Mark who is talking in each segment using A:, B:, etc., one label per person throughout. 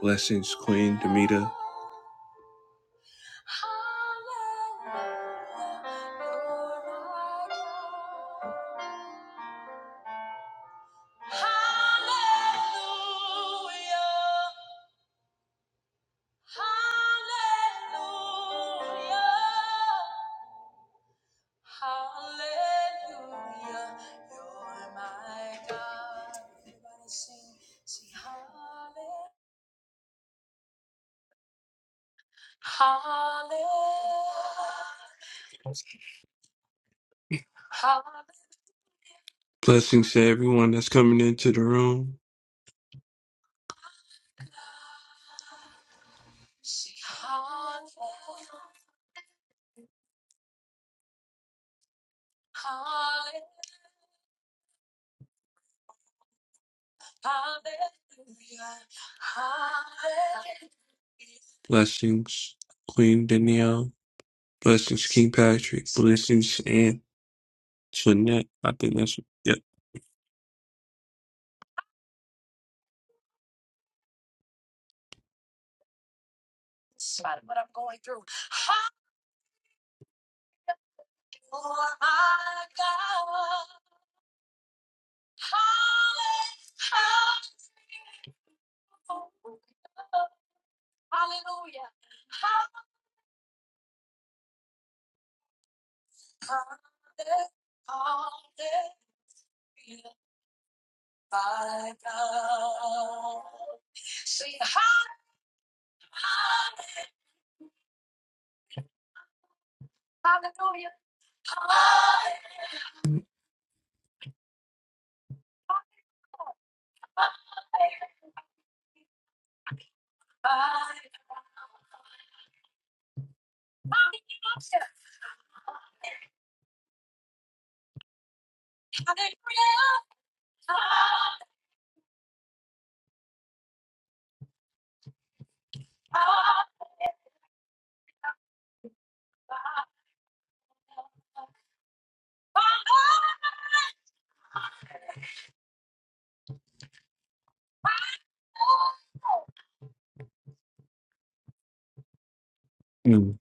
A: Blessings, Queen Demita. Blessings to everyone that's coming into the room. Blessings, Queen Danielle. Blessings, King Patrick. Blessings, and Antoinette. I think that's yep. Mm.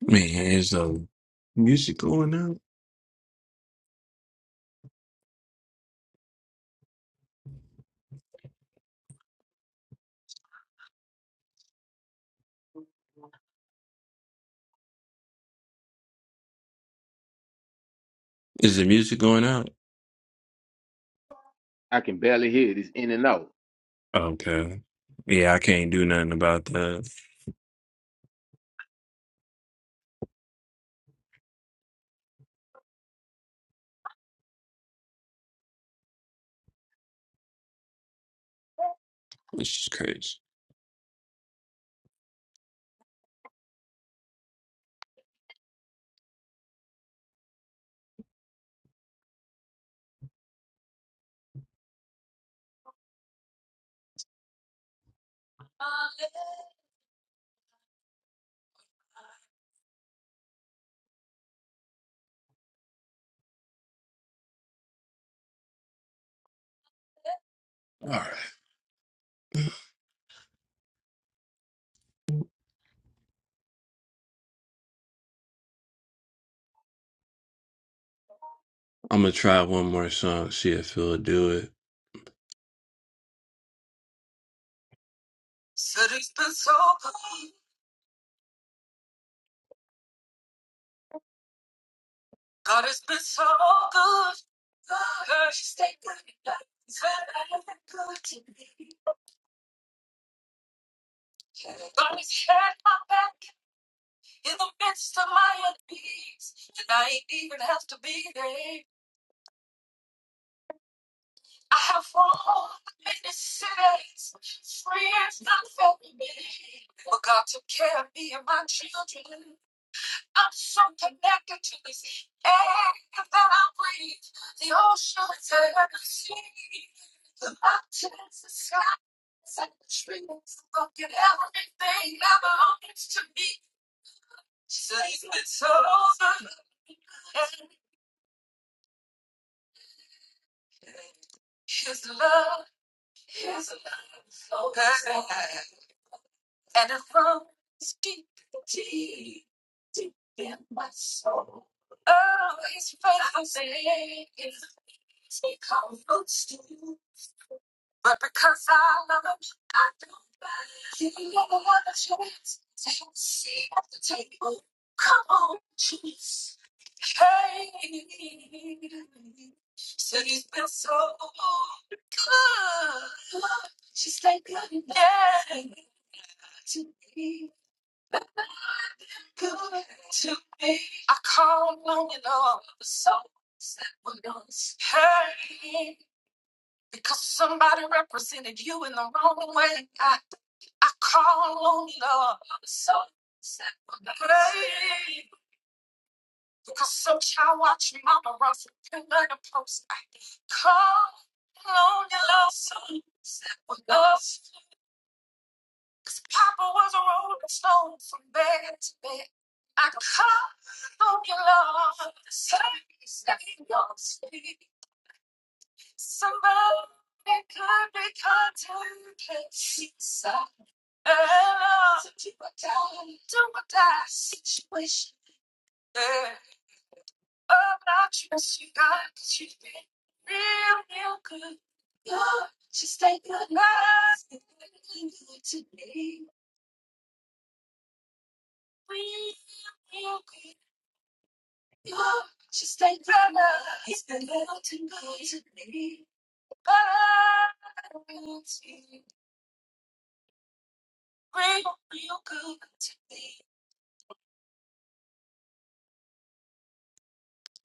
A: Man, is the music going out? Is the music going out?
B: I can barely hear it. It's in and out.
A: Okay. Yeah, I can't do nothing about that. This is crazy. All right. I'm gonna try one more song. See if it'll do it.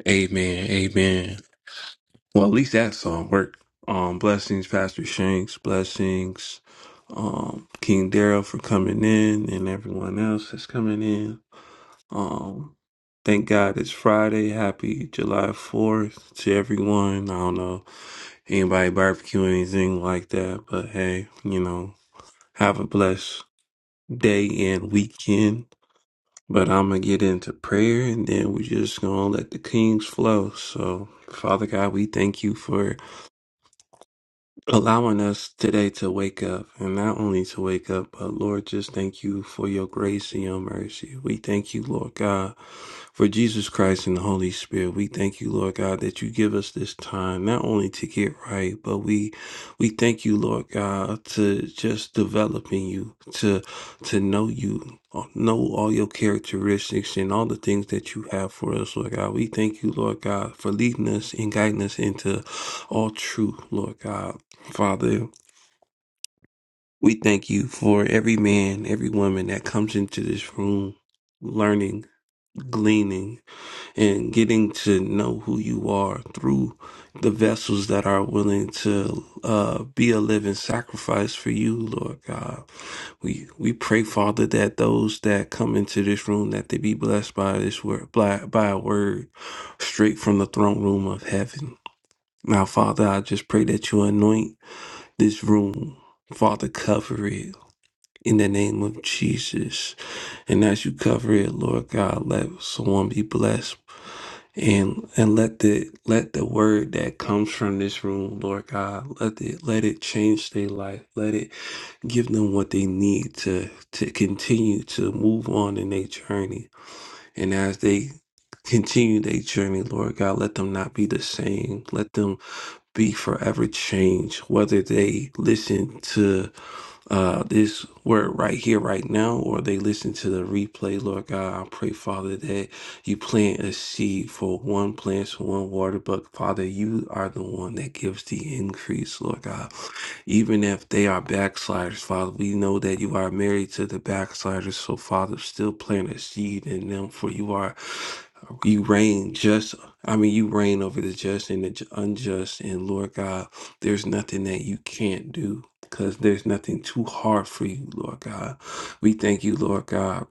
A: Amen. Amen. Well, at least that song worked. Um, blessings, Pastor Shanks. Blessings, um, King Daryl for coming in and everyone else that's coming in. Um, thank God it's Friday. Happy July 4th to everyone. I don't know anybody barbecue or anything like that, but hey, you know, have a blessed day and weekend. But I'm going to get into prayer and then we are just going to let the kings flow. So, Father God, we thank you for. allowing us today to wake up and not only to wake up but lord just thank you for your grace and your mercy we thank you lord god for jesus christ and the holy spirit we thank you lord god that you give us this time not only to get right but we we thank you lord god to just develop in you to to know you know all your characteristics and all the things that you have for us lord god we thank you lord god for leading us and guiding us into all truth, Lord God. Father, we thank you for every man, every woman that comes into this room learning, gleaning, and getting to know who you are through the vessels that are willing to uh, be a living sacrifice for you, Lord God. We we pray, Father, that those that come into this room that they be blessed by this word, by, by a word straight from the throne room of heaven. Now, Father, I just pray that you anoint this room. Father, cover it. in the name of Jesus. And as you cover it, Lord God, let someone be blessed. And and let the let the word that comes from this room, Lord God, let it let it change their life. Let it give them what they need to to continue to move on in their journey. And as they continue their journey, Lord God, let them not be the same. Let them be forever changed, whether they listen to uh, this word right here, right now, or they listen to the replay, Lord God. I pray, Father, that you plant a seed for one plant, for one water, but Father, you are the one that gives the increase, Lord God. Even if they are backsliders, Father, we know that you are married to the backsliders. So, Father, still plant a seed in them, for you are, you reign just, I mean, you reign over the just and the ju- unjust. And Lord God, there's nothing that you can't do because there's nothing too hard for you, Lord God. We thank you, Lord God,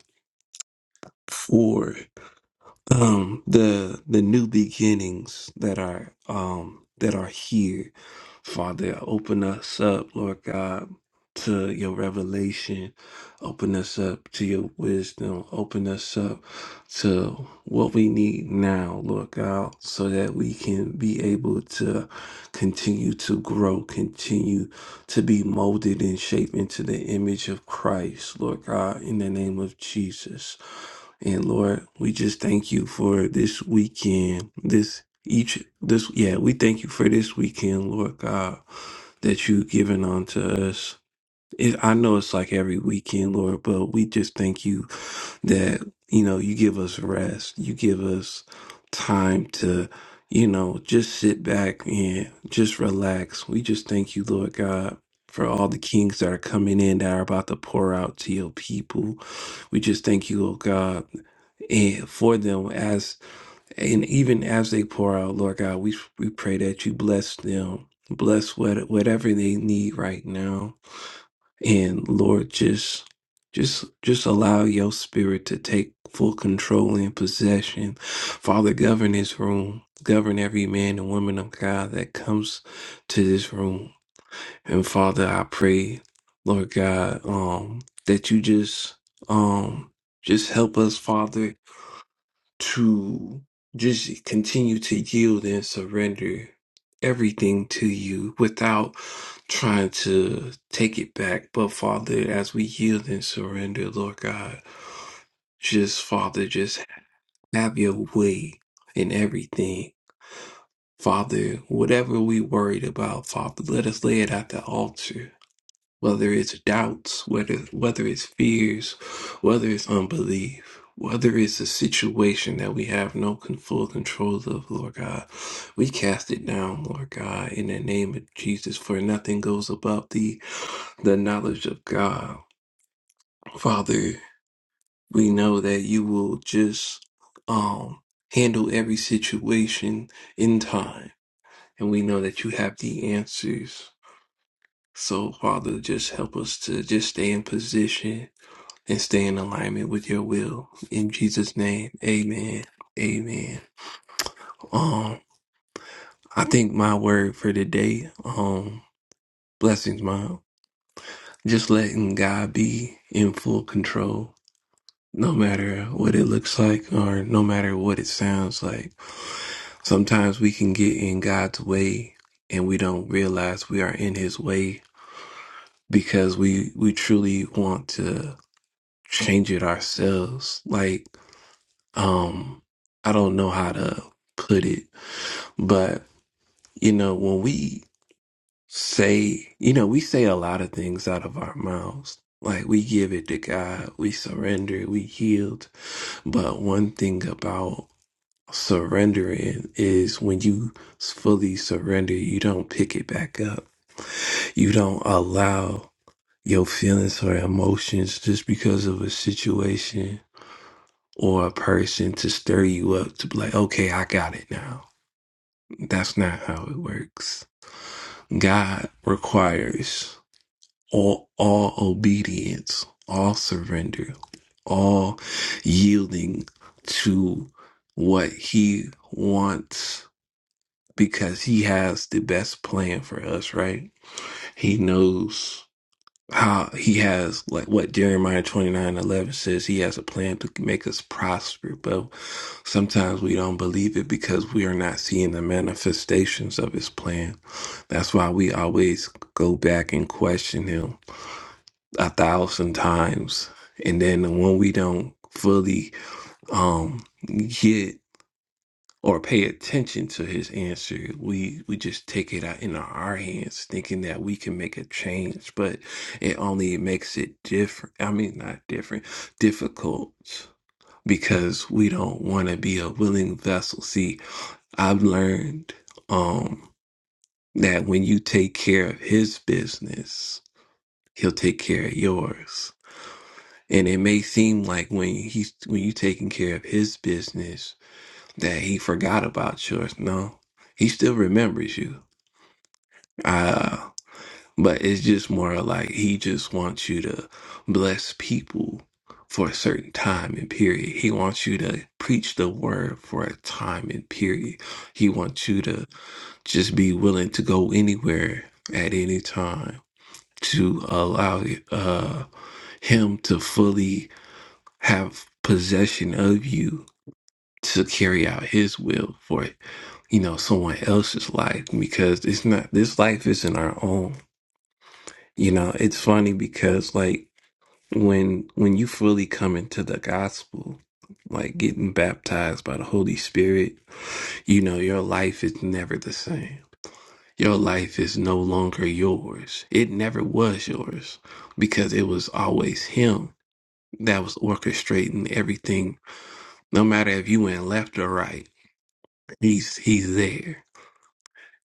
A: for um the the new beginnings that are um that are here father open us up lord god to your revelation open us up to your wisdom open us up to what we need now lord god so that we can be able to continue to grow continue to be molded and shaped into the image of christ lord god in the name of jesus and Lord, we just thank you for this weekend, this each this yeah, we thank you for this weekend, Lord God, that you've given unto us. It, I know it's like every weekend, Lord, but we just thank you that you know you give us rest, you give us time to you know just sit back and just relax. We just thank you, Lord God. For all the kings that are coming in that are about to pour out to your people. We just thank you, Lord God and for them as and even as they pour out, Lord God, we we pray that you bless them, bless what whatever they need right now, and Lord, just just just allow your spirit to take full control and possession. Father, govern this room, govern every man and woman of God that comes to this room, and Father, I pray, Lord God, um, that you just um just help us, Father to just continue to yield and surrender everything to you without trying to take it back. But Father, as we yield and surrender, Lord God, just Father, just have your way in everything. Father, whatever we worried about, Father, let us lay it at the altar whether it's doubts, whether whether it's fears, whether it's unbelief, whether it's a situation that we have no con- full control of, Lord God, we cast it down, Lord God, in the name of Jesus. For nothing goes above the the knowledge of God, Father. We know that you will just um handle every situation in time, and we know that you have the answers. So, Father, just help us to just stay in position and stay in alignment with your will. In Jesus' name, amen. Amen. Um, I think my word for today, um, blessings, mom. Just letting God be in full control, no matter what it looks like or no matter what it sounds like. Sometimes we can get in God's way and we don't realize we are in his way because we we truly want to change it ourselves. Like um I don't know how to put it, but you know, when we say, you know, we say a lot of things out of our mouths. Like we give it to God, we surrender, we yield. But one thing about surrendering is when you fully surrender, you don't pick it back up. You don't allow your feelings or emotions just because of a situation or a person to stir you up to be like, okay, I got it now That's not how it works. God requires all, all obedience, all surrender, all yielding to what He wants because He has the best plan for us, right? He knows how he has like what Jeremiah twenty nine eleven says he has a plan to make us prosper, but sometimes we don't believe it because we are not seeing the manifestations of his plan. That's why we always go back and question him a thousand times. And then when we don't fully um get or pay attention to his answer. We we just take it out in our hands, thinking that we can make a change, but it only makes it different. I mean, not different, difficult because we don't want to be a willing vessel. See, I've learned um that when you take care of his business, he'll take care of yours. And it may seem like when he's when you taking care of his business, that he forgot about yours. No, he still remembers you. Uh, but it's just more like he just wants you to bless people for a certain time and period. He wants you to preach the word for a time and period. He wants you to just be willing to go anywhere at any time to allow uh, him to fully have possession of you to carry out his will for you know, someone else's life because it's not this life isn't our own. You know, it's funny because like when when you fully come into the gospel, like getting baptized by the Holy Spirit, you know, your life is never the same. Your life is no longer yours. It never was yours because it was always him that was orchestrating everything. No matter if you went left or right, he's he's there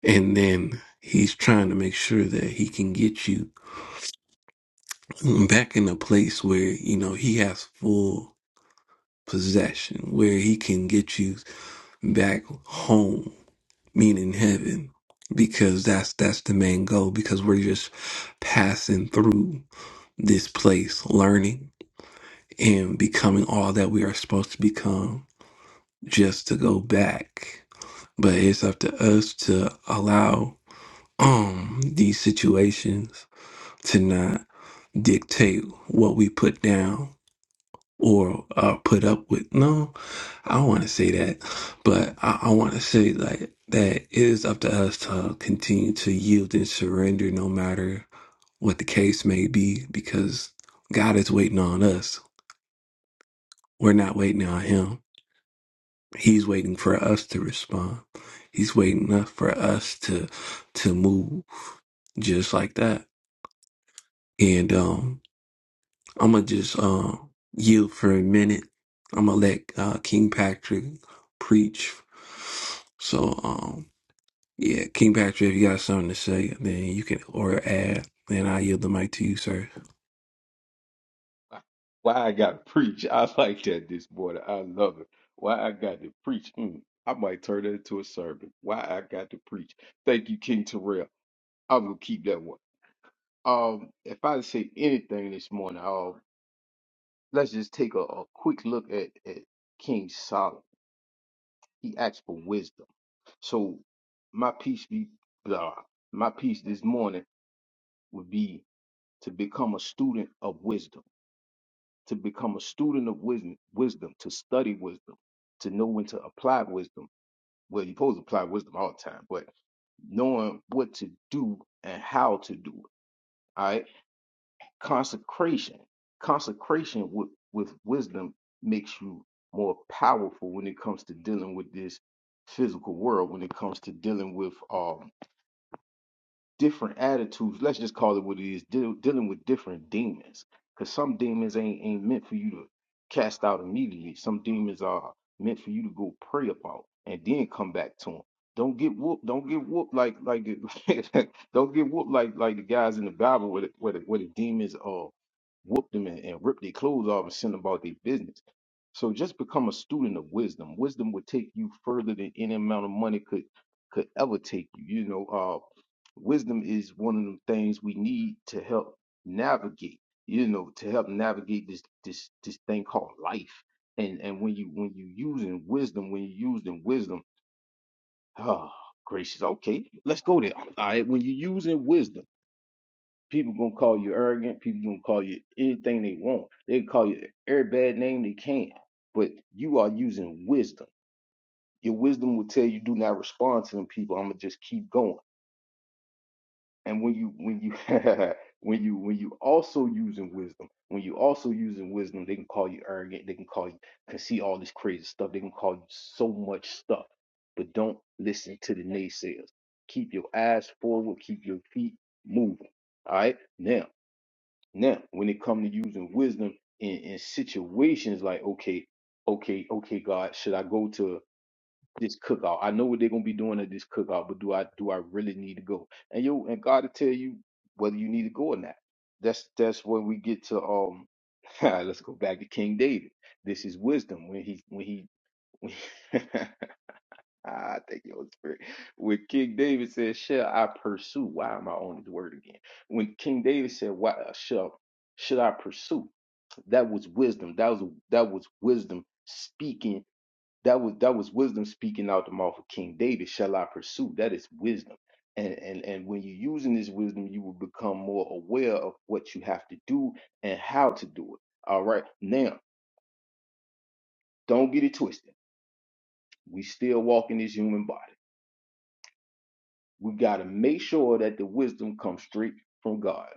A: And then he's trying to make sure that he can get you back in a place where, you know, he has full possession, where he can get you back home, meaning heaven. Because that's that's the main goal, because we're just passing through this place, learning and becoming all that we are supposed to become just to go back. But it's up to us to allow um these situations to not. dictate what we put down or uh, put up with. No, I don't want to say that, but I, I want to say like that it is up to us to continue to yield and surrender, no matter what the case may be, because God is waiting on us. We're not waiting on Him. He's waiting for us to respond. He's waiting up for us to to move just like that. And um I'm gonna just uh, yield for a minute. I'm gonna let uh, King Patrick preach. So, um, yeah, King Patrick, if you got something to say, then you can or add. Then I yield the mic to you, sir.
B: Why I gotta preach? I like that this morning. I love it. Why I got to preach? Mm, I might turn that into a sermon. Why I got to preach? Thank you, King Terrell. I'm gonna keep that one. Um, if I say anything this morning, um, let's just take a, a quick look at, at King Solomon. He asked for wisdom. So my piece be blah. My piece this morning would be to become a student of wisdom to become a student of wisdom, wisdom, to study wisdom, to know when to apply wisdom. Well, you're supposed to apply wisdom all the time, but knowing what to do and how to do it. All right. Consecration. Consecration with, with wisdom makes you more powerful when it comes to dealing with this physical world, when it comes to dealing with um different attitudes. Let's just call it what it is. Deal, dealing with different demons, because some demons ain't ain't meant for you to cast out immediately. Some demons are meant for you to go pray about and then come back to them. Don't get whooped. Don't get whooped like like the, don't get whooped like like the guys in the Bible where the, where the, where the demons uh whooped them and, and ripped their clothes off and sent them about their business. So just become a student of wisdom. Wisdom will take you further than any amount of money could could ever take you. You know, uh wisdom is one of the things we need to help navigate you know to help navigate this this this thing called life and and when you when you using wisdom when you using wisdom oh gracious okay let's go there all right when you using wisdom people gonna call you arrogant people gonna call you anything they want they can call you every bad name they can but you are using wisdom your wisdom will tell you do not respond to them people i'm gonna just keep going And when you when you when you when you also using wisdom, when you also using wisdom, they can call you arrogant, they can call you can see all this crazy stuff, they can call you so much stuff. But don't listen to the naysayers. Keep your eyes forward, keep your feet moving. All right. Now, now when it comes to using wisdom in, in situations like okay, okay, okay, God, should I go to this cookout. I know what they're gonna be doing at this cookout, but do I do I really need to go? And you and God will tell you whether you need to go or not. That's that's when we get to um let's go back to King David. This is wisdom when he when he when I think it was spirit. When King David said, Shall I pursue? Why am I on his word again? When King David said, Why uh, shall should I pursue? That was wisdom. That was that was wisdom speaking that was that was wisdom speaking out the mouth of King David. Shall I pursue? That is wisdom. And and and when you're using this wisdom, you will become more aware of what you have to do and how to do it. All right. Now, don't get it twisted. We still walk in this human body. We gotta make sure that the wisdom comes straight from God.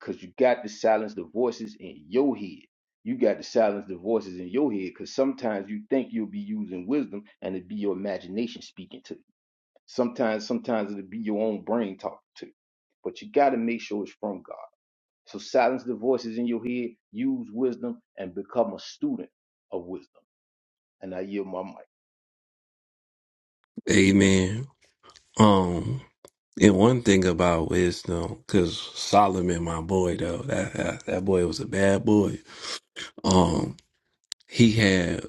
B: Cause you got to silence the voices in your head you got to silence the voices in your head because sometimes you think you'll be using wisdom and it be your imagination speaking to you. Sometimes, sometimes it'll be your own brain talking to you. But you got to make sure it's from God. So silence the voices in your head, use wisdom, and become a student of wisdom. And I yield my mic.
A: Amen. Um, and one thing about wisdom, because Solomon, my boy, though that, that that boy was a bad boy. Um, he had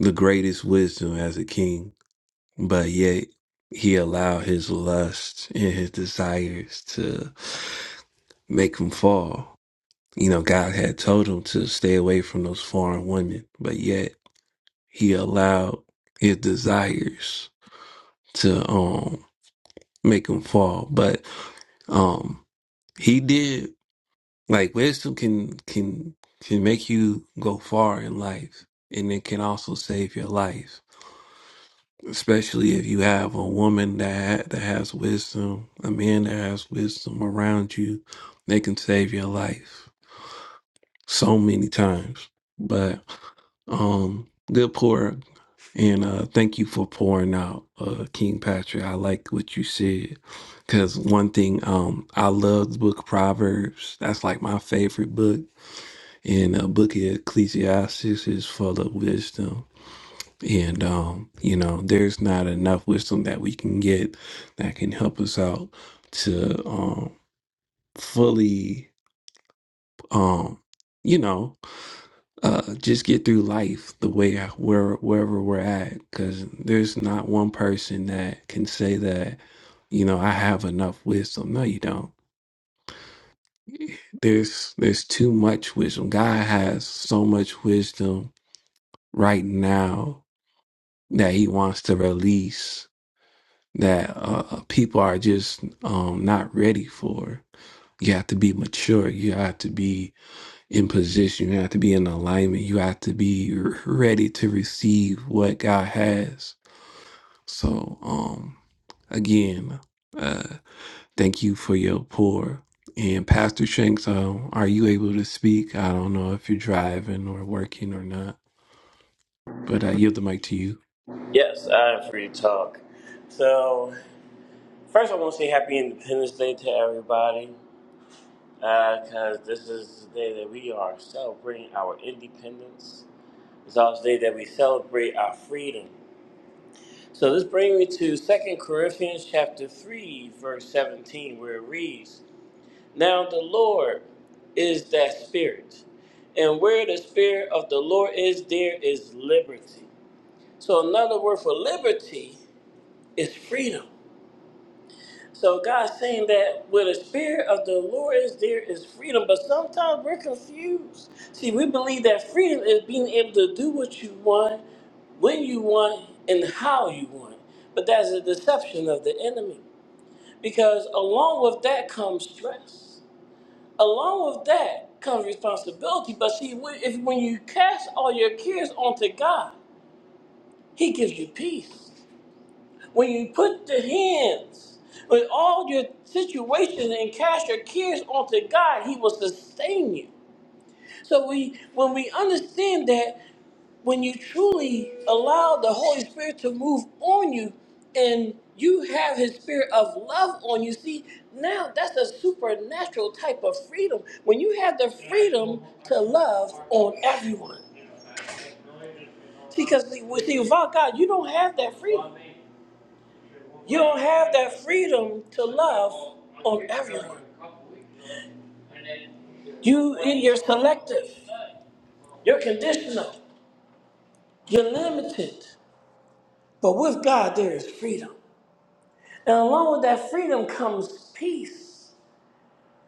A: the greatest wisdom as a king but yet he allowed his lust and his desires to make him fall. You know, God had told him to stay away from those foreign women, but yet he allowed his desires to um make him fall. But um he did like wisdom can can can make you go far in life and it can also save your life especially if you have a woman that that has wisdom, a man that has wisdom around you, they can save your life so many times. But um, good pour, and uh, thank you for pouring out, uh, King Patrick. I like what you said because one thing um, I love the book of Proverbs. That's like my favorite book, and a book of Ecclesiastes is full of wisdom and um, you know, there's not enough wisdom that we can get that can help us out to um fully um you know uh just get through life the way I, where wherever we're at because there's not one person that can say that you know i have enough wisdom no you don't there's there's too much wisdom god has so much wisdom right now that he wants to release that uh, people are just um, not ready for. You have to be mature. You have to be in position. You have to be in alignment. You have to be r- ready to receive what God has. So, um, again, uh, thank you for your pour. And Pastor Shanks, um, are you able to speak? I don't know if you're driving or working or not, but I yield the mic to you.
C: Yes, I'm free to talk. So, first, I want to say Happy Independence Day to everybody, because this is the day that we are celebrating our independence. It's also the day that we celebrate our freedom. So, this brings me to Second Corinthians chapter 3, verse 17, where it reads, Now the Lord is that Spirit, and where the Spirit of the Lord is, there is liberty. So, another word for liberty is freedom. So God's saying that where the spirit of the Lord is, there is freedom. But sometimes we're confused. See, we believe that freedom is being able to do what you want, when you want, and how you want. But that's a deception of the enemy. Because along with that comes stress. Along with that comes responsibility. But see, when- if when you cast all your cares onto God, He gives you peace. When you put the hands with all your situations and cast your cares onto God, He will sustain you. So we when we understand that when you truly allow the Holy Spirit to move on you and you have his spirit of love on you, see, now that's a supernatural type of freedom. When you have the freedom to love on everyone. see, Because see, without God, you don't have that freedom. You don't have that freedom to love on everyone. You, you're selective. You're conditional. You're limited. But with God, there is freedom. And along with that freedom comes peace.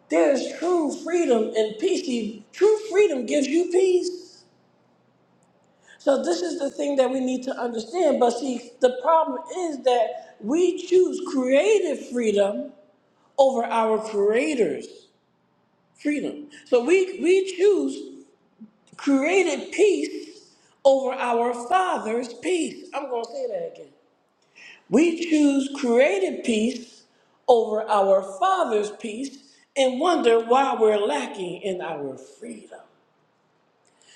C: There is true freedom and peace. See, True freedom gives you peace. So this is the thing that we need to understand. But see, the problem is that we choose creative freedom over our creator's freedom. So we we choose created peace over our Father's peace. I'm going to say that again. We choose created peace over our Father's peace and wonder why we're lacking in our freedom.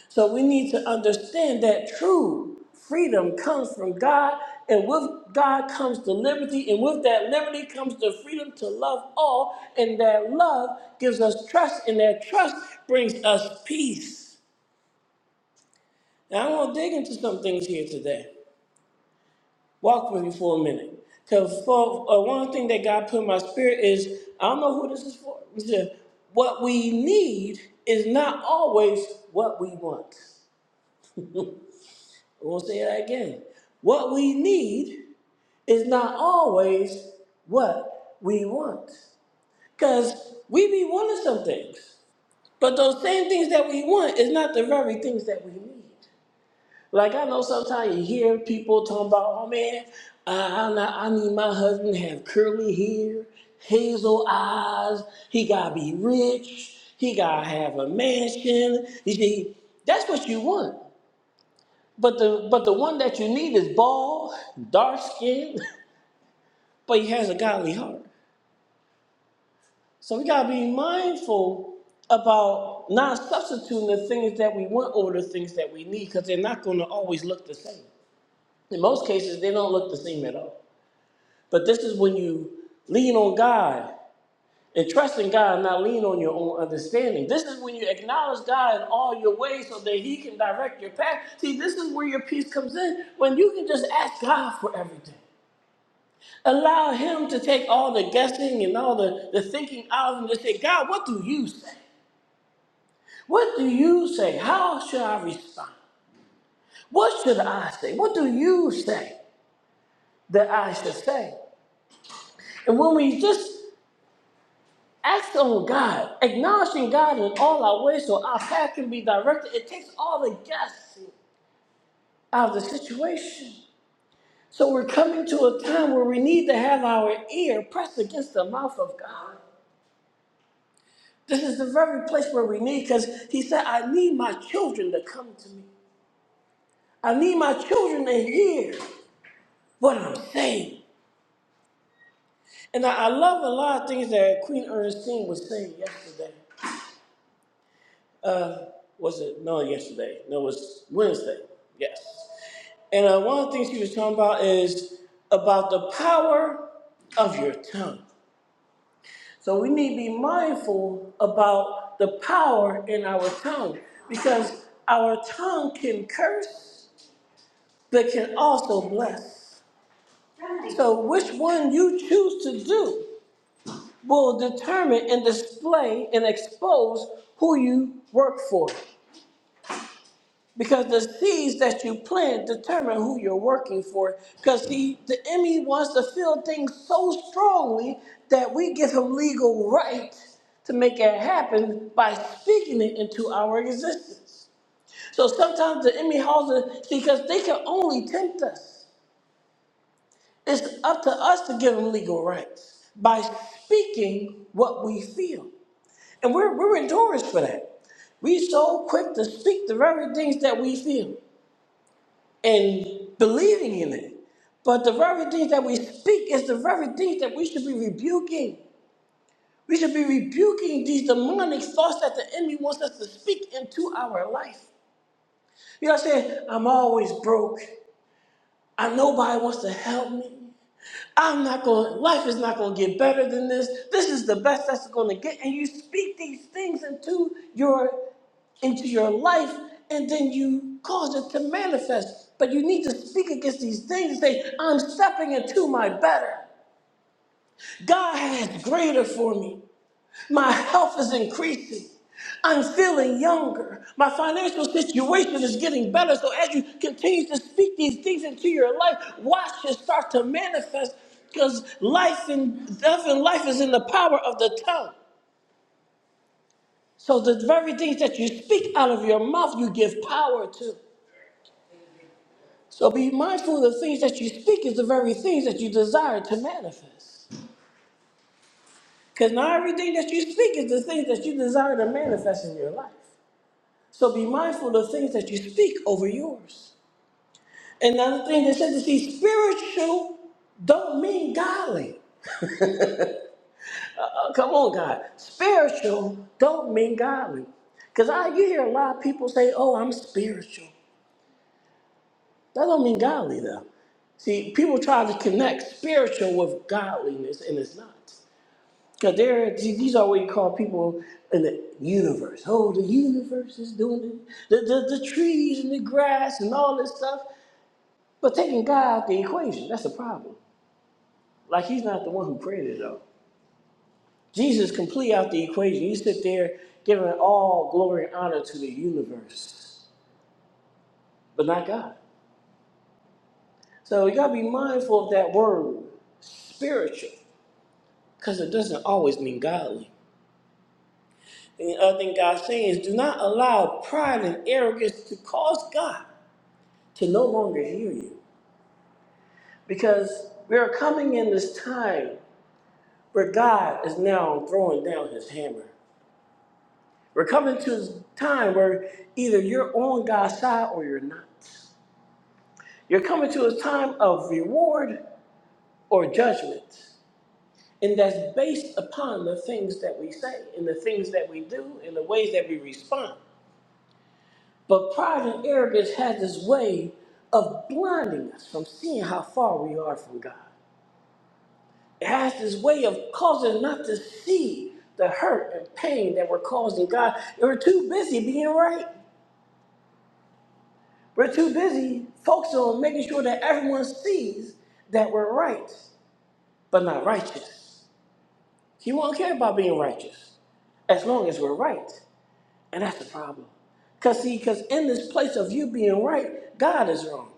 C: So we need to understand that true freedom comes from God, and with God comes the liberty, and with that liberty comes the freedom to love all, and that love gives us trust, and that trust brings us peace. Now, I want to dig into some things here today. Walk with me for a minute. Because for, uh, one thing that God put in my spirit is I don't know who this is for. He said, What we need is not always what we want. I want to say that again. What we need is not always what we want. Because we be wanting some things, but those same things that we want is not the very things that we need. Like I know sometimes you hear people talking about, oh man, I, I, not- I need my husband to have curly hair, hazel eyes, he gotta be rich, he gotta have a mansion. You see, that's what you want. But the but the one that you need is bald, dark skinned, but he has a godly heart. So we gotta be mindful about not substituting the things that we want over the things that we need, because they're not gonna always look the same. In most cases, they don't look the same at all. But this is when you lean on God and trust in God, and not lean on your own understanding. This is when you acknowledge God in all your ways so that He can direct your path. See, this is where your peace comes in when you can just ask God for everything. Allow Him to take all the guessing and all the, the thinking out of and just say, God, what do you say? What do you say? How should I respond? What should I say? What do you say that I should say? And when we just Act on God, acknowledging God in all our ways so our path can be directed. It takes all the guessing out of the situation. So we're coming to a time where we need to have our ear pressed against the mouth of God. This is the very place where we need, because He said, I need my children to come to me. I need my children to hear what I'm saying. And I, I love a lot of things that Queen Ernestine was saying yesterday. Was it? No, yesterday. No, it was Wednesday. Yes. And uh, one of the things she was talking about is about the power of your tongue. So we need to be mindful about the power in our tongue because our tongue can curse but can also bless. So which one you choose to do will determine and display and expose who you work for. Because the seeds that you plant determine who you're working for. Because he, the enemy wants to feel things so strongly that we give him legal right to make it happen by speaking it into our existence. So sometimes the enemy holds it because they can only tempt us. It's up to us to give them legal rights by speaking what we feel. And we're, we're endorsed for that. We so quick to speak the very things that we feel. and believing in it. But the very things that we speak is the very things that we should be rebuking. We should be rebuking these demonic thoughts that the enemy wants us to speak into our life. You know what I'm saying? I'm always broke. I nobody wants to help me. I'm not going, life is not going to get better than this. This is the best that's going to get. And you speak these things into your into your life and then you cause it to manifest. But you need to speak against these things and say, I'm stepping into my better. God has greater for me. My health is increasing. I'm feeling younger. My financial situation is getting better. So as you continue to speak these things into your life, watch it start to manifest because life and death and life is in the power of the tongue. So the very things that you speak out of your mouth, you give power to. So be mindful of the things that you speak is the very things that you desire to manifest. Because not everything that you speak is the things that you desire to manifest in your life. So be mindful of things that you speak over yours. Another thing that said to see spiritual don't mean godly. Uh, come on, God. Spiritual don't mean godly. Because I you hear a lot of people say, oh, I'm spiritual. That don't mean godly though. See, people try to connect spiritual with godliness and it's not. Now, there, these are what you call people in the universe. Oh, the universe is doing it. The, the, the trees and the grass and all this stuff. But taking God out the equation, that's the problem. Like, he's not the one who created it, though. Jesus complete out the equation. You sit there giving all glory and honor to the universe, but not God. So you got to be mindful of that word, spiritual, because it doesn't always mean godly. And the other thing God's saying is do not allow pride and arrogance to cause God. to no longer hear you because we are coming in this time where God is now throwing down his hammer. We're coming to a time where either you're on God's side or you're not. You're coming to a time of reward or judgment. And that's based upon the things that we say and the things that we do and the ways that we respond. But pride and arrogance has this way of blinding us from seeing how far we are from God. It has this way of causing us not to see the hurt and pain that we're causing God. We're too busy being right. We're too busy focusing on making sure that everyone sees that we're right, but not righteous. He won't care about being righteous as long as we're right. And that's the problem. Because, see, because in this place of you being right, God is wrong.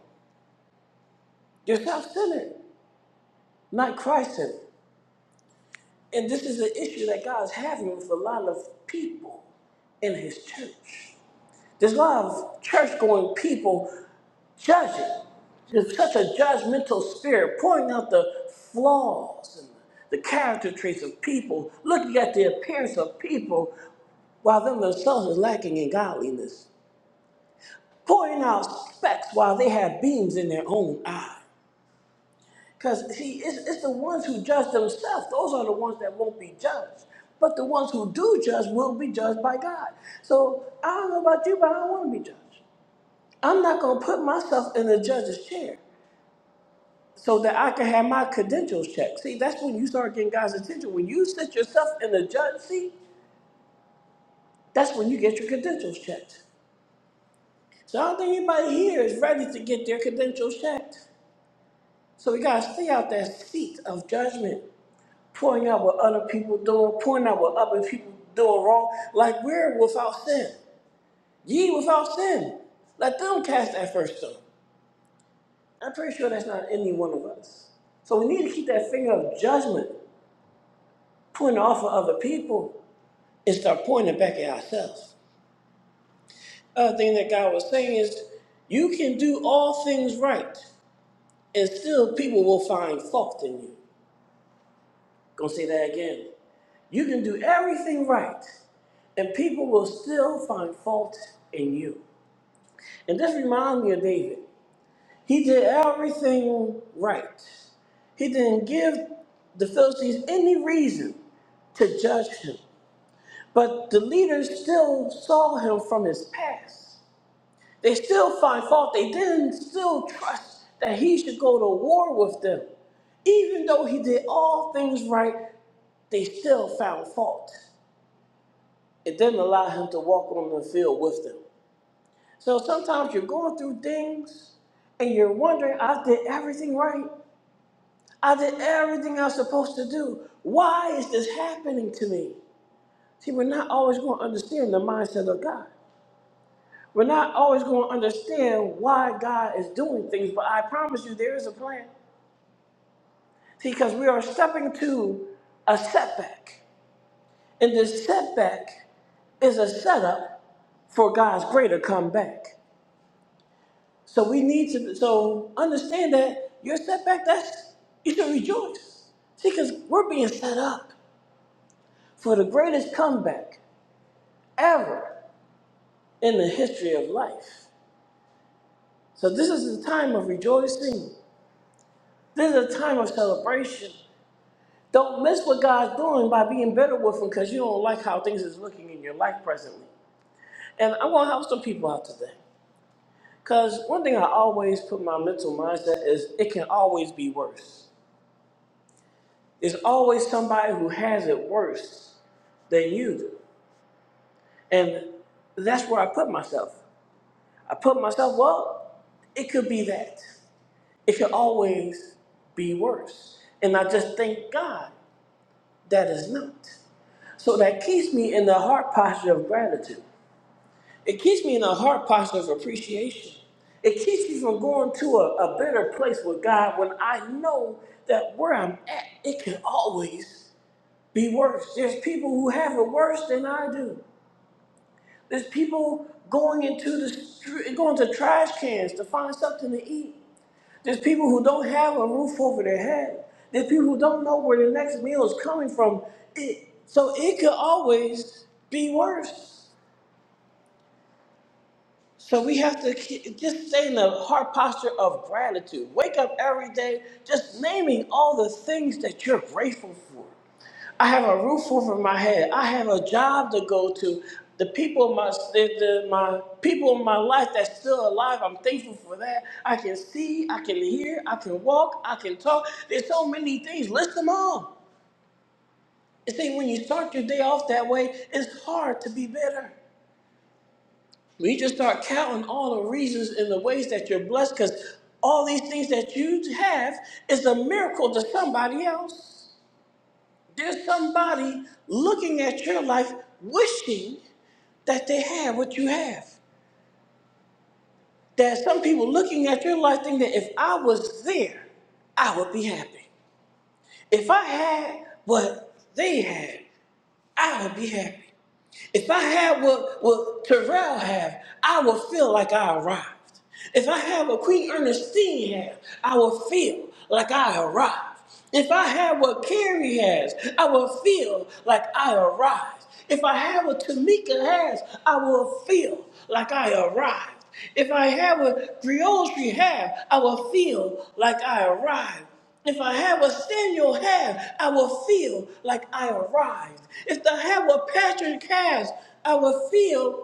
C: You're self centered, not Christ centered. And this is an issue that God's having with a lot of people in his church. There's a lot of church going people judging. There's such a judgmental spirit, pointing out the flaws and the character traits of people, looking at the appearance of people while them themselves are lacking in godliness, pointing out specks while they have beams in their own eye. Because, see, it's, it's the ones who judge themselves, those are the ones that won't be judged. But the ones who do judge will be judged by God. So I don't know about you, but I don't want to be judged. I'm not going to put myself in the judge's chair so that I can have my credentials checked. See, that's when you start getting God's attention. When you sit yourself in the judge seat, that's when you get your credentials checked. So I don't think anybody here is ready to get their credentials checked. So we got to stay out that seat of judgment, pointing out what other people doing, pointing out what other people doing wrong, like we're without sin. Ye without sin. Let them cast that first stone. I'm pretty sure that's not any one of us. So we need to keep that finger of judgment pointing off of other people and start pointing it back at ourselves. Other thing that God was saying is, you can do all things right, and still people will find fault in you. Gonna say that again. You can do everything right, and people will still find fault in you. And this reminds me of David. He did everything right. He didn't give the Pharisees any reason to judge him. But the leaders still saw him from his past. They still find fault. They didn't still trust that he should go to war with them. Even though he did all things right, they still found fault. It didn't allow him to walk on the field with them. So sometimes you're going through things and you're wondering, I did everything right. I did everything I was supposed to do. Why is this happening to me? See, we're not always going to understand the mindset of God. We're not always going to understand why God is doing things, but I promise you there is a plan. See, because we are stepping to a setback. And this setback is a setup for God's greater comeback. So we need to so understand that your setback, that's you should rejoice. See, because we're being set up for the greatest comeback. ever in the history of life. So this is a time of rejoicing. This is a time of celebration. Don't miss what God's doing by being bitter with Him because you don't like how things is looking in your life presently. And I want to help some people out today. Because one thing I always put in my mental mindset is it can always be worse. There's always somebody who has it worse than you do. And that's where I put myself. I put myself, well, it could be that. It should always be worse. And I just thank God that is not. So that keeps me in the heart posture of gratitude. It keeps me in a heart posture of appreciation. It keeps me from going to a, a better place with God when I know that where I'm at, it can always be worse. There's people who have it worse than I do. There's people going into the street, going to trash cans to find something to eat. There's people who don't have a roof over their head. There's people who don't know where the next meal is coming from. It, so it could always be worse. So we have to ke- just stay in a heart posture of gratitude. Wake up every day just naming all the things that you're grateful for. I have a roof over my head. I have a job to go to. The people in my the, the- my people in my life that's still alive, I'm thankful for that. I can see, I can hear, I can walk, I can talk. There's so many things. List them all. You see, when you start your day off that way, it's hard to be better. When you just start counting all the reasons and the ways that you're blessed, because all these things that you have is a miracle to somebody else. There's somebody looking at your life wishing that they had what you have. There's some people looking at your life thinking that if I was there, I would be happy. If I had what they had, I would be happy. If I had what, what Terrell had, I would feel like I arrived. If I had what Queen Ernestine had, I would feel like I arrived. If I had what Carrie has, I would feel like I arrived. If I had what Tamika has, I will feel like I arrived. If I had what Griotry had, I will feel like I arrived. If I had a Samuel hair, I will feel like I arrived. If the hair were Patrick cast, I will feel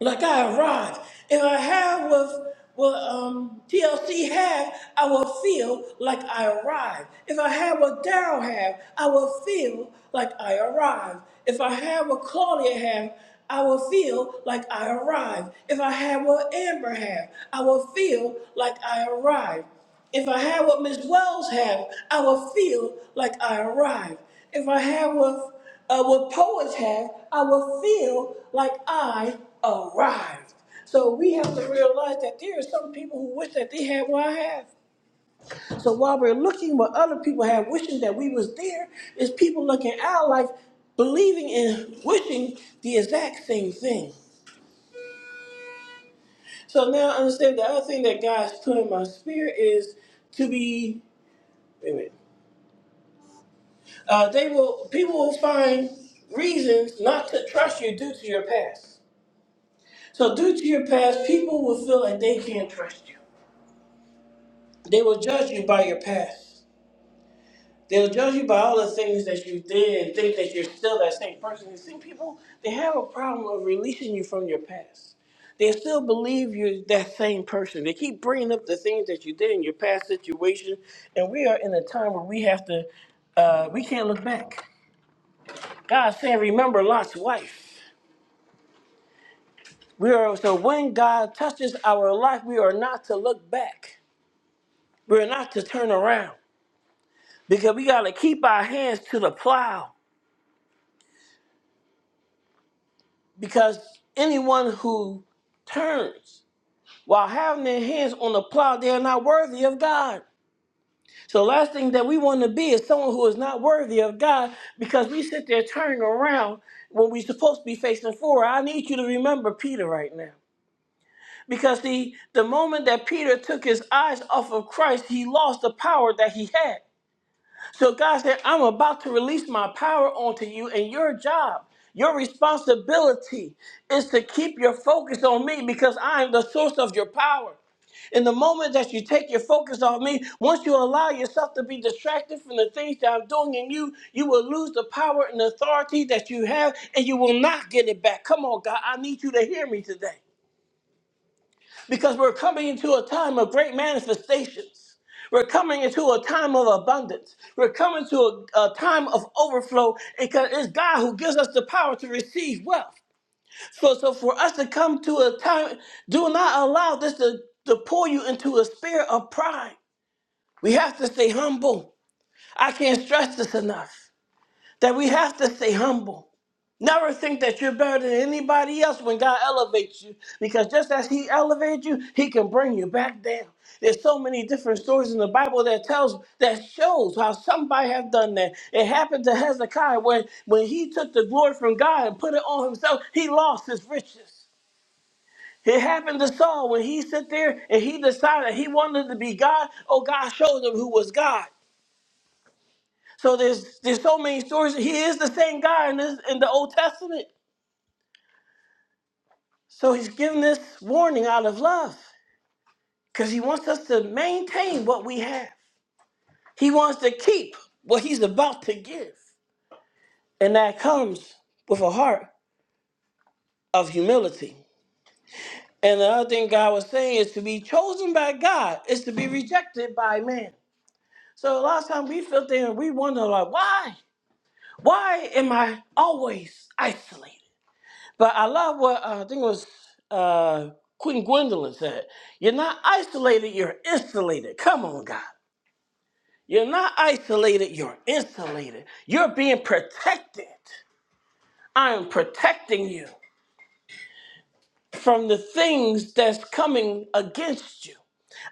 C: like I arise. If I have what, what um, TLC have, I will feel like I arrive. If I have what Daryl have, I will feel like I arrive. If I have what Claudia have, I will feel like I arrive. If I have what Amber have, I will feel like I arrive. If I have what Miss Wells have, I will feel like I arrive. If I have what uh, what poets have, I will feel like I arrived. So we have to realize that there are some people who wish that they had what I have. So while we're looking what other people have, wishing that we was there, is people looking at our life, believing and wishing the exact same thing. So now I understand the other thing that God's put in my spirit is to be. Wait a minute. Uh, they will. People will find reasons not to trust you due to your past. So due to your past, people will feel like they can't trust you. They will judge you by your past. They'll judge you by all the things that you did and think that you're still that same person. You see, people, they have a problem of releasing you from your past. They still believe you're that same person. They keep bringing up the things that you did in your past situation. And we are in a time where we have to, uh, we can't look back. God said, remember Lot's wife. We are, so when God touches our life, we are not to look back. We're not to turn around because we got to keep our hands to the plow. Because anyone who turns while having their hands on the plow, they are not worthy of God. So, the last thing that we want to be is someone who is not worthy of God because we sit there turning around when we're supposed to be facing forward. I need you to remember Peter right now. Because the the moment that Peter took his eyes off of Christ, he lost the power that he had. So God said, I'm about to release my power onto you and your job. Your responsibility is to keep your focus on me because I am the source of your power. In the moment that you take your focus off me, once you allow yourself to be distracted from the things that I'm doing in you, you will lose the power and authority that you have and you will not get it back. Come on, God, I need you to hear me today because we're coming into a time of great manifestations. We're coming into a time of abundance. We're coming to a, a time of overflow because it's God who gives us the power to receive wealth. So, so for us to come to a time, do not allow this to, to pull you into a spirit of pride. We have to stay humble. I can't stress this enough that we have to stay humble. Never think that you're better than anybody else when God elevates you, because just as He elevated you, He can bring you back down. There's so many different stories in the Bible that tells that shows how somebody has done that. It happened to Hezekiah when when he took the glory from God and put it on himself, he lost his riches. It happened to Saul when he sit there and he decided he wanted to be God. Oh, God showed him who was God. So there's there's so many stories. He is the same guy in this in the Old Testament. So he's giving this warning out of love because he wants us to maintain what we have. He wants to keep what he's about to give, and that comes with a heart of humility. And the other thing God was saying is to be chosen by God is to be rejected by man. So a lot of times we feel there and we wonder like, why? Why am I always isolated? But I love what uh, I think it was uh, Queen Gwendolyn said. You're not isolated, you're insulated. Come on, God. You're not isolated, you're insulated. You're being protected. I am protecting you from the things that's coming against you.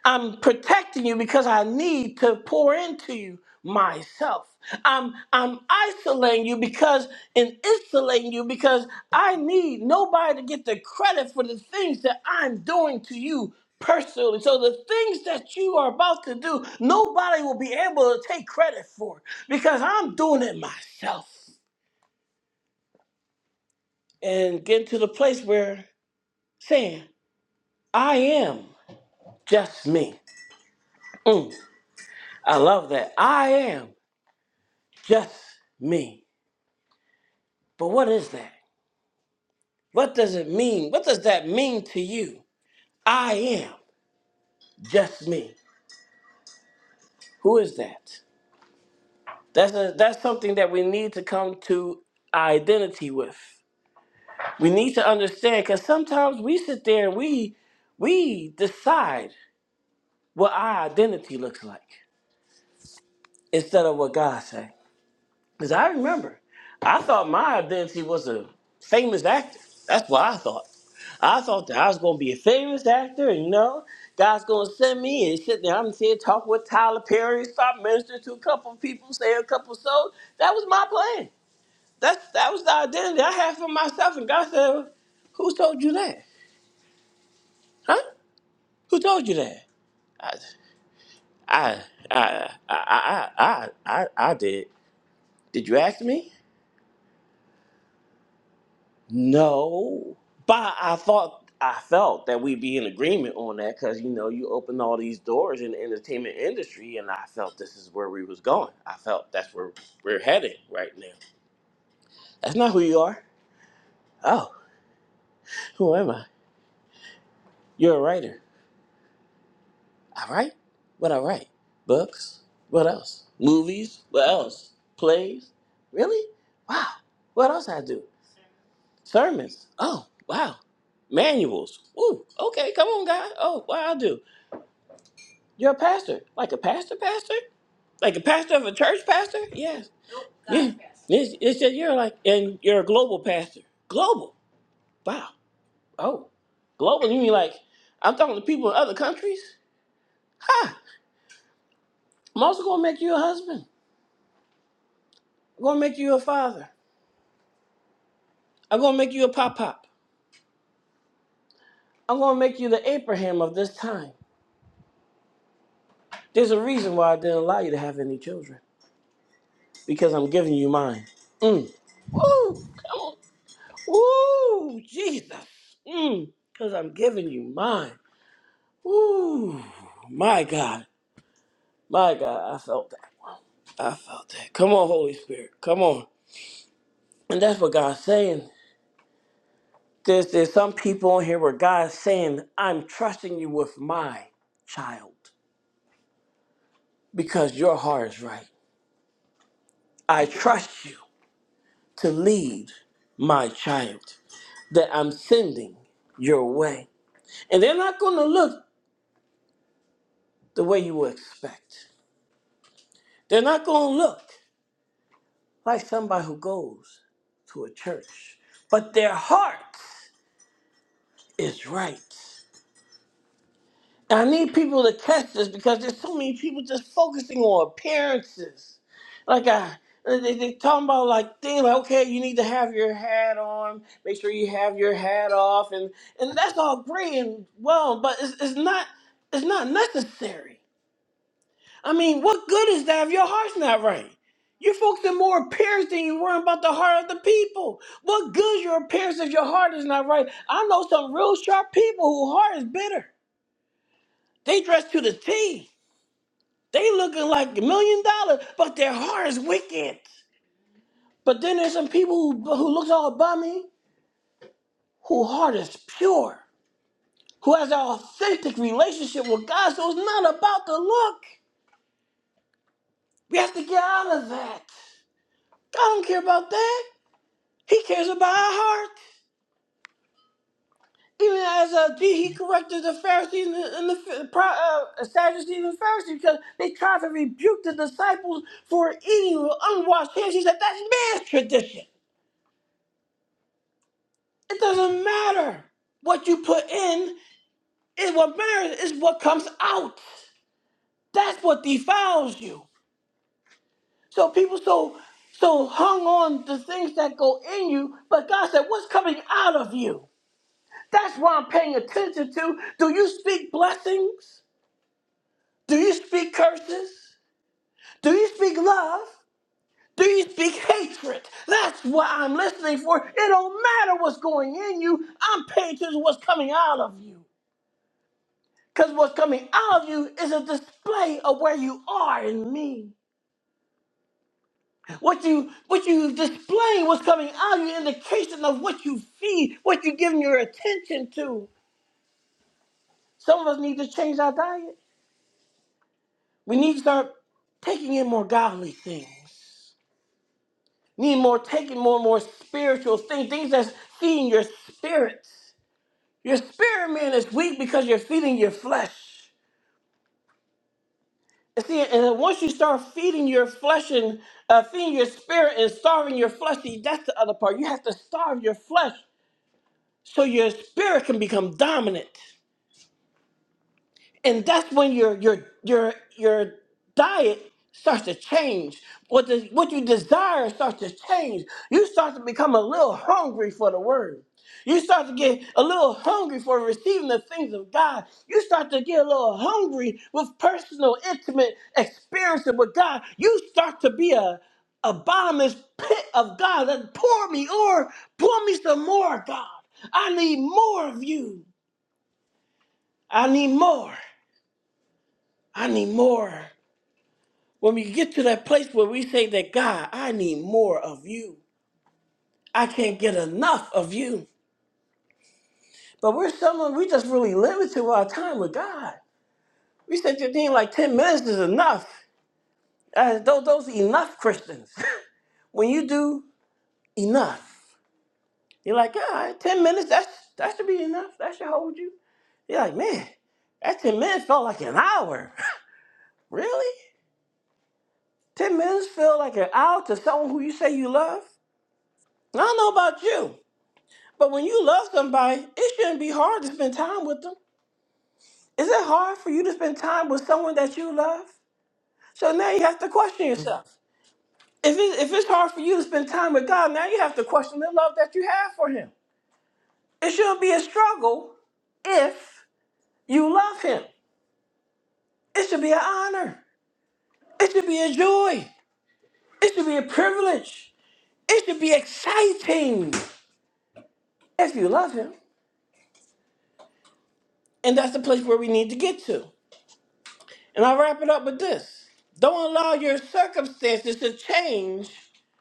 C: I'm protecting you because I need to pour into you myself. I'm I'm isolating you because and insulating you because I need nobody to get the credit for the things that I'm doing to you personally. So the things that you are about to do, nobody will be able to take credit for because I'm doing it myself. And getting to the place where saying, I am just me. Mm, I love that. I am. just me. But what is that? What does it mean? What does that mean to you? I am just me. Who is that? That's a, that's something that we need to come to identity with. We need to understand because sometimes we sit there and we we decide what our identity looks like instead of what God says. Because I remember, I thought my identity was a famous actor. That's what I thought. I thought that I was going to be a famous actor, and you know, God's going to send me and sit there. I'm here talking with Tyler Perry, start ministering to a couple of people, say a couple of souls. That was my plan. That's that was the identity I had for myself. And God said, "Who told you that? Huh? Who told you that?" I, I, I, I, I, I, I, I did. Did you ask me? No, but I thought I felt that we'd be in agreement on that because you know you open all these doors in the entertainment industry, and I felt this is where we was going. I felt that's where we're headed right now. That's not who you are. Oh, who am I? You're a writer. I write. What I write? Books. What else? Movies. What else? Plays. Really? Wow. What else I do? Sermons. Oh, wow. Manuals. Ooh. Okay. Come on, guy. Oh, what I do? You're a pastor, like a pastor, pastor, like a pastor of a church, pastor. Yes. yeah. It's, it's just you're like, and you're a global pastor. Global. Wow. Oh, global. You mean like I'm talking to people in other countries? Ha! I'm also gonna make you a husband. I'm gonna make you a father. I'm gonna make you a pop pop. I'm gonna make you the Abraham of this time. There's a reason why I didn't allow you to have any children because I'm giving you mine. Mm. Woo! Come on. Ooh, Jesus. Mm, Cause I'm giving you mine. Ooh, my God. My God, I felt that. I felt that. Come on, Holy Spirit. Come on. And that's what God's saying. There's there's some people on here where God's saying, I'm trusting you with my child. Because your heart is right. I trust you to lead my child that I'm sending your way. And they're not gonna look the way you would expect. They're not gonna look. like somebody who goes to a church, but their heart is right. And I need people to catch this because there's so many people just focusing on appearances. Like I, they, they talking about like things like, okay, you need to have your hat on, make sure you have your hat off, and and that's all great and well, but it's, it's not it's not necessary. I mean, what good is that if your heart's not right? You're focusing more appearance than you worrying about the heart of the people. What good is your appearance if your heart is not right? I know some real sharp people whose heart is bitter. They dress to the T. They looking like a million dollars, but their heart is wicked. But then there's some people who, who looks all bummy, whose heart is pure, who has an authentic relationship with God. So it's not about the look. We have to get out of that. I don't care about that. He cares about our heart. Even as uh, he corrected the Pharisees and the, and the Ph- pro- uh, Sadducees and Pharisees because they tried to rebuke the disciples for eating with unwashed hands. He said, That's man's tradition. It doesn't matter what you put in, it, what matters is what comes out. That's what defiles you. So people so so hung on to things that go in you, but God said, What's coming out of you? That's what I'm paying attention to. Do you speak blessings? Do you speak curses? Do you speak love? Do you speak hatred? That's what I'm listening for. It don't matter what's going in you. I'm paying attention to what's coming out of you. Because what's coming out of you is a display of where you are in me. What you what you display, what's coming out of you, indication of what you feed, what you're giving your attention to. Some of us need to change our diet. We need to start taking in more godly things. Need more, taking more and more spiritual things, things that's feeding your spirit. Your spirit man is weak because you're feeding your flesh. And see, and then once you start feeding your flesh and uh, feeding your spirit and starving your flesh, see, that's the other part. You have to starve your flesh so your spirit can become dominant. and that's when your your your your diet starts to change. What the, what you desire starts to change. You start to become a little hungry for the word. You start to get a little hungry for receiving the things of God. You start to get a little hungry with personal, intimate experiences with God. You start to be a, a bottomless pit of God. That pour me or pour me some more, God. I need more of you. I need more. I need more. When we get to that place where we say that, God, I need more of you, I can't get enough of you. But we're someone, we just really limit to our time with God. We said your thing like 10 minutes is enough. Uh, those, those are enough Christians. when you do enough, you're like, all right, 10 minutes, that's, that should be enough. That should hold you. You're like, man, that 10 minutes felt like an hour. really? 10 minutes feel like an hour to someone who you say you love? I don't know about you, But when you love somebody, it shouldn't be hard to spend time with them. Is it hard for you to spend time with someone that you love? So now you have to question yourself. If, it, if it's hard for you to spend time with God, now you have to question the love that you have for Him. It shouldn't be a struggle if you love Him. It should be an honor. It should be a joy. It should be a privilege. It should be exciting if you love Him. And that's the place where we need to get to. And i wrap it up with this. Don't allow your circumstances to change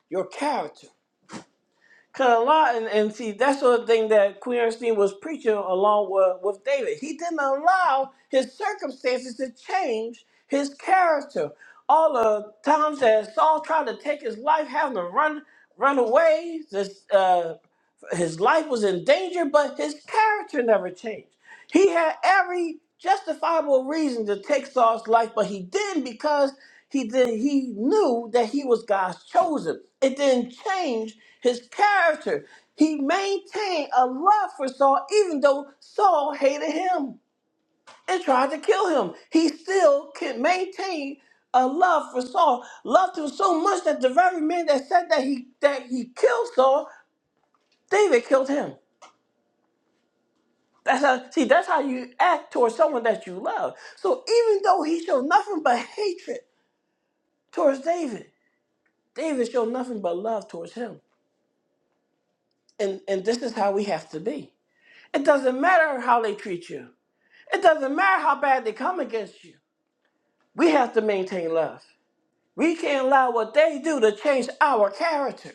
C: your character. Cause a lot and, and see that's sort of thing that Queen Ernestine was preaching along with, with David. He didn't allow his circumstances to change his character. All the times that Saul tried to take his life, having to run run away, this uh, his life was in danger, but his character never changed. He had every justifiable reason to take Saul's life, but he didn't because he did he knew that he was God's chosen. It didn't change his character. He maintained a love for Saul, even though Saul hated him and tried to kill him. He still can maintain a love for Saul, loved him so much that the very men that said that he that he killed Saul, David killed him. That's how see that's how you act towards someone that you love. So even though he showed nothing but hatred towards David, David showed nothing but love towards him. And and this is how we have to be. It doesn't matter how they treat you. It doesn't matter how bad they come against you. We have to maintain love. We can't allow what they do to change our character.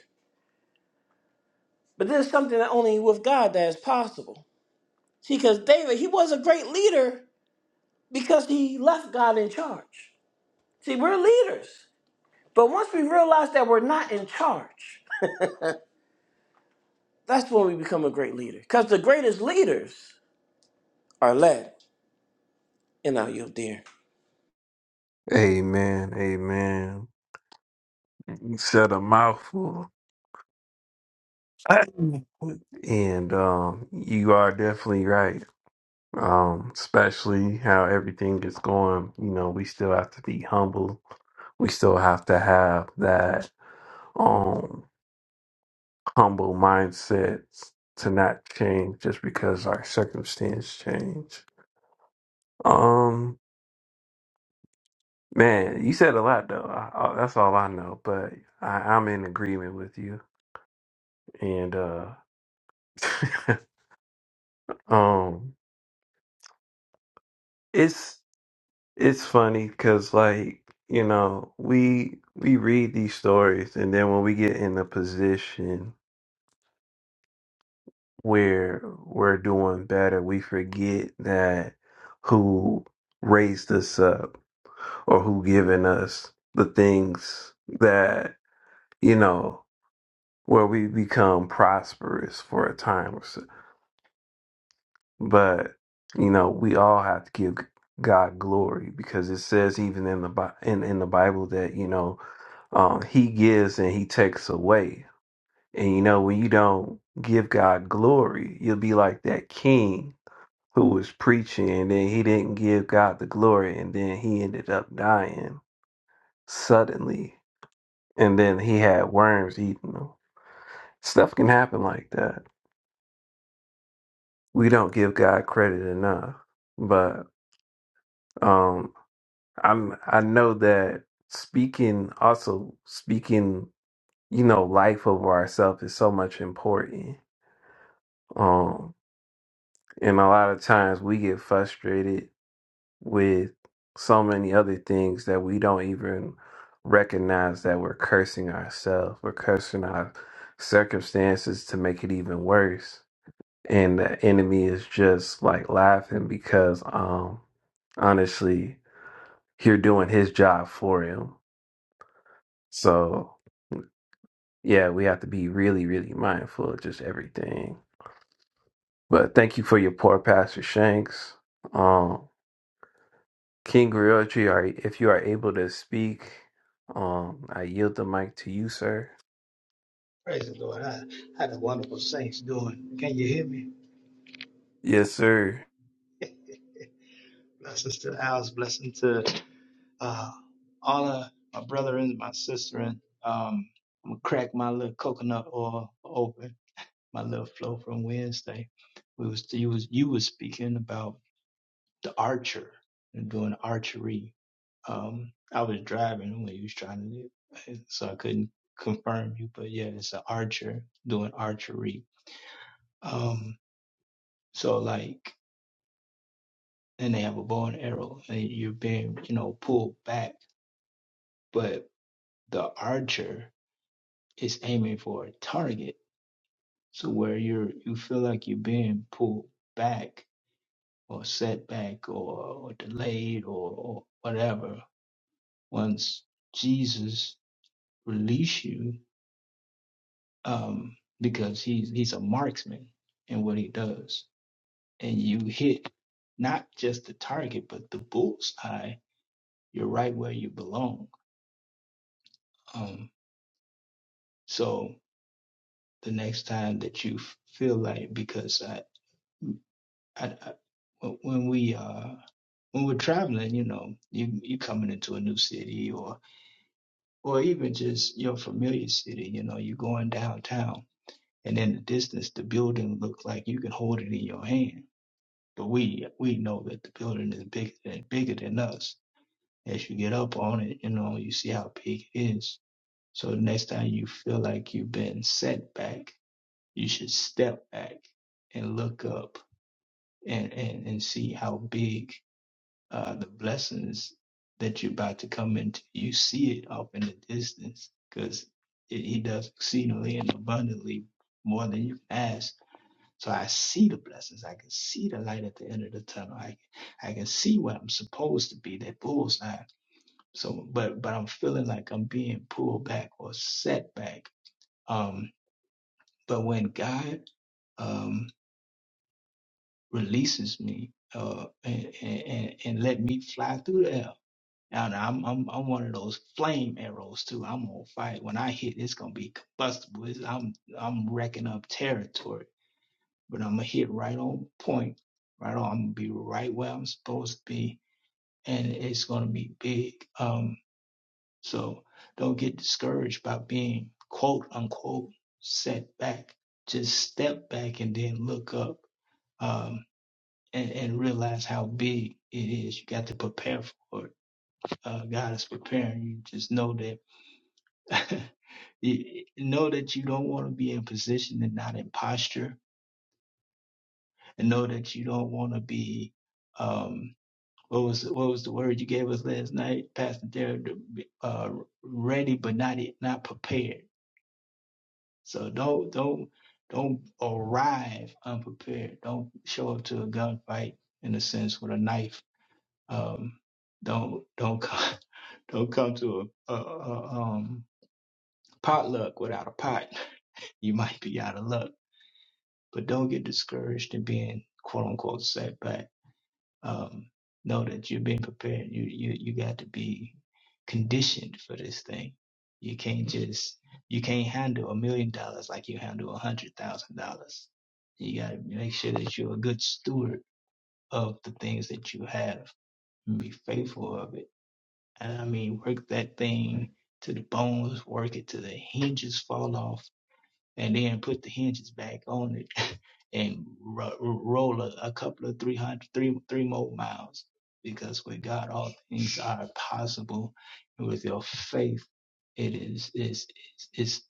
C: But this is something that only with God that is possible. See, because David, he was a great leader because he left God in charge. See, we're leaders. But once we realize that we're not in charge, that's when we become a great leader. Because the greatest leaders are led. And I yield there.
A: Amen. Amen. You said a mouthful. and um, you are definitely right. Um, especially how everything is going. You know, we still have to be humble. We still have to have that um humble mindset to not change just because our circumstance change. Um, man, you said a lot though. I, I, that's all I know. But I, I'm in agreement with you. And uh, um, it's. It's funny because, like, you know, we we read these stories, and then when we get in a position where we're doing better, we forget that who raised us up or who given us the things that you know where we become prosperous for a time or so. But you know, we all have to give God glory because it says even in the Bi- in in the Bible that you know Um, he gives and he takes away. And you know, when you don't give God glory, you'll be like that king who was preaching and then he didn't give God the glory and then he ended up dying suddenly. And then he had worms eating him. Stuff can happen like that. We don't give God credit enough. But um I'm I know that speaking also speaking, you know, life over ourselves is so much important Um, And a lot of times we get frustrated with so many other things that we don't even recognize that we're cursing ourselves. We're cursing our circumstances to make it even worse. And the enemy is just like laughing because um honestly, you're doing his job for him. So yeah, we have to be really, really mindful of just everything. But thank you for your poor Pastor Shanks. um. King Griotri, are if you are able to speak, um, I yield the mic to you, sir.
D: Praise the Lord. I had a wonderful saints doing. Can you hear me?
A: Yes, sir.
D: Blessings to Alice. blessing to uh, all of my brethren, my sister. And um, I'm gonna crack my little coconut oil open. My little flow from Wednesday. We was you was you was speaking about the archer and doing archery. Um, I was driving when you was trying to, do- it, so I couldn't confirm you. But yeah, it's an archer doing archery. Um, so like. and they have a bow and arrow and you're being you know pulled back but the archer is aiming for a target so where you're you feel like you're being pulled back or set back or, or delayed or, or whatever once jesus release you um because he's he's a marksman in what he does and you hit not just the target but the bullseye you're right where you belong um so the next time that you f- feel like because I, I, I when we uh when we're traveling, you know, you you coming into a new city or or even just your familiar city, you know, you're going downtown and in the distance the building looks like you can hold it in your hand. But we we know that the building is bigger than bigger than us. As you get up on it, you know, you see how big it is. So the next time you feel like you've been set back, you should step back and look up and and, and see how big uh, the blessings that you're about to come into. You see it off in the distance because he does exceedingly and abundantly more than you can ask. So I see the blessings. I can see the light at the end of the tunnel. I I can see what I'm supposed to be, that bullseye. So, but but I'm feeling like I'm being pulled back or set back. Um, but when God um, releases me uh, and, and, and let me fly through the air. And I'm, I'm I'm one of those flame arrows too. I'm gonna fire. When I hit, it's gonna be combustible. It's, I'm I'm wrecking up territory, but I'm gonna hit right on point. Right on. I'm gonna be right where I'm supposed to be, and it's gonna be big. Um, so don't get discouraged by being quote unquote set back. Just step back and then look up. Um and, and realize how big it is. You got to prepare for it. Uh, God is preparing you. Just know that, you- know that you don't want to be in position and not in posture, and know that you don't want to be, um, what was what was the word you gave us last night, Pastor Derek? Uh, ready but not not prepared. So don't don't don't arrive unprepared. Don't show up to a gunfight in a sense with a knife Um, don't don't come don't come to a, a, a um, potluck without a pot. you might be out of luck, but don't get discouraged in being quote unquote setback. Um, know that you've been prepared. You you you got to be conditioned for this thing. You can't just you can't handle a million dollars like you handle a hundred thousand dollars. You got to make sure that you're a good steward of the things that you have and be faithful of it And I mean, work that thing to the bones, work it to the hinges fall off, and then put the hinges back on it and ro- roll a, a couple of 300, three, three more miles. Because with God, all things are possible. And with your faith, it is, is, is,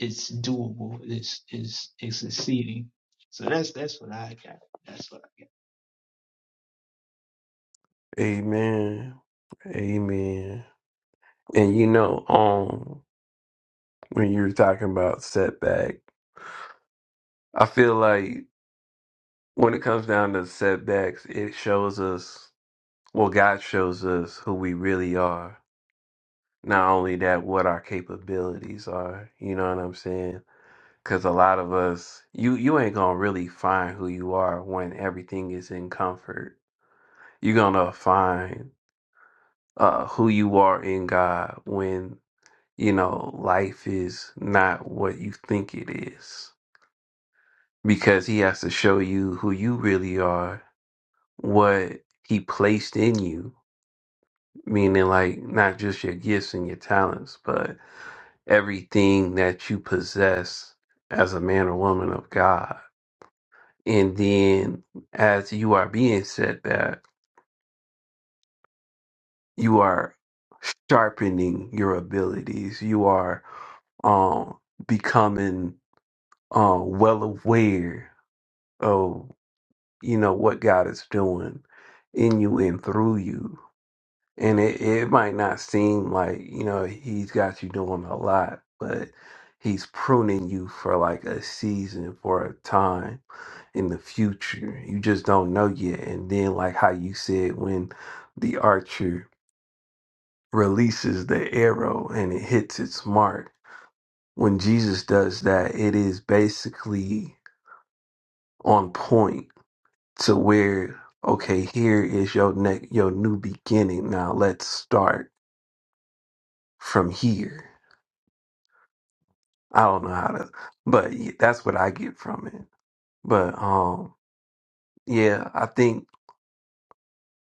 D: it's doable. It's, it's, it's succeeding. So that's, that's what I got. That's what I got.
A: Amen. Amen. And you know, um, when you were talking about setback, I feel like when it comes down to setbacks, it shows us, well, God shows us who we really are. Not only that, what our capabilities are. You know what I'm saying? Cause a lot of us, you you ain't gonna really find who you are when everything is in comfort. You're gonna find uh, who you are in God when you know life is not what you think it is, because He has to show you who you really are, what He placed in you, meaning like not just your gifts and your talents, but everything that you possess as a man or woman of God And then as you are being set back, you are sharpening your abilities. You are um becoming uh well aware of you know what God is doing in you and through you. and it, it might not seem like you know he's got you doing a lot but he's pruning you for like a season for a time in the future you just don't know yet and then like how you said when the archer releases the arrow and it hits its mark when jesus does that it is basically on point to where okay here is your neck your new beginning now let's start from here I don't know how to, but y- that's what I get from it. But um, yeah, I think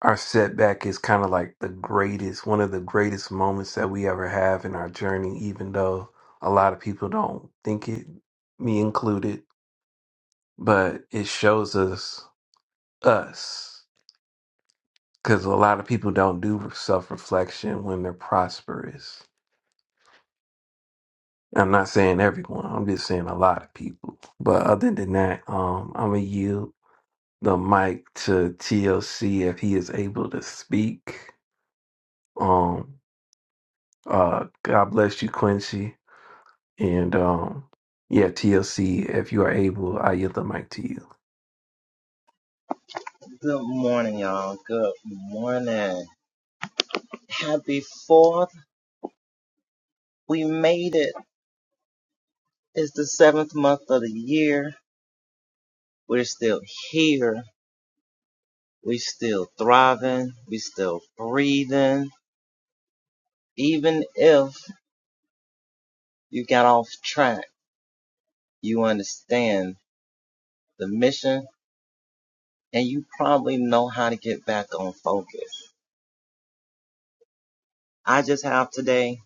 A: our setback is kind of like the greatest, one of the greatest moments that we ever have in our journey, even though a lot of people don't think it, me included. But it shows us us because a lot of people don't do self reflection when they're prosperous. I'm not saying everyone. I'm just saying a lot of people. But other than that, um, I'm a you. the mic to TLC if he is able to speak. Um, uh, God bless you, Quincy, and um, yeah, TLC, if you are able, I yield the mic to you.
E: Good morning, y'all. Good morning. Happy fourth. We made it. It's the seventh month of the year. We're still here. We're still thriving. We're still breathing. Even if you got off track, you understand the mission and you probably know how to get back on focus. I just have today,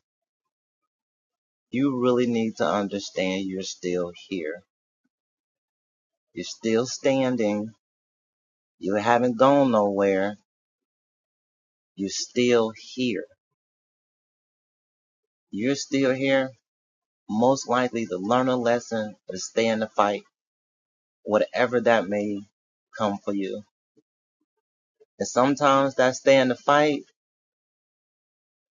E: you really need to understand you're still here. You're still standing. You haven't gone nowhere you're still here. You're still here, most likely to learn a lesson or to stay in the fight, whatever that may come for you. And sometimes that stay in the fight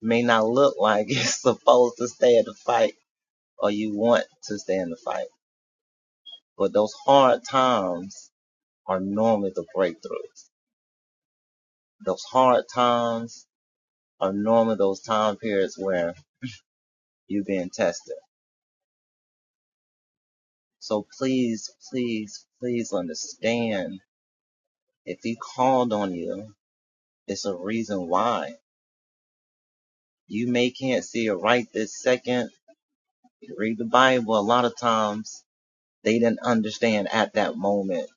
E: may not look like it's supposed to stay in the fight or you want to stay in the fight. But those hard times are normally the breakthroughs. Those hard times are normally those time periods where you're being tested. So please, please, please understand If he called on you, it's a reason why. You may can't see it right this second. You read the Bible, a lot of times they didn't understand at that moment.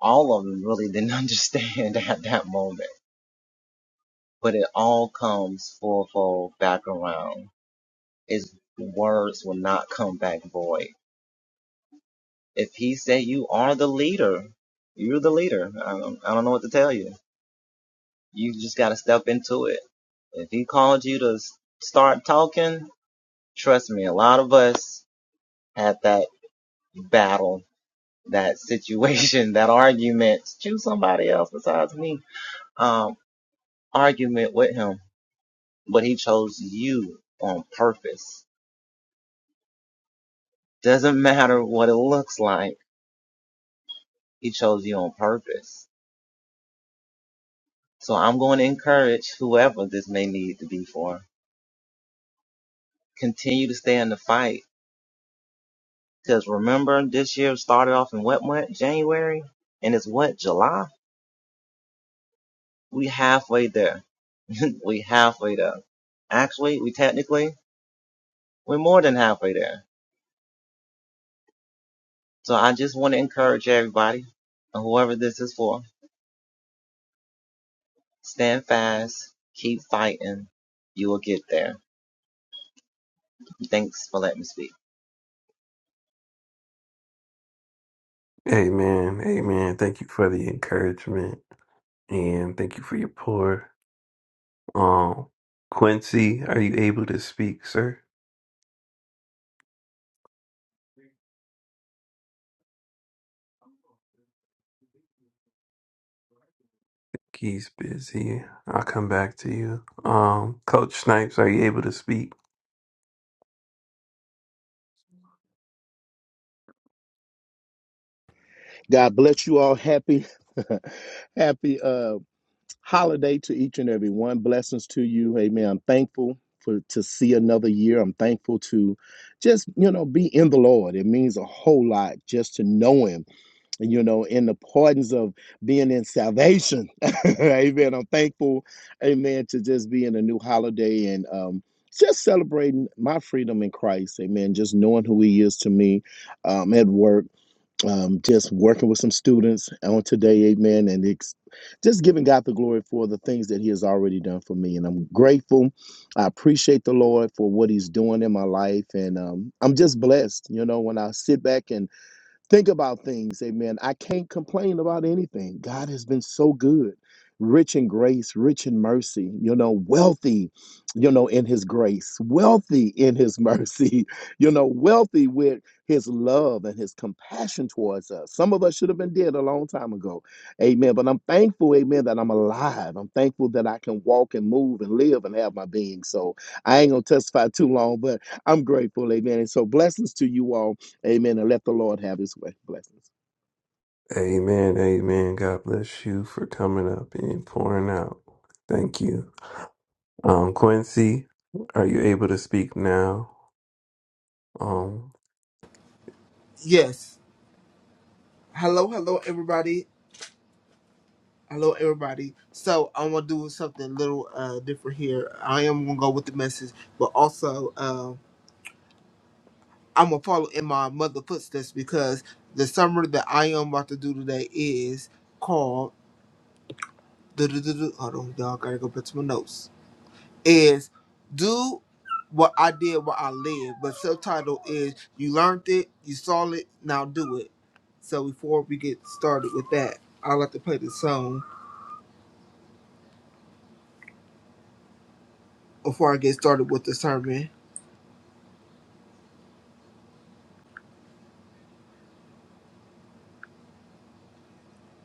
E: All of them really didn't understand at that moment. But it all comes fourfold back around. His words will not come back void. If he said you are the leader, you're the leader. I don't, I don't know what to tell you. You just got to step into it. If he called you to s- start talking, Trust me, a lot of us had that battle, that situation, that argument. Choose somebody else besides me. Um, argument with him, but he chose you on purpose. Doesn't matter what it looks like. He chose you on purpose. So I'm going to encourage whoever this may need to be for. Continue to stay in the fight. Cause remember this year started off in what month? January? And it's what? July? We halfway there. we halfway there. Actually, we technically, we're more than halfway there. So I just want to encourage everybody, whoever this is for, stand fast, keep fighting. You will get there. Thanks for letting me speak.
A: Amen, amen. Thank you for the encouragement, and thank you for your pour. Um, Quincy, are you able to speak, sir? He's busy. I'll come back to you. Um, Coach Snipes, are you able to speak?
F: God bless you all. Happy, happy uh, holiday to each and every one. Blessings to you. Amen. I'm thankful for to see another year. I'm thankful to just you know be in the Lord. It means a whole lot just to know Him. And you know, in the pardons of being in salvation. amen. I'm thankful. Amen. To just be in a new holiday and um, just celebrating my freedom in Christ. Amen. Just knowing who He is to me um, at work um, just working with some students on today, amen, and ex- just giving God the glory for the things that He has already done for me. And I'm grateful. I appreciate the Lord for what He's doing in my life. And um, I'm just blessed. You know, when I sit back and think about things amen i can't complain about anything god has been so good rich in grace rich in mercy you know wealthy you know in his grace wealthy in his mercy you know wealthy with his love and his compassion towards us some of us should have been dead a long time ago amen but i'm thankful amen that i'm alive i'm thankful that i can walk and move and live and have my being so i ain't gonna testify too long but i'm grateful amen and so blessings to you all Amen. And let the Lord have his way. Blessings.
A: Amen, amen. God bless you for coming up and pouring out. Thank you. Um, Quincy, are you able to speak now? Um,
G: Yes. Hello, hello, everybody. Hello, everybody. So I'm gonna do something a little uh different here. I am gonna go with the message, but also uh, I'm gonna follow in my mother footsteps because the summer that I am about to do today is called. Du-du-du-du- Hold on, y'all. Gotta go back to my notes. Is do what I did what I lived, but subtitle is you learned it, you saw it, now do it. So before we get started with that, I like to play the song before I get started with the sermon.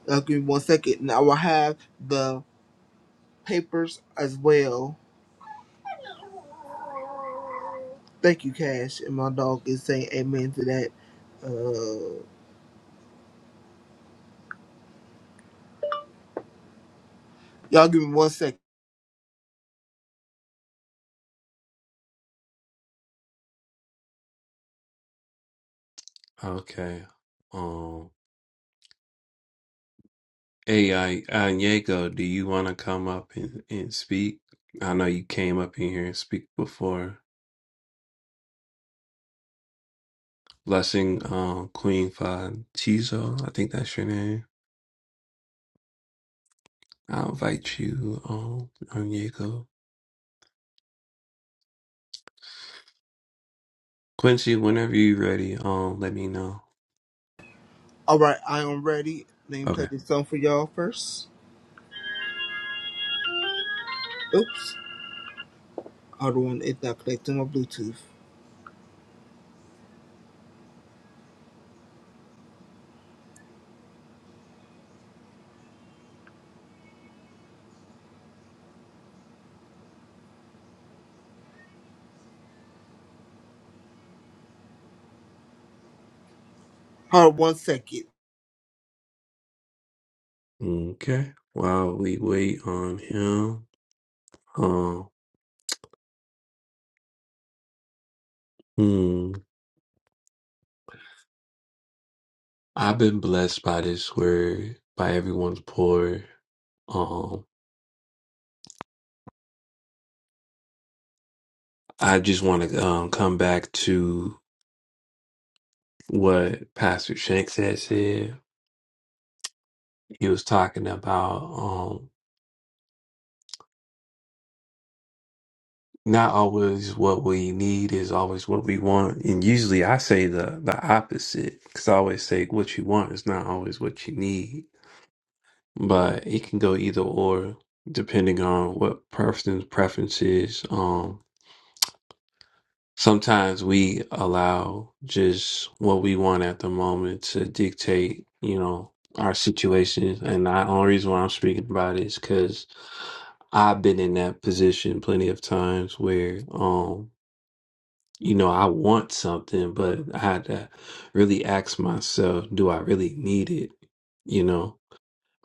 G: Uh, give me one second, and I will have the papers as well. Thank you, Cash. And my dog is saying amen to that. Uh, y'all give me one second.
A: okay. Um, Hey, uh, Diego, do you want to come up and, and speak? I know you came up in here and speak before. Blessing, um, Queen Fatizo, I think that's your name. I'll invite you, um, Diego. Quincy, whenever you're ready, um, let me know.
G: All right, I am ready. Let me play
A: Okay.
G: this song for y'all first. Oops. Hold on, it's not connecting my Bluetooth. Hold on one second.
A: Okay. While we wait on him, um, hmm, I've been blessed by this word, by everyone's pour. Um, I just want to um, come back to what Pastor Shanks had said. He was talking about um not always what we need is always what we want, and usually I say the the opposite because I always say what you want is not always what you need, but it can go either or depending on what person's preference is. um. sometimes we allow just what we want at the moment to dictate, you know, our situations. And the only reason why I'm speaking about it is because I've been in that position plenty of times where, um, you know, I want something, but I had to really ask myself, do I really need it? You know,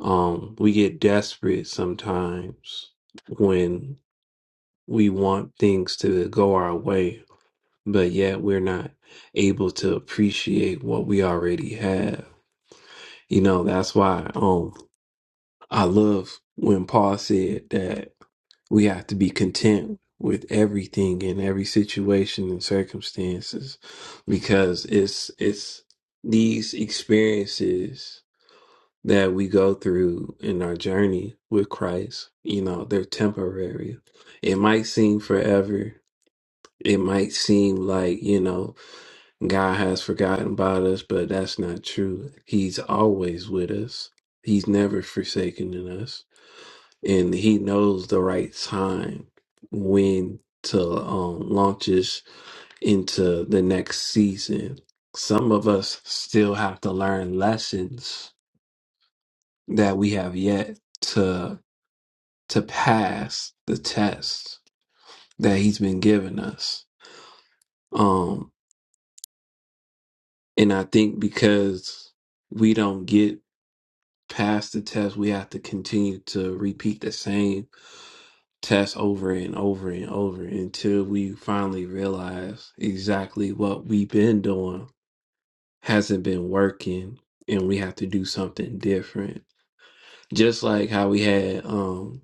A: um, we get desperate sometimes when we want things to go our way but yet we're not able to appreciate what we already have. You know, that's why um I love when Paul said that we have to be content with everything in every situation and circumstances because it's it's these experiences that we go through in our journey with Christ, you know, they're temporary. It might seem forever. It might seem like, you know, God has forgotten about us, but that's not true. He's always with us. He's never forsaken in us, and He knows the right time when to um, launch us into the next season. Some of us still have to learn lessons that we have yet to to pass the test that He's been giving us. Um, and I think because we don't get pass the test, we have to continue to repeat the same test over and over and over until we finally realize exactly what we've been doing hasn't been working and we have to do something different. Just like how we had um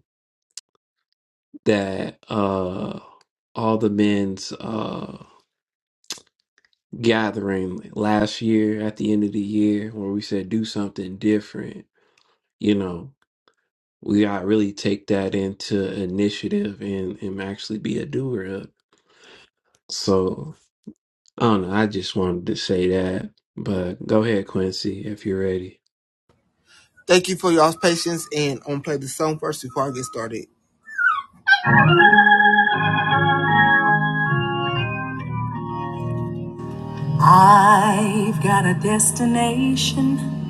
A: that uh all the men's uh gathering last year at the end of the year where we said do something different, you know we gotta really take that into initiative and, and actually be a doer of. So I don't know. I just wanted to say that. But go ahead, Quincy, if you're ready.
G: Thank you for y'all's patience, and I'm gonna play the song first before I get started. I've got a destination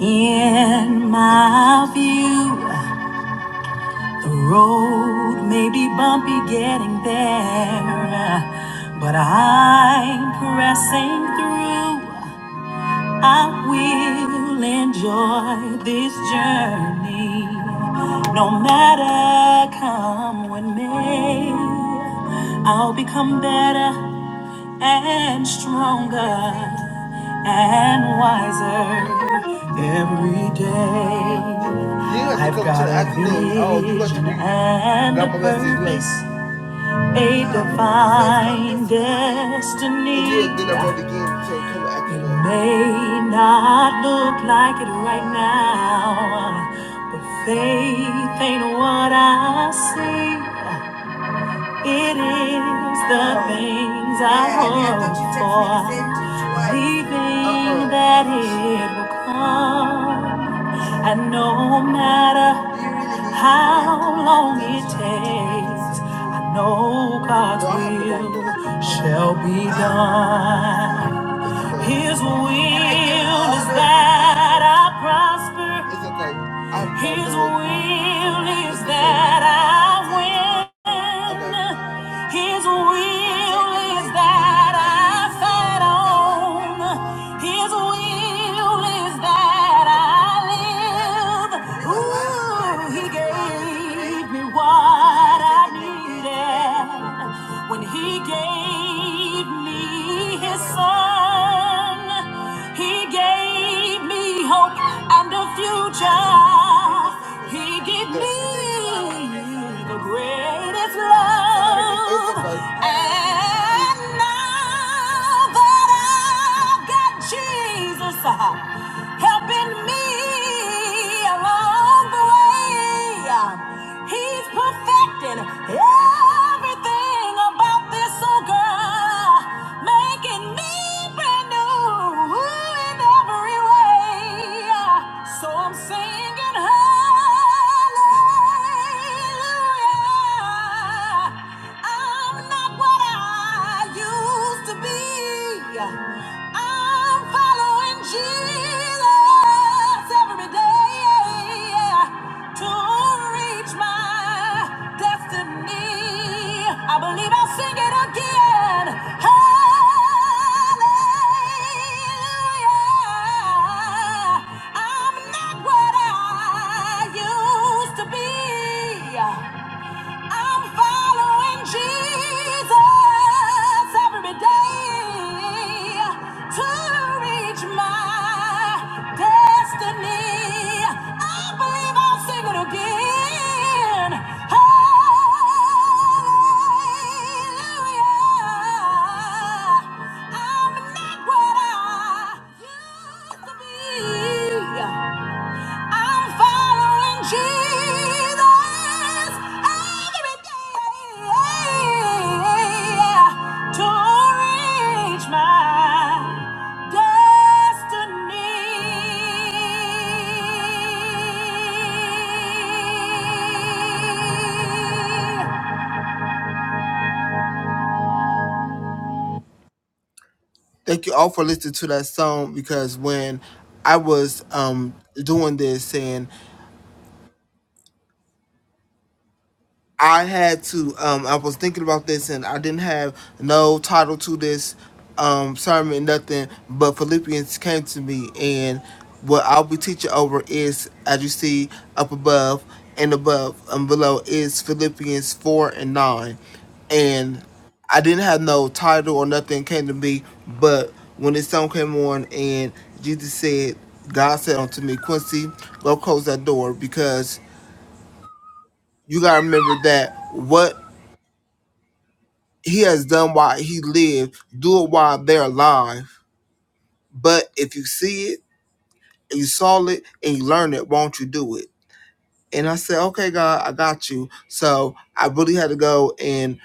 G: in my view. The road may be bumpy getting there, but I'm pressing through. I will enjoy this journey, no matter come what may. I'll become better and stronger and wiser every day. I've come got a Oh, vision and a purpose, a divine destiny. It may not look like it right now, but faith ain't what I see. It is the things I hope for, believing that it will come. And no matter how long it takes, I know God's will shall be done. His will is that I prosper. okay. His will is okay. that I win. Okay. His will is that I fight on. His will is that I live. Ooh, he gave me what I needed when he gave made me his son. He gave me hope and a future. He gave me the greatest love. And now that I've got Jesus helping me along the way. He's perfecting everything about this old girl, making me brand new in every way. So I'm singing hallelujah. I'm not what I used to be. I'm following Jesus every day yeah, to reach my destiny. I believe I'll sing it again. Hallelujah. I'm not what I used to be. I'm following Jesus every day to reach my destiny. I believe I'll sing it again. Hallelujah. I'm not what I used to be. I'm following Jesus every day to reach my destiny. Thank you all for listening to that song because when I was um doing this, saying. I had to. Um, I was thinking about this, and I didn't have no title to this um, sermon, nothing. But Philippians came to me, and what I'll be teaching over is, as you see up above and above and below, is Philippians four and nine, and I didn't have no title or nothing came to me. But when this song came on, and Jesus said, God said unto me, Quincy, go close that door because you gotta remember that what he has done while he lived, do it while they're alive. But if you see it, and you saw it, and you learn it, won't you do it? And I said, okay, God, I got you. So I really had to go and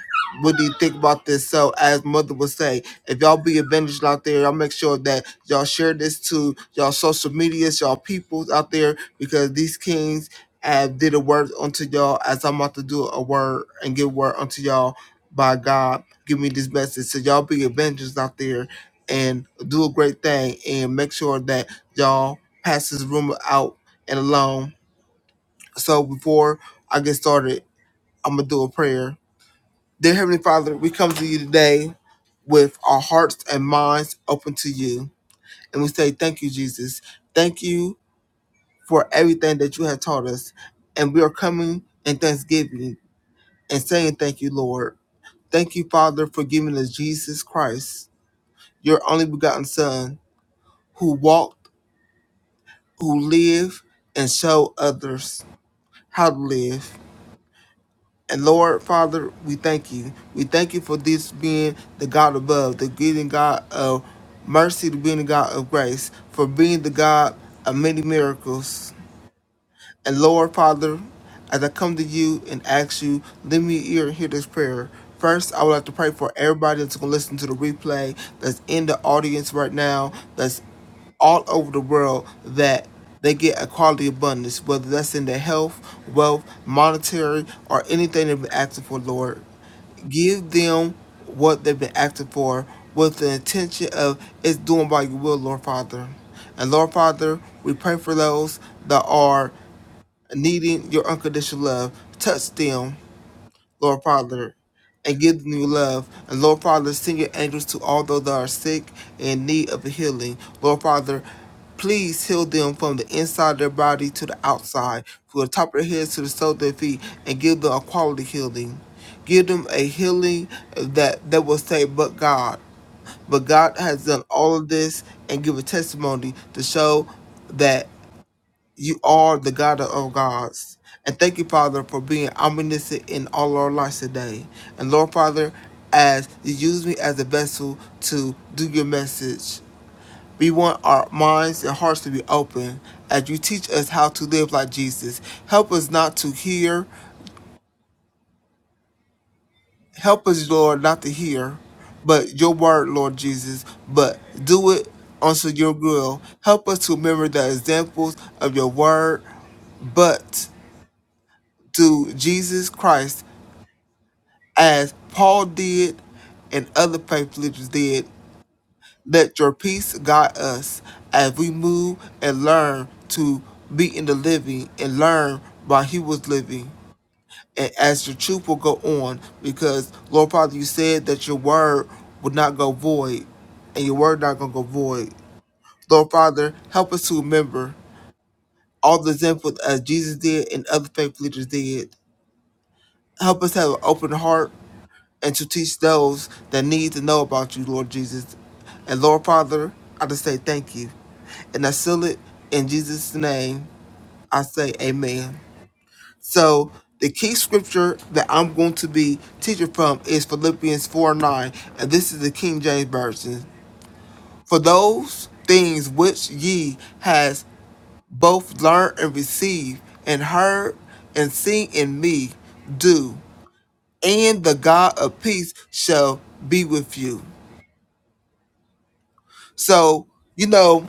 G: really think about this. So, as Mother would say, if y'all be advantaged out there, y'all make sure that y'all share this to y'all social medias, y'all peoples out there, because these kings have did a word unto y'all as I'm about to do a word and give word unto y'all by God. Give me this message. So, y'all be adventures out there and do a great thing and make sure that y'all pass this rumor out and alone. So before I get started, I'm gonna do a prayer. Dear Heavenly Father, we come to you today with our hearts and minds open to you. And we say thank you, Jesus. Thank you for everything that you have taught us. And we are coming in thanksgiving and saying thank you, Lord. Thank you, Father, for giving us Jesus Christ, your only begotten Son, who walked, who lived, and showed others how to live. And Lord Father, we thank you. We thank you for this being the God above, the being God of mercy, the being the God of grace, for being the God of many miracles. And Lord Father, as I come to you and ask you, lend me your ear and hear this prayer. First, I would like to pray for everybody that's going to listen to the replay, that's in the audience right now, that's all over the world, that they get a quality abundance, whether that's in their health, wealth, monetary, or anything they've been asking for, Lord give them what they've been asking for with the intention of it's doing by your will, Lord Father. And Lord Father, we pray for those that are needing your unconditional love. Touch them, Lord Father, and give them your love. And Lord Father, send your angels to all those that are sick and in need of a healing. Lord Father, please heal them from the inside of their body to the outside, from the top of their heads to the sole of their feet, and give them a quality healing. Give them a healing that, that will say, but God. But God has done all of this and give a testimony to show that you are the God of gods. And thank you, Father, for being omniscient in all our lives today. And Lord, Father, as you use me as a vessel to do your message, we want our minds and hearts to be open as you teach us how to live like Jesus. Help us not to hear. Help us, Lord, not to hear, but your word, Lord Jesus, but do it unto your will. Help us to remember the examples of your word, but to Jesus Christ as Paul did and other faith leaders did. Let your peace guide us as we move and learn to be in the living and learn while he was living. And as your truth will go on, because Lord Father, you said that your word would not go void, and your word not gonna go void. Lord Father, help us to remember all the examples as Jesus did and other faith leaders did. Help us have an open heart and to teach those that need to know about you, Lord Jesus. And Lord Father, I just say thank you. And I seal it in Jesus' name. I say amen. So the key scripture that I'm going to be teaching from is Philippians 4 9. And this is the King James Version. For those things which ye has both learned and received and heard and seen in me, do, and the God of peace shall be with you. So, you know,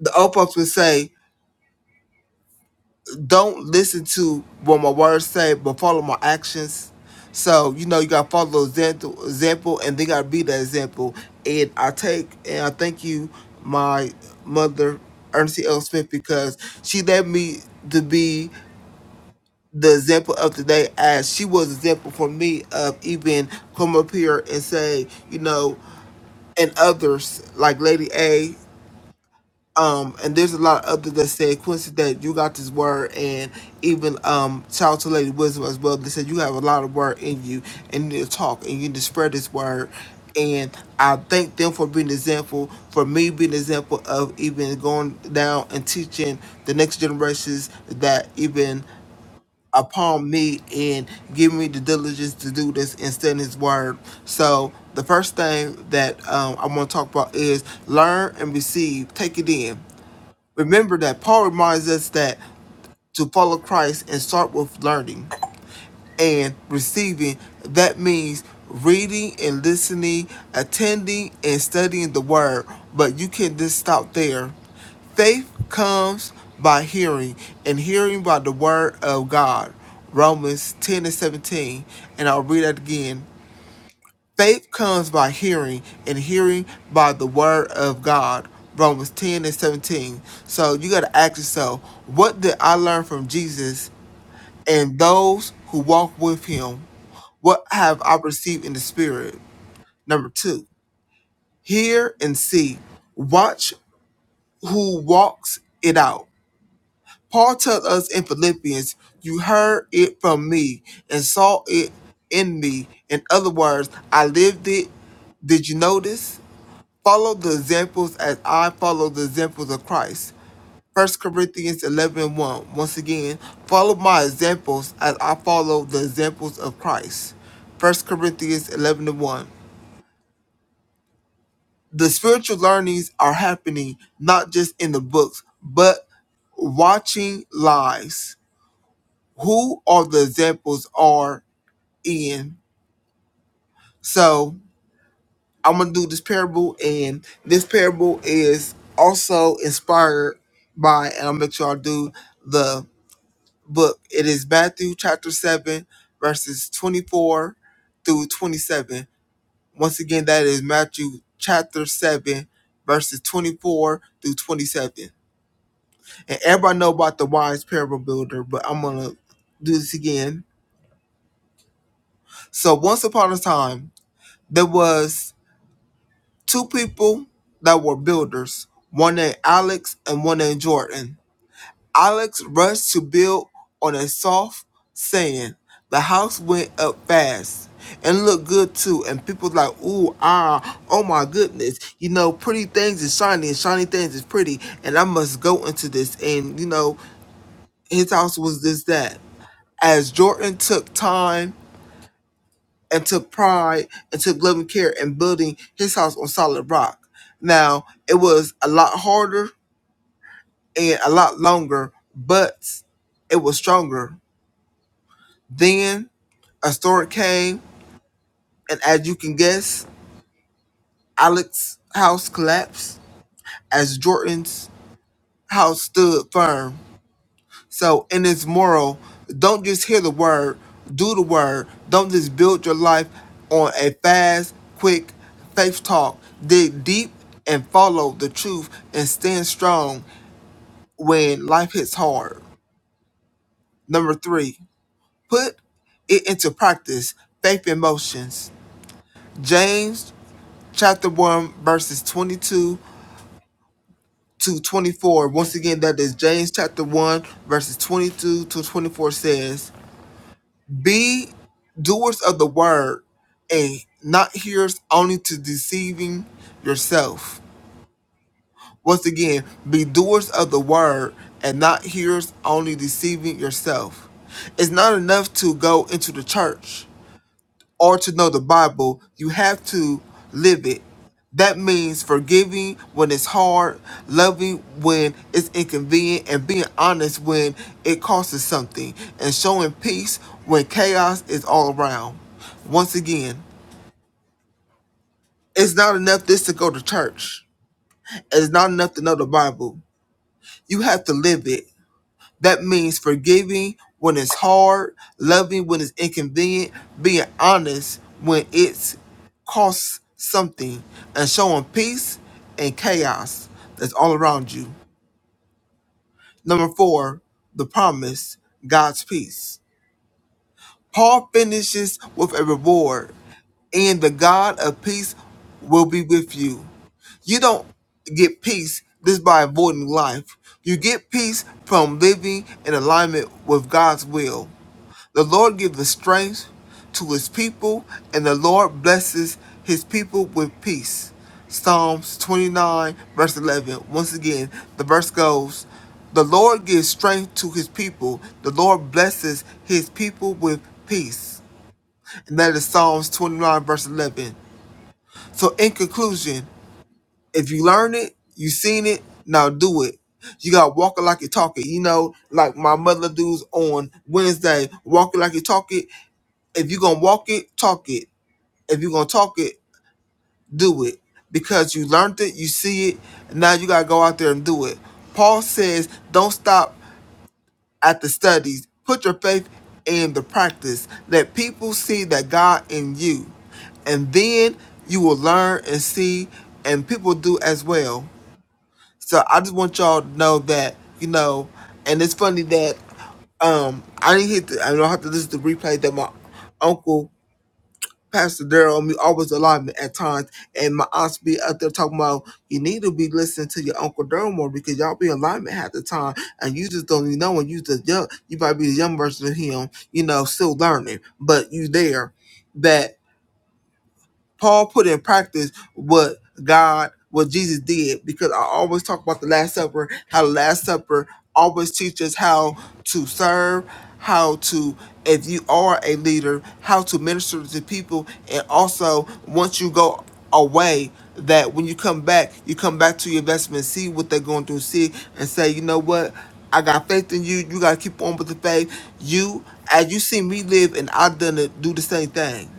G: the old folks would say, don't listen to what my words say, but follow my actions. So, you know, you gotta follow the example, example and they gotta be that example. And I take and I thank you, my mother, Ernestine L. Smith, because she led me to be the example of today as she was example for me of even come up here and say, you know, and others like Lady A um and there's a lot of other that said quincy that you got this word and even um child to lady wisdom as well they said you have a lot of word in you and you need to talk and you need to spread this word and i thank them for being an example for me being an example of even going down and teaching the next generations that even upon me and giving me the diligence to do this and send his word. So the first thing that um, I want to talk about is learn and receive. Take it in. Remember that Paul reminds us that to follow Christ and start with learning and receiving, that means reading and listening, attending and studying the word, but you can not just stop there. Faith comes by hearing, and hearing by the word of God. Romans 10 and 17. And I'll read that again. Faith comes by hearing, and hearing by the word of God. Romans 10 and 17. So you got to ask yourself, what did I learn from Jesus and those who walk with him? What have I received in the spirit? Number two, hear and see. Watch who walks it out. Paul tells us in Philippians, you heard it from me and saw it in me. In other words, I lived it. Did you notice? Follow the examples as I follow the examples of Christ. First Corinthians 11 and 1. Once again, follow my examples as I follow the examples of Christ. First Corinthians 11 and 1. The spiritual learnings are happening not just in the books, but watching lives. Who are the examples are in? So I'm gonna do this parable, and this parable is also inspired by, and I'll make sure I do the book. It is Matthew chapter seven, verses twenty-four through twenty-seven. Once again, that is Matthew chapter seven, verses twenty-four through twenty-seven. And everybody know about the wise parable builder, but I'm gonna do this again. So once upon a time, there was two people that were builders, one named Alex and one named Jordan. Alex rushed to build on a soft sand. The house went up fast and looked good too. And people like, ooh, ah, oh my goodness. You know, pretty things is shiny and shiny things is pretty. And I must go into this. And, you know, his house was this, that. As Jordan took time and took pride and took loving care in building his house on solid rock. Now, it was a lot harder and a lot longer, but it was stronger. Then a storm came, and as you can guess, Alex's house collapsed as Jordan's house stood firm. So in this moral, don't just hear the word, do the word. Don't just build your life on a fast, quick faith talk. Dig deep and follow the truth and stand strong when life hits hard. Number three, put it into practice. Faith in motions. James chapter 1 verses 22 to 24. Once again, that is James chapter 1 verses 22 to 24 says, Be doers of the word and not hearers only to deceiving yourself. Once again, be doers of the word and not hearers only deceiving yourself. It's not enough to go into the church or to know the Bible, you have to live it. That means forgiving when it's hard, loving when it's inconvenient, and being honest when it costs us something, and showing peace when chaos is all around. Once again, it's not enough just to go to church. It's not enough to know the Bible. You have to live it. That means forgiving when it's hard, loving when it's inconvenient, being honest when it costs something, and showing peace and chaos that's all around you. Number four, the promise, God's peace. Paul finishes with a reward, and the God of peace will be with you. You don't get peace just by avoiding life. You get peace from living in alignment with God's will. The Lord gives the strength to his people, and the Lord blesses his people with peace. Psalms 29, verse 11. Once again, the verse goes The Lord gives strength to his people, the Lord blesses his people with peace. And that is Psalms 29, verse 11. So, in conclusion, if you learn it, you seen it, now do it. You got walking like you talking. You know, like my mother does on Wednesday, walking like you talking if you're gonna walk it, talk it. If you're gonna talk it, do it. Because you learned it, you see it, and now you gotta go out there and do it. Paul says, don't stop at the studies. Put your faith in the practice. Let people see that God in you. And then you will learn and see, and people do as well. So I just want y'all to know that, you know, and it's funny that um I didn't hit the I don't have to listen to the replay that my uncle Pastor Daryl me always alive at times, and my aunts be out there talking about you need to be listening to your Uncle Daryl more because y'all be in alignment half the time, and you just don't even know. And you just young, you might be the young version of him, you know, still learning, but you there. That Paul put in practice what God, what Jesus did, because I always talk about the Last Supper, how the Last Supper always teaches how to serve, how to, if you are a leader, how to minister to people, and also once you go away, that when you come back, you come back to your investment, see what they're going through, see, and say, you know what, I got faith in you. You got to keep on with the faith. You, as you see me live, and I have done it, do the same thing.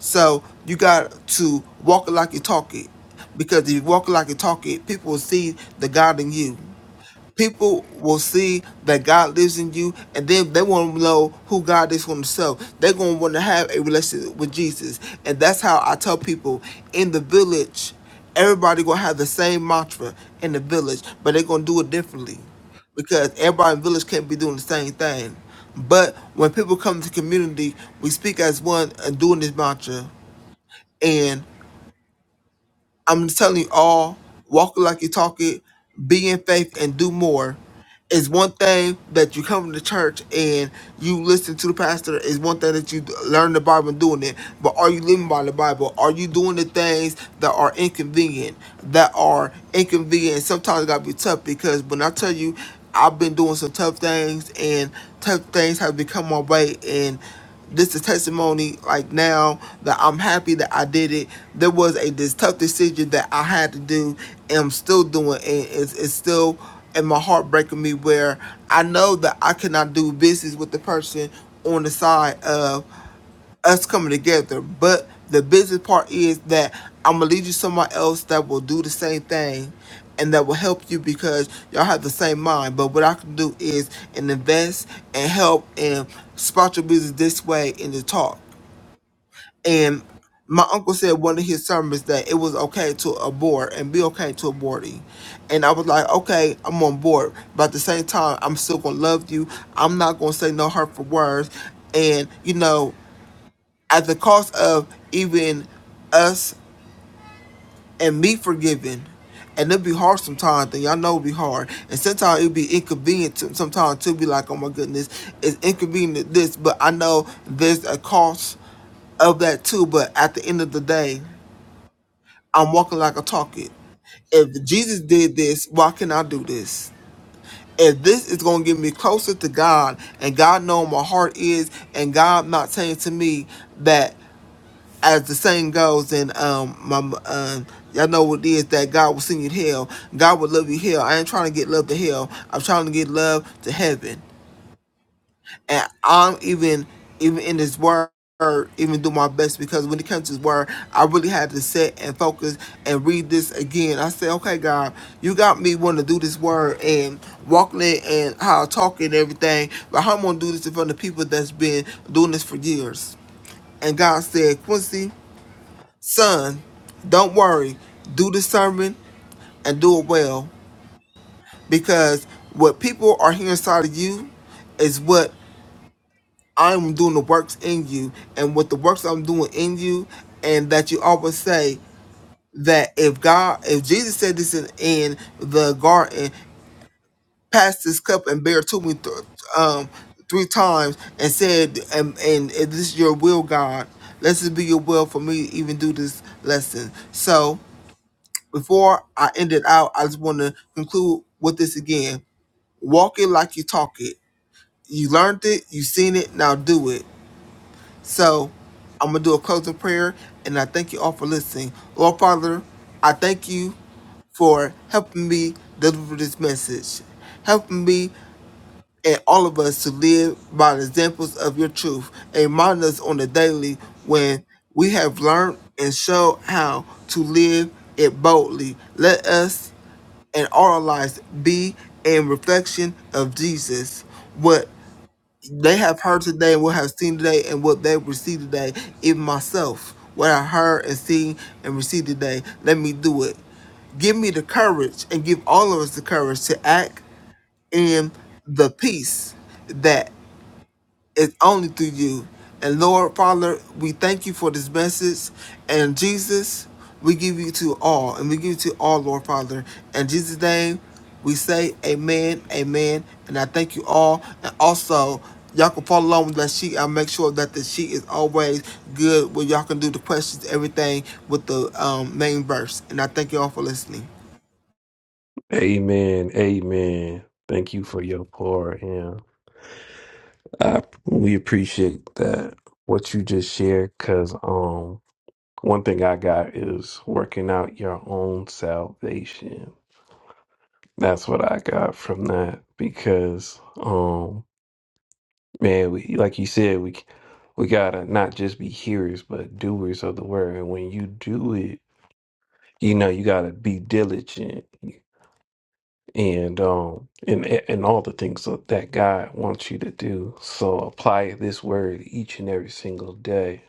G: So you got to walk it like you talk it. Because if you walk it like you talk it, people will see the God in you. People will see that God lives in you, and then they want to know who God is for themselves. They're going to want to have a relationship with Jesus. And that's how I tell people in the village, everybody going to have the same mantra in the village, but they're going to do it differently because everybody in the village can't be doing the same thing. But when people come to community, we speak as one and doing this mantra. And I'm telling you all, walk it like you talk it, be in faith and do more. It's one thing that you come to church and you listen to the pastor. It's one thing that you learn the Bible and doing it. But are you living by the Bible? Are you doing the things that are inconvenient? That are inconvenient. Sometimes it gotta be tough because when I tell you, I've been doing some tough things and tough things have become my way and this is testimony like now that I'm happy that I did it. There was a this tough decision that I had to do and I'm still doing and it's, it's still and my heart breaking me where I know that I cannot do business with the person on the side of us coming together. But the business part is that I'm gonna lead you somewhere else that will do the same thing and that will help you because y'all have the same mind. But what I can do is and invest and help and spot your business this way in the talk. And my uncle said one of his sermons that it was okay to abort and be okay to aborting. And I was like, okay, I'm on board. But at the same time, I'm still gonna love you. I'm not gonna say no hurtful words. And you know, at the cost of even us and me forgiving. And it'll be hard sometimes, and y'all know it'll be hard. And sometimes it'll be inconvenient to sometimes to be like, oh my goodness, it's inconvenient this, but I know there's a cost of that too. But at the end of the day, I'm walking like I talk it. If Jesus did this, why can I do this? If this is gonna get me closer to God and God knowing my heart is and God not saying to me that as the saying goes, and um, my um, y'all know what it is that God will send you to hell. God will love you hell. I ain't trying to get love to hell. I'm trying to get love to heaven, and I'm even even in His word. Even do my best because when it comes to His word, I really had to sit and focus and read this again. I said, "Okay, God, you got me wanting to do this word and walking it and how I talk and everything, but how I'm gonna do this in front of people that's been doing this for years." And God said, "Quincy." Son, don't worry. Do the sermon and do it well because what people are hearing inside of you is what I'm doing the works in you and what the works I'm doing in you and that you always say that if God if Jesus said this in, in the garden, pass this cup and bear to me th- um three times and said and, and, and this is your will God let this be your will for me to even do this lesson. So Before I end it out, I just want to conclude with this again. Walk it like you talk it. You learned it, you seen it, now do it. So I'm going to do a closing prayer, and I thank you all for listening. Lord Father, I thank you for helping me deliver this message, helping me and all of us to live by the examples of your truth, and remind us on the daily when we have learned and shown how to live it boldly. Let us and our lives be a reflection of Jesus. What they have heard today, what have seen today, and what they received today, even myself, what I heard and seen and received today, let me do it. Give me the courage and give all of us the courage to act in the peace that. It's only through you. And Lord, Father, we thank you for this message. And Jesus, we give you to all. And we give you to all, Lord, Father. In Jesus' name, we say amen, amen. And I thank you all. And also, y'all can follow along with that sheet. I'll make sure that the sheet is always good where y'all can do the questions, everything with the um, main verse. And I thank you all for listening.
A: Amen. Amen. Thank you for your pour. Yeah, I, we appreciate that what you just shared because um one thing I got is working out your own salvation. That's what I got from that because um. Man, we like you said, we we gotta not just be hearers, but doers of the word. And when you do it, you know you gotta be diligent and um and and all the things that that God wants you to do. So apply this word each and every single day.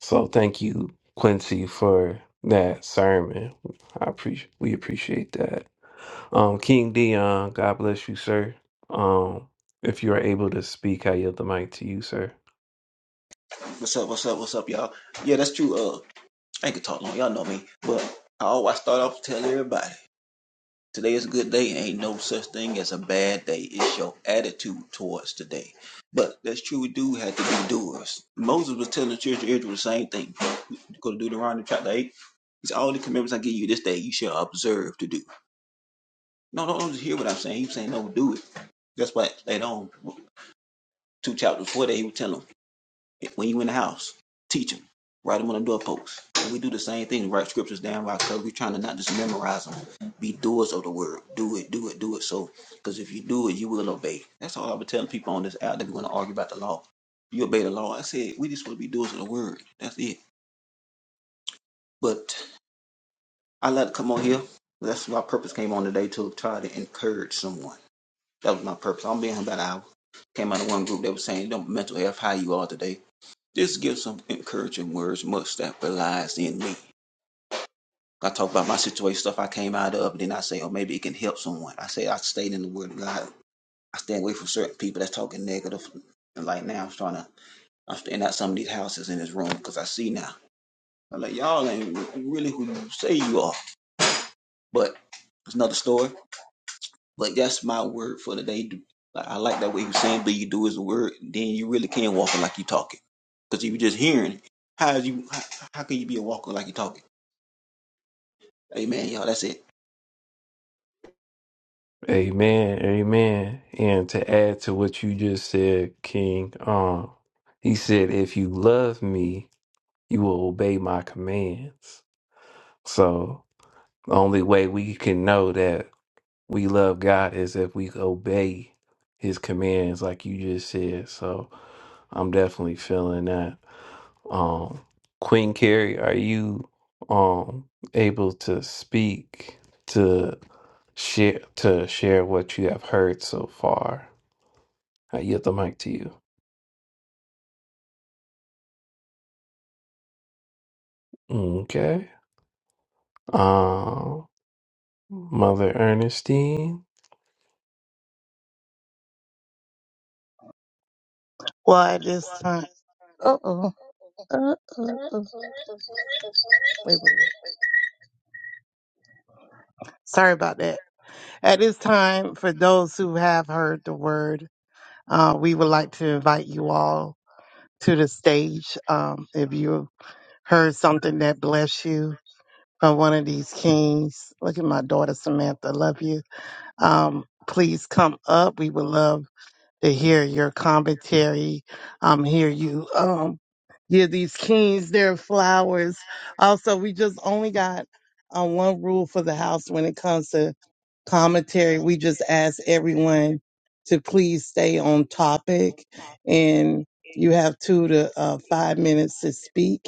A: So thank you, Quincy, for that sermon. I appreciate we appreciate that. Um, King Dion, God bless you, sir. Um, if you are able to speak, I yield the mic to you, sir.
H: What's up? What's up? What's up, y'all? Yeah, that's true. Uh, I ain't gonna talk long. Y'all know me, but I always start off to tell everybody today is a good day. Ain't no such thing as a bad day. It's your attitude towards today. But that's true. We do have to be doers. Moses was telling the children of Israel the same thing. Go to Deuteronomy chapter eight. He said, all the commandments I give you this day. You shall observe to do. No, no, don't just hear what I'm saying. He was saying, no, do it. That's why later on, two chapters before that, he was telling them. When you in the house, teach them. Write them on the doorpost. And we do the same thing. Write scriptures down, right? Because we're trying to not just memorize them. Be doers of the word. Do it, do it, do it. So, because if you do it, you will obey. That's all I've been telling people on this app that we're going to argue about the law. You obey the law. I said, we just want to be doers of the word. That's it. But I like to come on here. That's my purpose came on today to try to encourage someone. That was my purpose. I'm being here about an hour. Came out of one group that was saying, don't mental health, how you are today. Just give some encouraging words, much that relies in me. I talk about my situation, stuff I came out of, and then I say, oh, maybe it can help someone. I say, I stayed in the Word of God. I stay away from certain people that's talking negative. And like now, I'm trying to, I'm staying out some of these houses in this room because I see now. I'm like, y'all ain't really who you say you are. But it's another story. But that's my word for the day. Like, I like that way you are saying, but you do is the word. Then you really can walk it like you talking. Because if you are just hearing, how you how, how can you be a walker like you talking? Amen, y'all. That's it.
A: Amen, amen. And to add to what you just said, King, um, he said, if you love me, you will obey my commands. So the only way we can know that we love God is if we obey his commands, like you just said. So I'm definitely feeling that. Um, Queen Carrie, are you um able to speak to? share to share what you have heard so far. I yield the mic to you. Okay. Um, Mother Ernestine.
I: Why this time? Uh oh. Uh oh. Wait, wait, wait. Sorry about that. At this time, for those who have heard the word, uh, we would like to invite you all to the stage. Um, if you heard something that bless you from one of these kings, look at my daughter Samantha. Love you. Um, please come up. We would love to hear your commentary, um, hear you um, give these kings their flowers. Also, we just only got uh, one rule for the house when it comes to commentary. We just ask everyone to please stay on topic, and you have two to uh, five minutes to speak.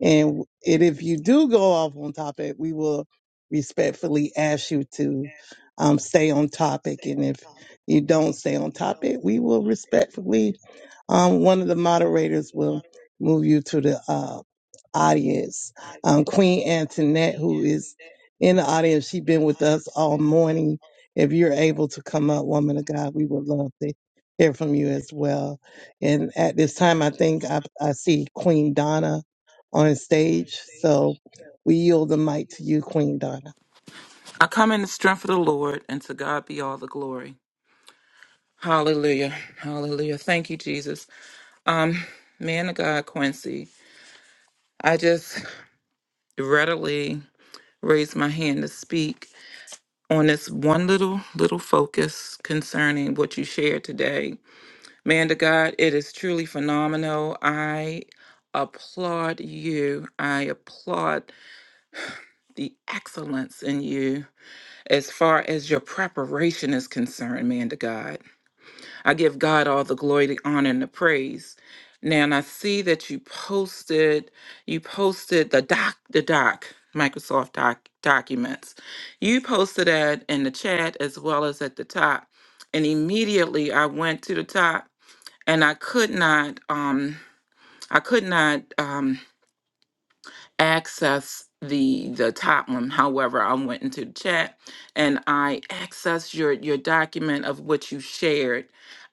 I: And it, if you do go off on topic, we will respectfully ask you to um, stay on topic. and if you don't stay on topic, we will respectfully, um, one of the moderators will move you to the uh, audience. Um, Queen Antoinette, who is in the audience, she's been with us all morning. If you're able to come up, woman of God, we would love to hear from you as well. And at this time, I think I, I see Queen Donna on stage. So we yield the mic to you, Queen Donna.
J: I come in the strength of the Lord, and to God be all the glory. Hallelujah. Hallelujah. Thank you, Jesus. Um, man of God, Quincy, I just readily raised my hand to speak on this one little, little focus concerning what you shared today. Man of God, it is truly phenomenal. I applaud you. I applaud the excellence in you as far as your preparation is concerned, man to God. I give God all the glory, the honor, and the praise. Now, and I see that you posted, you posted the doc, the doc, Microsoft doc documents. You posted that in the chat as well as at the top. And immediately I went to the top and I could not, um, I could not, Um, access the the top one however i went into the chat and i accessed your your document of what you shared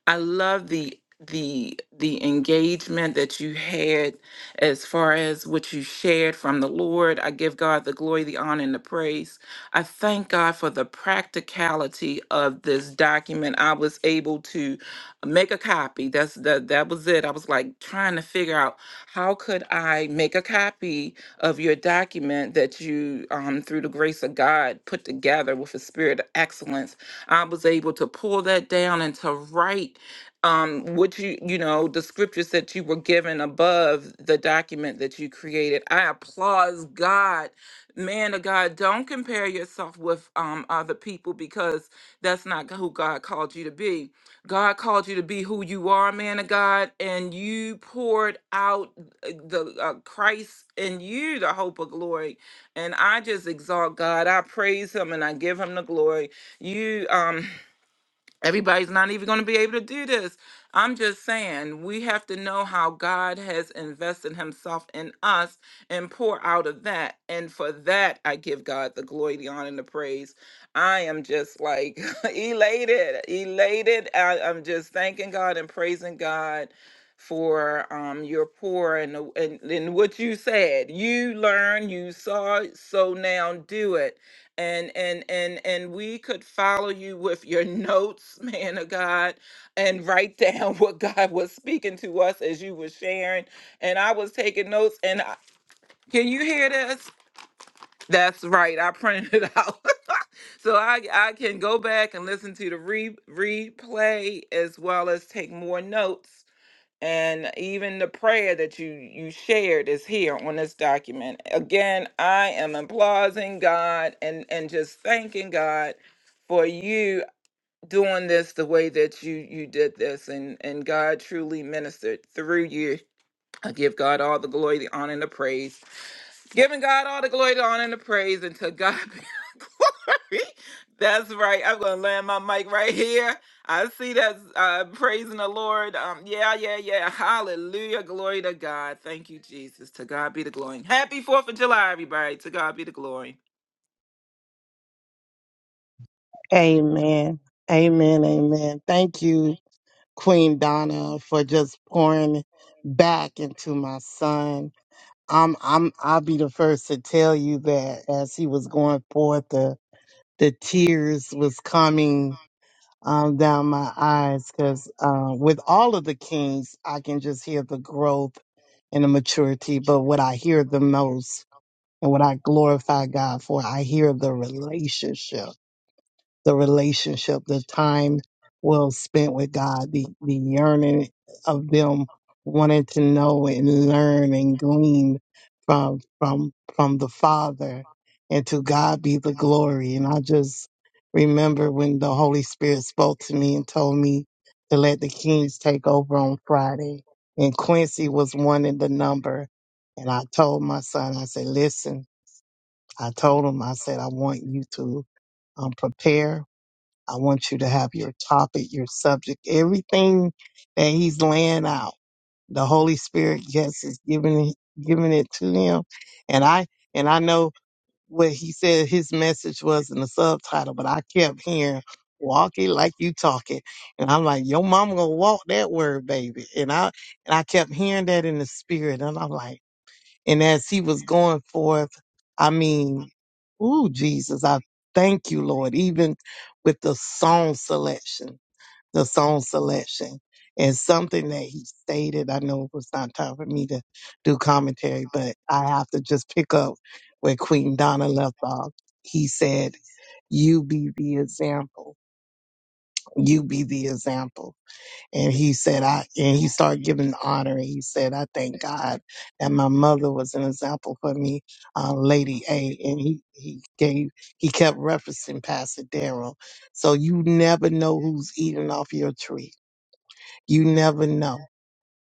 J: i love the the the engagement that you had as far as what you shared from the lord i give god the glory the honor and the praise i thank god for the practicality of this document i was able to make a copy that's that that was it i was like trying to figure out how could i make a copy of your document that you, um, through the grace of God, put together with a spirit of excellence. I was able to pull that down and to write um, what you, you know, the scriptures that you were given above the document that you created. I applaud God. Man of God, don't compare yourself with um, other people because that's not who God called you to be. God called you to be who you are, man of God, and you poured out uh, the uh, Christ in you, the hope of glory. And I just exalt God. I praise Him and I give Him the glory. You, um. Everybody's not even going to be able to do this. I'm just saying, we have to know how God has invested himself in us and pour out of that. And for that, I give God the glory, the honor, and the praise. I am just like elated, elated. I, am just thanking God and praising God for um, your pour and, the- and, and what you said. You learned, you saw, so now do it and and and and we could follow you with your notes man of god and write down what god was speaking to us as you were sharing and i was taking notes and I, can you hear this that's right i printed it out so i i can go back and listen to the re- replay as well as take more notes and even the prayer that you you shared is here on this document again i am applauding god and and just thanking god for you doing this the way that you you did this and and god truly ministered through you i give god all the glory the honor and the praise Giving God all the glory, the honor, and the praise, and to God be the glory. That's right. I'm gonna land my mic right here. I see that uh, praising the Lord. Um, yeah, yeah, yeah. Hallelujah. Glory to God. Thank you, Jesus. To God be the glory. Happy Fourth of July, everybody. To God be the glory.
I: Amen. Amen. Amen. Thank you. Queen Donna for just pouring back into my son. I'm I'm I'll be the first to tell you that as he was going forth the the tears was coming um, down my eyes because uh, with all of the kings I can just hear the growth and the maturity but what I hear the most and what I glorify God for I hear the relationship the relationship, the time well spent with God, the, the yearning of them wanting to know and learn and glean from from from the Father and to God be the glory. And I just remember when the Holy Spirit spoke to me and told me to let the Kings take over on Friday. And Quincy was one in the number. And I told my son, I said, listen, I told him, I said, I want you to um, prepare I want you to have your topic, your subject, everything that he's laying out. The Holy Spirit, yes, is giving it- giving it to him, and I and I know what he said his message was in the subtitle, but I kept hearing "Walk it like you talk it," and I'm like, "Your mama gonna walk that word, baby," and I and I kept hearing that in the spirit, and I'm like. And as he was going forth, I mean, ooh, Jesus, I thank you, Lord, even with the song selection, the song selection. And something that he stated, I know it was not time for me to do commentary, but I have to just pick up where Queen Donna left off. He said, You be the example. You be the example. And he said, I, and he started giving honor. And he said, I thank God that my mother was an example for me, uh, Lady A. And he, he gave, he kept referencing Pastor Darrell. So you never know who's eating off your tree. You never know.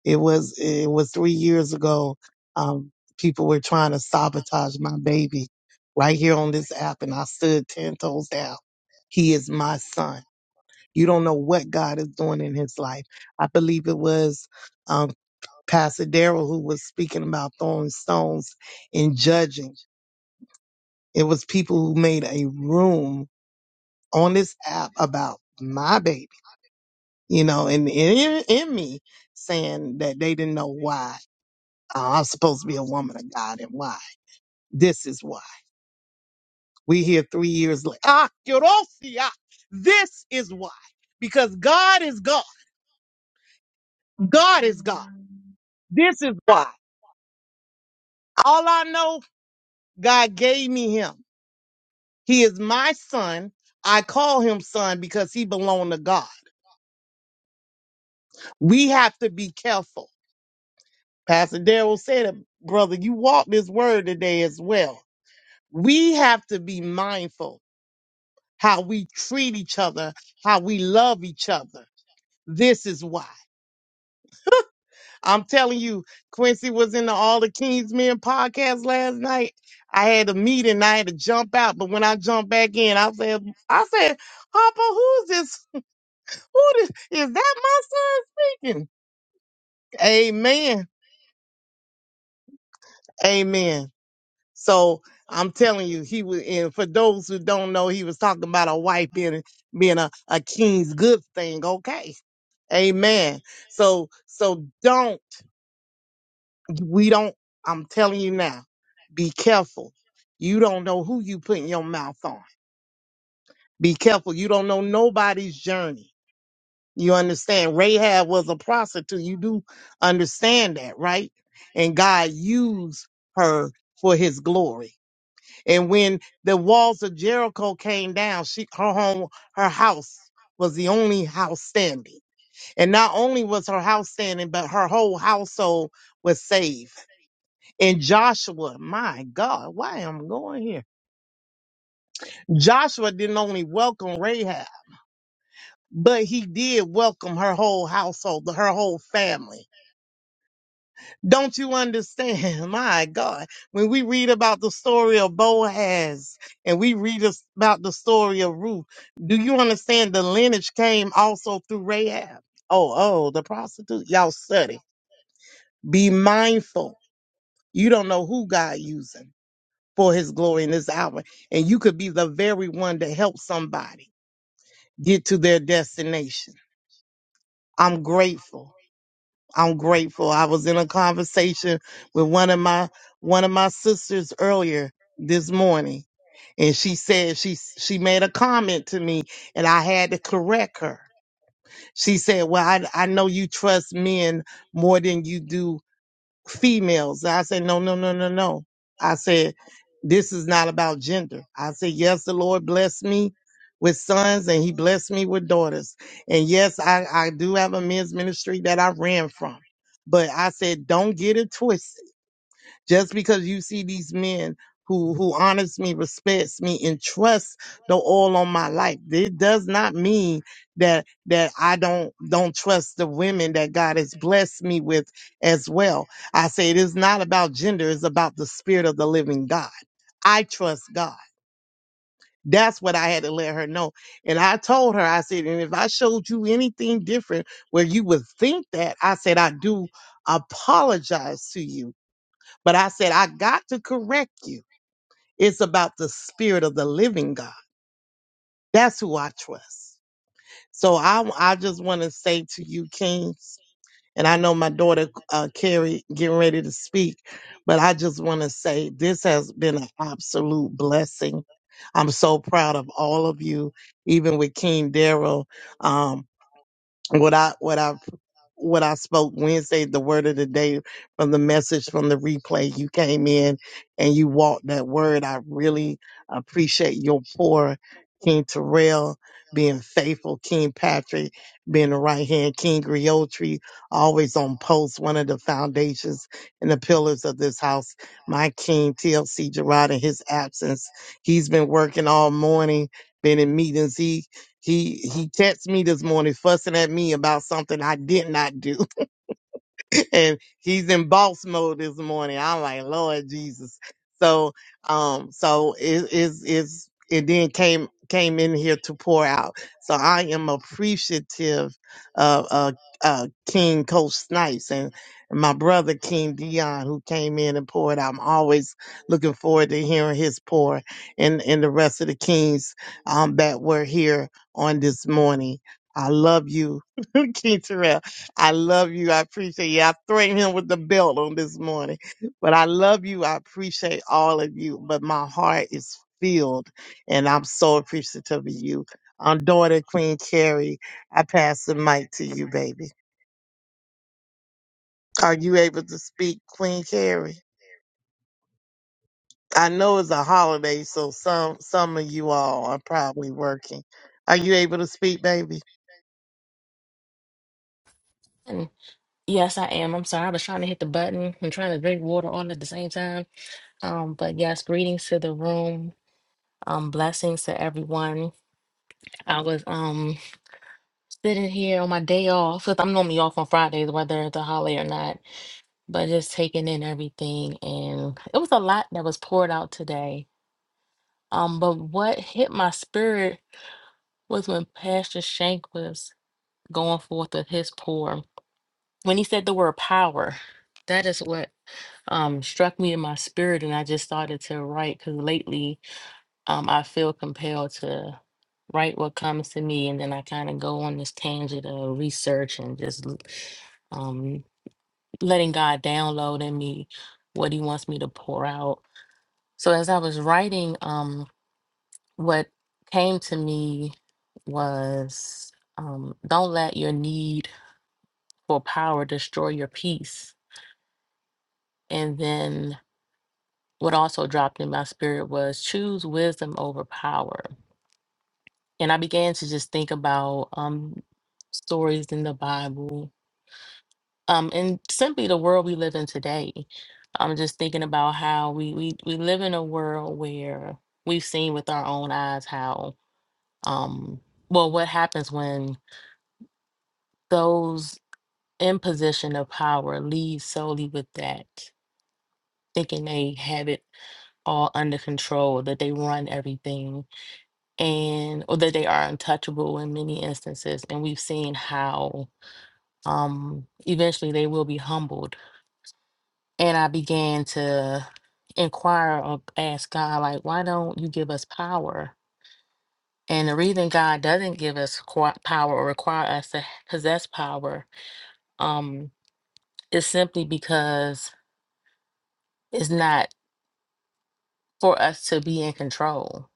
I: It was, it was three years ago. Um, people were trying to sabotage my baby right here on this app. And I stood 10 toes down. He is my son you don't know what God is doing in his life. I believe it was um, Pastor Darrell who was speaking about throwing stones and judging. It was people who made a room on this app about my baby, you know, and in, in me saying that they didn't know why uh, I'm supposed to be a woman of God and why. This is why. We here three years later. Ah, Kirosia. This is why. Because God is God. God is God. This is why. All I know, God gave me him. He is my son. I call him son because he belonged to God. We have to be careful. Pastor Daryl said it, brother, you walked this word today as well. We have to be mindful how we treat each other, how we love each other. This is why. I'm telling you, Quincy was in the All the Kings Men podcast last night. I had a meeting, I had to jump out, but when I jumped back in, I said, I said, Papa, who's this? Who this, is that my son speaking? Amen. Amen. So I'm telling you, he was and for those who don't know, he was talking about a wife being being a, a king's good thing, okay? Amen. So so don't We don't, I'm telling you now, be careful. You don't know who you putting your mouth on. Be careful. You don't know nobody's journey. You understand? Rahab was a prostitute. You do understand that, right? And God used her for his glory. And when the walls of Jericho came down, she her home, her house was the only house standing. And not only was her house standing, but her whole household was saved. And Joshua, my God, why am I going here? Joshua didn't only welcome Rahab, but he did welcome her whole household, her whole family. Don't you understand? My God, when we read about the story of Boaz and we read us- about the story of Ruth, do you understand the lineage came also through Rahab? Oh, oh, the prostitute. Y'all study. Be mindful. You don't know who God using. for his glory in this hour. And you could be the very one to help somebody get to their destination. I'm grateful. I'm grateful. I was in a conversation with one of my one of my sisters earlier this morning and she said she she made a comment to me and I had to correct her. She said, "Well, I I know you trust men more than you do females. I said, no, no, no, no, no. I said, this is not about gender. I said, yes, the Lord blessed me with sons and he blessed me with daughters. And yes, I, I do have a men's ministry that I ran from. But I said, don't get it twisted. Just because you see these men who who honors me, respects me, and trusts the all on my life, it does not mean that that I don't don't trust the women that God has blessed me with as well. I say it is not about gender; it's about the spirit of the living God. I trust God. That's what I had to let her know. And I told her, I said, and if I showed you anything different where you would think that, I said, I do apologize to you but I said, I got to correct you. It's about the spirit of the living God. That's who I trust. So I, I just want to say to you, Kings, and I know my daughter, uh, Carrie, getting ready to speak, but I just want to say this has been an absolute blessing. I'm so proud of all of you, even with King Daryl. Um, what I what I what I spoke Wednesday, the word of the day from the message from the replay. You came in and you walked that word. I really appreciate your poor King Terrell being faithful, King Patrick being the right hand, King Griotri always on post, one of the foundations and the pillars of this house. My King TLC Gerard in his absence. He's been working all morning, been in meetings. He he he texted me this morning fussing at me about something I did not do. and he's in boss mode this morning. I'm like, Lord Jesus. So, um, so it is is it then came came in here to pour out. So I am appreciative of uh, uh King Coach Snipes and my brother King Dion who came in and poured out. I'm always looking forward to hearing his pour and and the rest of the kings um that were here on this morning. I love you, King Terrell. I love you. I appreciate you. I threatened him with the belt on this morning, but I love you. I appreciate all of you. But my heart is filled, and I'm so appreciative of you. Um, daughter Queen Carrie, I pass the mic to you, baby. Are you able to speak, Queen Carrie? I know it's a holiday, so some some of you all are probably working. Are you able to speak, baby?
K: Mm. Yes, I am. I'm sorry. I was trying to hit the button and trying to drink water all at the same time. Um, but yes, greetings to the room. Um, blessings to everyone. I was um sitting here on my day off 'cause I'm normally off on Fridays, whether it's a holiday or not. But just taking in everything, and it was a lot that was poured out today. Um, but what hit my spirit was when Pastor Shank was going forth with his pour. When he said the word power, that is what. um, struck me in my spirit, and I just started to write because lately um, I feel compelled to write what comes to me, and then I kind of go on this tangent of research and just l- um, letting God download in me what He wants me to pour out. So as I was writing, um, what came to me was um, don't let your need for power destroy your peace. And then what also dropped in my spirit was choose wisdom over power. And I began to just think about um, stories in the Bible um, and simply the world we live in today. I'm just thinking about how we, we, we live in a world where we've seen with our own eyes how, um, well, what happens when those in position of power lead solely with that, thinking they have it all under control, that they run everything and or that they are untouchable in many instances and we've seen how um eventually they will be humbled and i began to inquire or ask god like why don't you give us power and the reason god doesn't give us qua- power or require us to possess power um is simply because it's not for us to be in control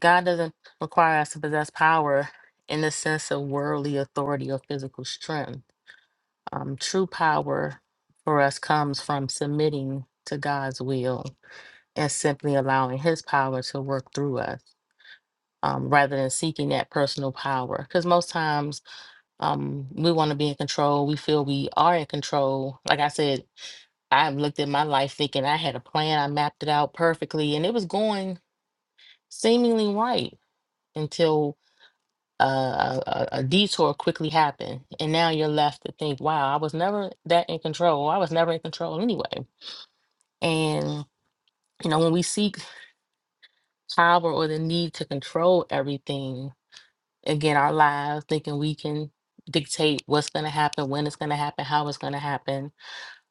K: god doesn't require us to possess power in the sense of worldly authority or physical strength um, true power for us comes from submitting to God's will and simply allowing His power to work through us um, rather than seeking that personal power. Because most times um, we want to be in control, we feel we are in control. Like I said, i looked at my life thinking I had a plan, I mapped it out perfectly, and it was going seemingly right until uh, a, a a detour quickly happened, and now you're left to think, "Wow, I was never that in control. I was never in control anyway." And you know, when we seek power or the need to control everything, again, our lives, thinking we can dictate what's going to happen, when it's going to happen, how it's going to happen,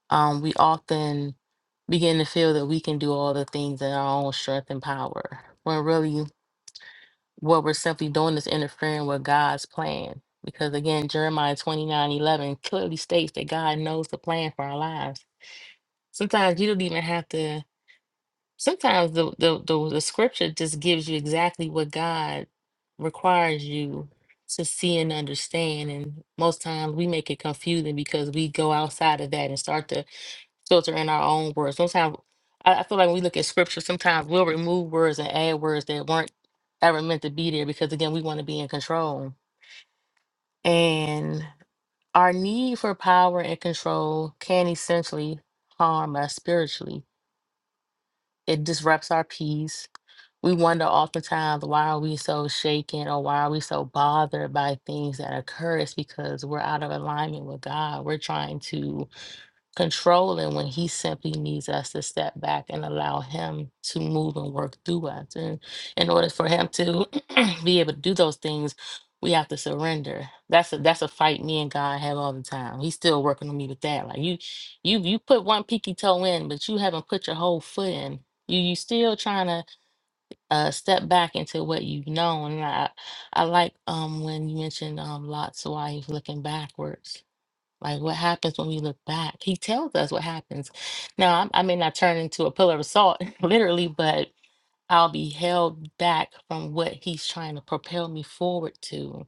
K: um, we often begin to feel that we can do all the things in our own strength and power. When really what we're simply doing is interfering with God's plan. Because again, Jeremiah 29 11 clearly states that God knows the plan for our lives. Sometimes you don't even have to, sometimes the, the, the, the scripture just gives you exactly what God requires you to see and understand. And most times we make it confusing because we go outside of that and start to filter in our own words. Sometimes I, I feel like when we look at scripture, sometimes we'll remove words and add words that weren't ever meant to be there because again, we want to be in control. And our need for power and control can essentially harm us spiritually. It disrupts our peace. We wonder oftentimes why are we so shaken or why are we so bothered by things that occur? It's because we're out of alignment with God. We're trying to controlling when he simply needs us to step back and allow him to move and work through us. And in order for him to be able to do those things, we have to surrender. That's a that's a fight me and God have all the time. He's still working on me with that. Like you you you put one peaky toe in, but you haven't put your whole foot in. You you still trying to uh step back into what you've known. And I I like um when you mentioned um Lot's wife looking backwards like what happens when we look back? He tells us what happens. Now, I'm- I may not turn into a pillar of salt, literally, but I'll be held back from what he's trying to propel me forward to.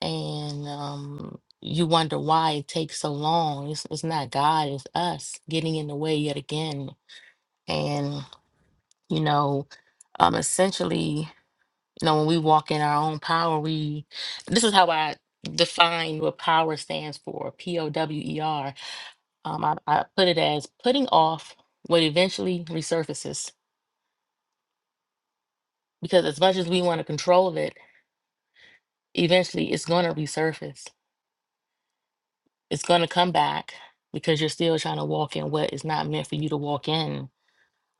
K: And um, you wonder why it takes so long. It's, it's not God, it's us getting in the way yet again. And, you know, um, essentially, you know, when we walk in our own power, we, this is how I define what power stands for, P O W E R Um, I, I put it as putting off what eventually resurfaces because as much as we want to control it, eventually it's going to resurface. It's going to come back because you're still trying to walk in what is not meant for you to walk in.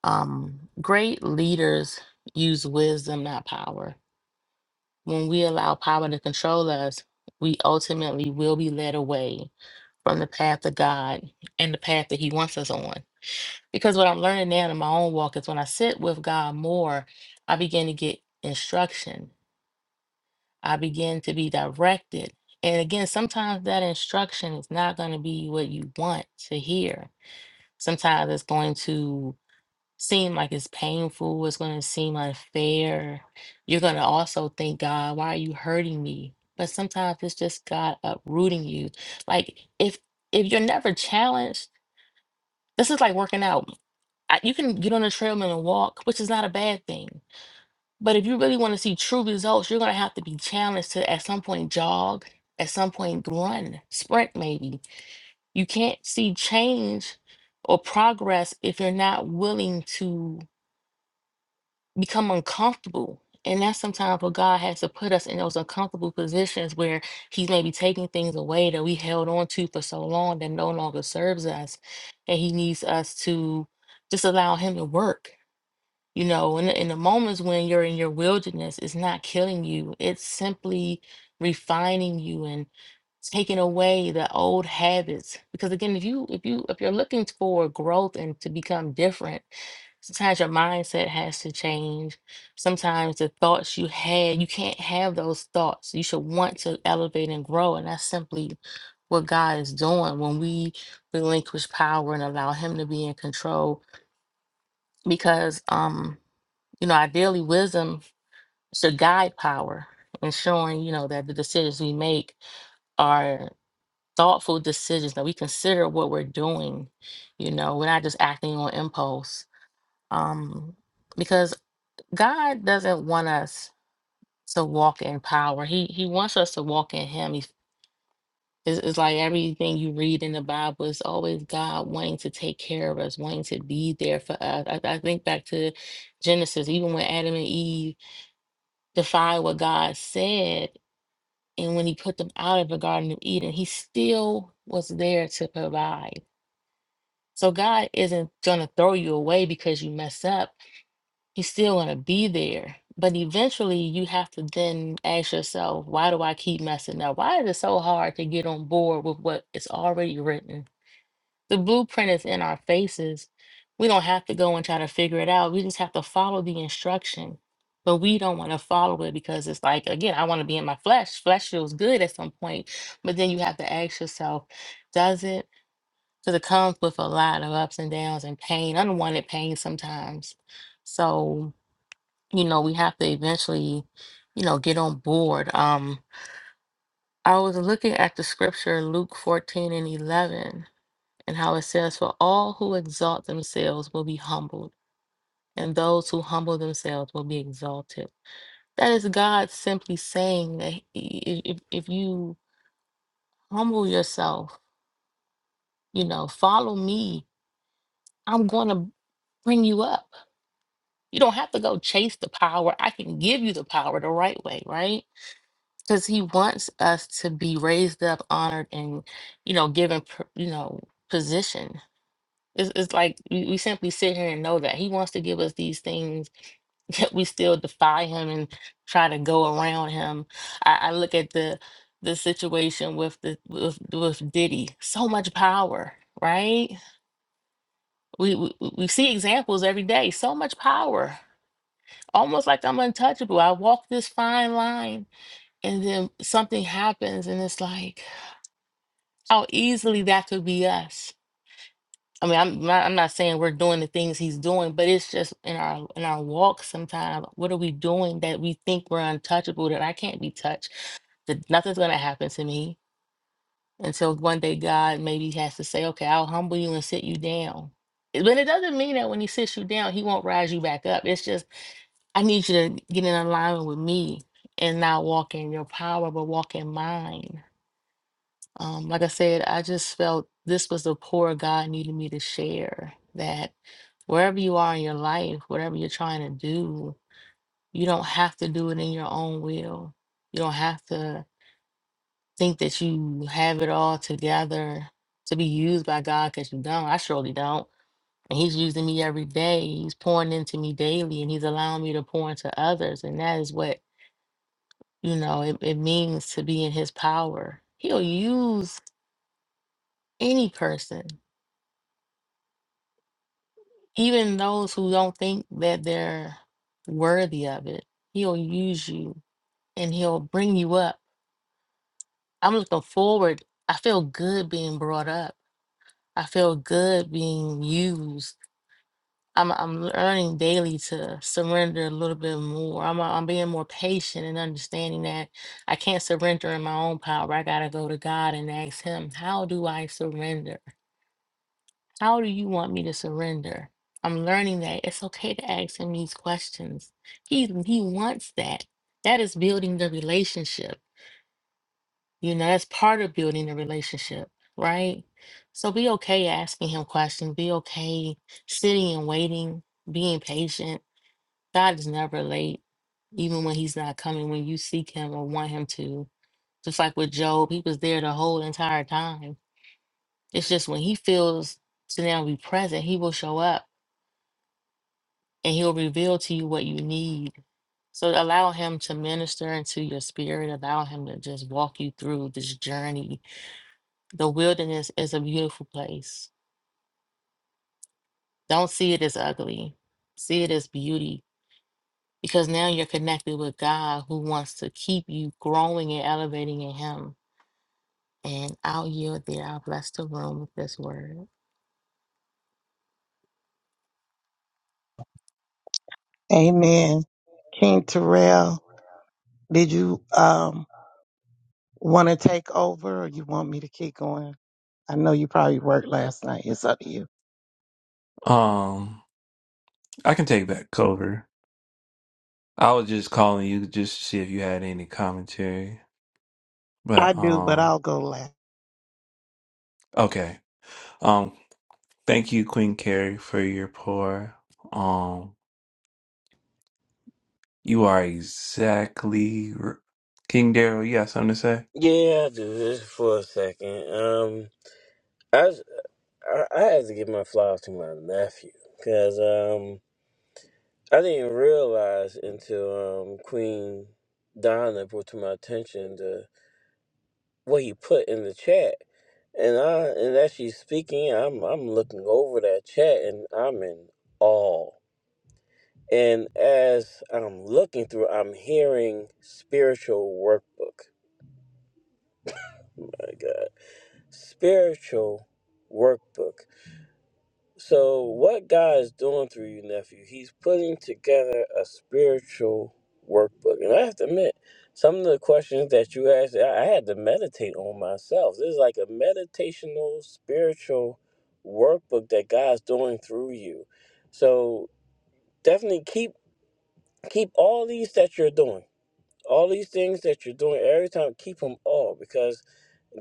K: Um, great leaders use wisdom, not power. When we allow power to control us, we ultimately will be led away from the path of God and the path that He wants us on. Because what I'm learning now in my own walk is when I sit with God more, I begin to get instruction. I begin to be directed. And again, sometimes that instruction is not going to be what you want to hear. Sometimes it's going to seem like it's painful, it's going to seem unfair. You're going to also think, God, why are you hurting me? But sometimes it's just God uprooting you. Like if if you're never challenged, this is like working out. I, you can get on a treadmill and walk, which is not a bad thing. But if you really want to see true results, you're going to have to be challenged to at some point jog, at some point run, sprint maybe. You can't see change or progress if you're not willing to become uncomfortable. And that's sometimes what God has to put us in those uncomfortable positions where He's maybe taking things away that we held on to for so long that no longer serves us. And He needs us to just allow Him to work you know, in the, in the moments when you're in your wilderness, it's not killing you. It's simply refining you and taking away the old habits. Because again, if you if you if you're looking for growth and to become different, sometimes your mindset has to change. Sometimes the thoughts you had, you can't have those thoughts. You should want to elevate and grow, and that's simply what God is doing when we relinquish power and allow Him to be in control. Because um you know, ideally, wisdom should guide power, ensuring, you know, that the decisions we make are thoughtful decisions, that we consider what we're doing. You know, we're not just acting on impulse. Um, because God doesn't want us to walk in power. He He wants us to walk in Him. He, it's, it's like everything you read in the Bible is always God wanting to take care of us, wanting to be there for us. I, I think back to Genesis, even with Adam and Eve defied what God said. And when he put them out of the Garden of Eden, he still was there to provide. So God isn't going to throw you away because you mess up. He's still going to be there. But eventually, you have to then ask yourself, why do I keep messing up? Why is it so hard to get on board with what is already written? The blueprint is in our faces. We don't have to go and try to figure it out. We just have to follow the instruction. But we don't want to follow it because it's like, again, I want to be in my flesh. Flesh feels good at some point. But then you have to ask yourself, does it? Because it comes with a lot of ups and downs and pain, unwanted pain sometimes. So, you know, we have to eventually, you know, get on board. Um, I was looking at the scripture, Luke 14 and 11 and how it says, For all who exalt themselves will be humbled, and those who humble themselves will be exalted. That is God simply saying that he- i- if, if you humble yourself, you know, follow me, I'm going to bring you up. You don't have to go chase the power. I can give you the power the right way, right? Because he wants us to be raised up, honored, and, you know, given, pr- you know, position. It's, it's like we, we simply sit here and know that he wants to give us these things yet we still defy him and try to go around him. I, I look at the the situation with the with, with Diddy, so much power, right? We, we we see examples every day, so much power, almost like I'm untouchable. I walk this fine line, and then something happens, and it's like how easily that could be us. I mean, I'm not, I'm not saying we're doing the things he's doing, but it's just in our in our walk sometimes. What are we doing that we think we're untouchable, that I can't be touched, that nothing's gonna happen to me until one day God maybe has to say, okay, I'll humble you and sit you down. It- But it doesn't mean that when he sits you down, he won't rise you back up. It's just I need you to get in alignment with me and not walk in your power, but walk in mine. Um, like I said, I just felt this was the pour God needed me to share that wherever you are in your life, whatever you're trying to do, you don't have to do it in your own will. You don't have to think that you have it all together to be used by God because you don't. I surely don't. And He's using me every day. He's pouring into me daily and He's allowing me to pour into others. And that is what, you know, it, it means to be in His power. He'll use any person. Even those who don't think that they're worthy of it, he'll use you and he'll bring you up. I'm looking forward. I feel good being brought up. I feel good being used. I'm I'm learning daily to surrender a little bit more. I'm I'm being more patient and understanding that I can't surrender in my own power. I gotta go to God and ask Him, how do I surrender? How do you want me to surrender? I'm learning that it's okay to ask him these questions. He he wants that. That is building the relationship. You know, that's part of building the relationship, right? So be okay asking him questions. Be okay sitting and waiting, being patient. God is never late, even when he's not coming, when you seek him or want him to. Just like with Job, he was there the whole entire time. It's just when he feels to now be present, he will show up and he'll reveal to you what you need. So allow him to minister into your spirit, allow him to just walk you through this journey. The wilderness is a beautiful place. Don't see it as ugly, see it as beauty because now you're connected with God who wants to keep you growing and elevating in him. And I'll yield there. I'll bless the room with this word.
I: Amen. King Terrell, did you um? Want to take over or you want me to keep going? I know you probably worked last night. It's up to you.
A: Um, I can take back cover. I was just calling you just to see if you had any commentary.
I: I
A: But
I: do, but
A: um,
I: I'll go last.
A: okay. Um, thank you, Queen Carrie, for your pour. Um, you are exactly r- King Daryl. You got something to say?
C: Yeah, I'll do this for a second. Um, I s- I, I had to give my flowers to my nephew because um I didn't realize until um Queen Donna brought to my attention the what he put in the chat, and I and as she's speaking, I'm I'm looking over that chat and I'm in awe And as I'm looking through, I'm hearing spiritual workbook. My God, spiritual workbook. So, what God is doing through you, nephew, He's putting together a spiritual workbook. And I have to admit, some of the questions that you asked, I I had to meditate on myself. This is like a meditational, spiritual workbook that God's doing through you. So, definitely keep keep all these that you're doing all these things that you're doing every time keep them all because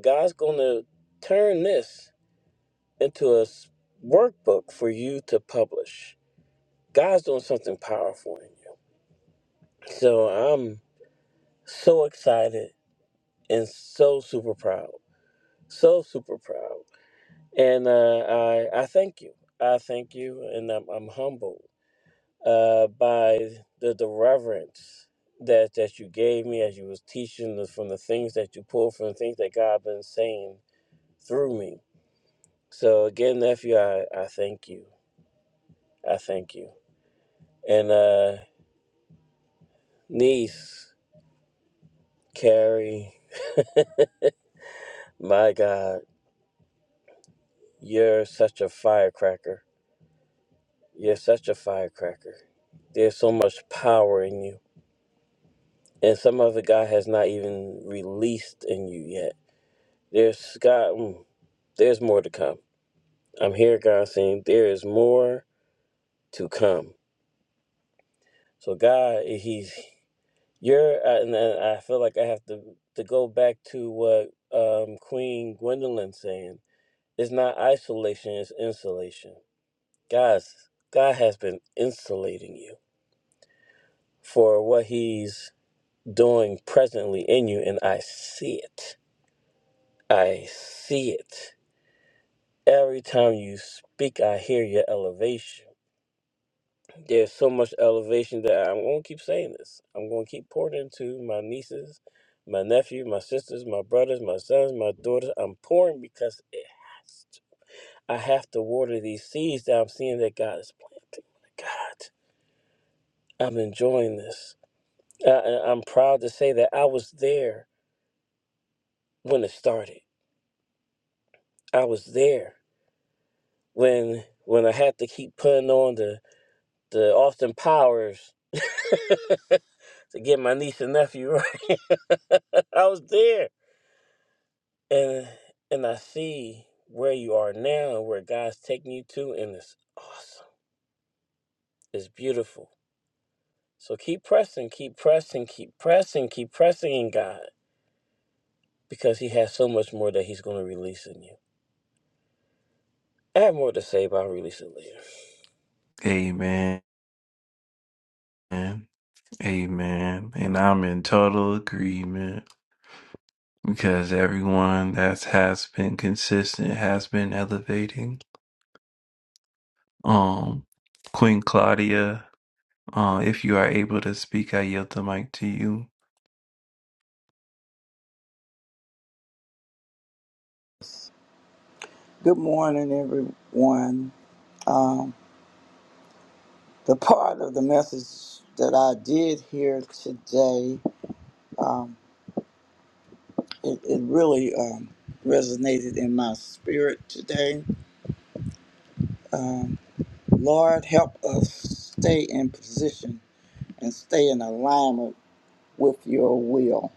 C: god's going to turn this into a s- workbook for you to publish god's doing something powerful in you so i'm so excited and so super proud so super proud and uh, i i thank you i thank you and i'm, I'm humbled uh, by the, the reverence that, that you gave me as you was teaching the, from the things that you pulled from the things that god been saying through me. So again, nephew, I, I thank you. I thank you. And uh niece, Carrie, my God, you're such a firecracker. You're such a firecracker. There's so much power in you. And some of it God has not even released in you yet. There's God mm, there's more to come. I'm here, God saying there is more to come. So God, He's You're, uh, and uh, I feel like I have to to go back to what um, Queen Gwendolyn saying. It's not isolation; it's insulation. Guys, God has been insulating you for what He's doing presently in you, and I see it. I see it every time you speak. I hear your elevation. There's so much elevation that I'm going to keep saying this. I'm going to keep pouring into my nieces, my nephew, my sisters, my brothers, my sons, my daughters. I'm pouring because it has to. I have to water these seeds that I'm seeing that God is planting. God, I'm enjoying this. I, I- I'm proud to say that I was there when it started. I was there when when I had to keep putting on the the Austin Powers to get my niece and nephew right. I was there and and I see where you are now where God's taking you to, and it's awesome. It's beautiful. So keep pressing, keep pressing, keep pressing, keep pressing in God because He has so much more that He's going to release in you. I have more to say, but I'll release it later.
A: Amen. Amen. And I'm in total agreement because everyone that has been consistent has been elevating. Um, Queen Claudia. Uh, if you are able to speak, I yield the mic to you.
L: Good morning, everyone. Um, the part of the message that I did hear today, um, it, it really um, resonated in my spirit today. Um, Lord, help us stay in position and stay in alignment with your will.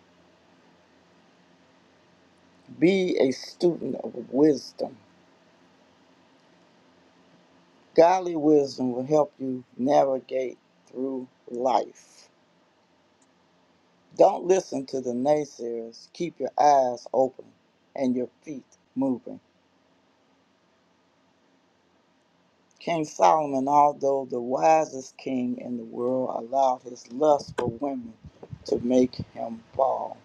L: Be a student of wisdom. Godly wisdom will help you navigate through life. Don't listen to the naysayers. Keep your eyes open and your feet moving. King Solomon, although the wisest king in the world, allowed his lust for women to make him fall.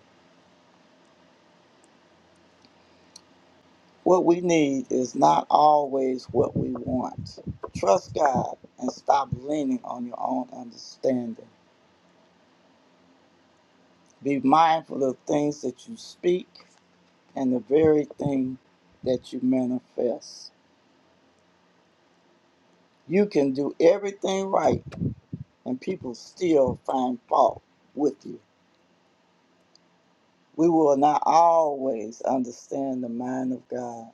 L: What we need is not always what we want. Trust God and stop leaning on your own understanding. Be mindful of things that you speak and the very thing that you manifest. You can do everything right and people still find fault with you. We will not always understand the mind of God.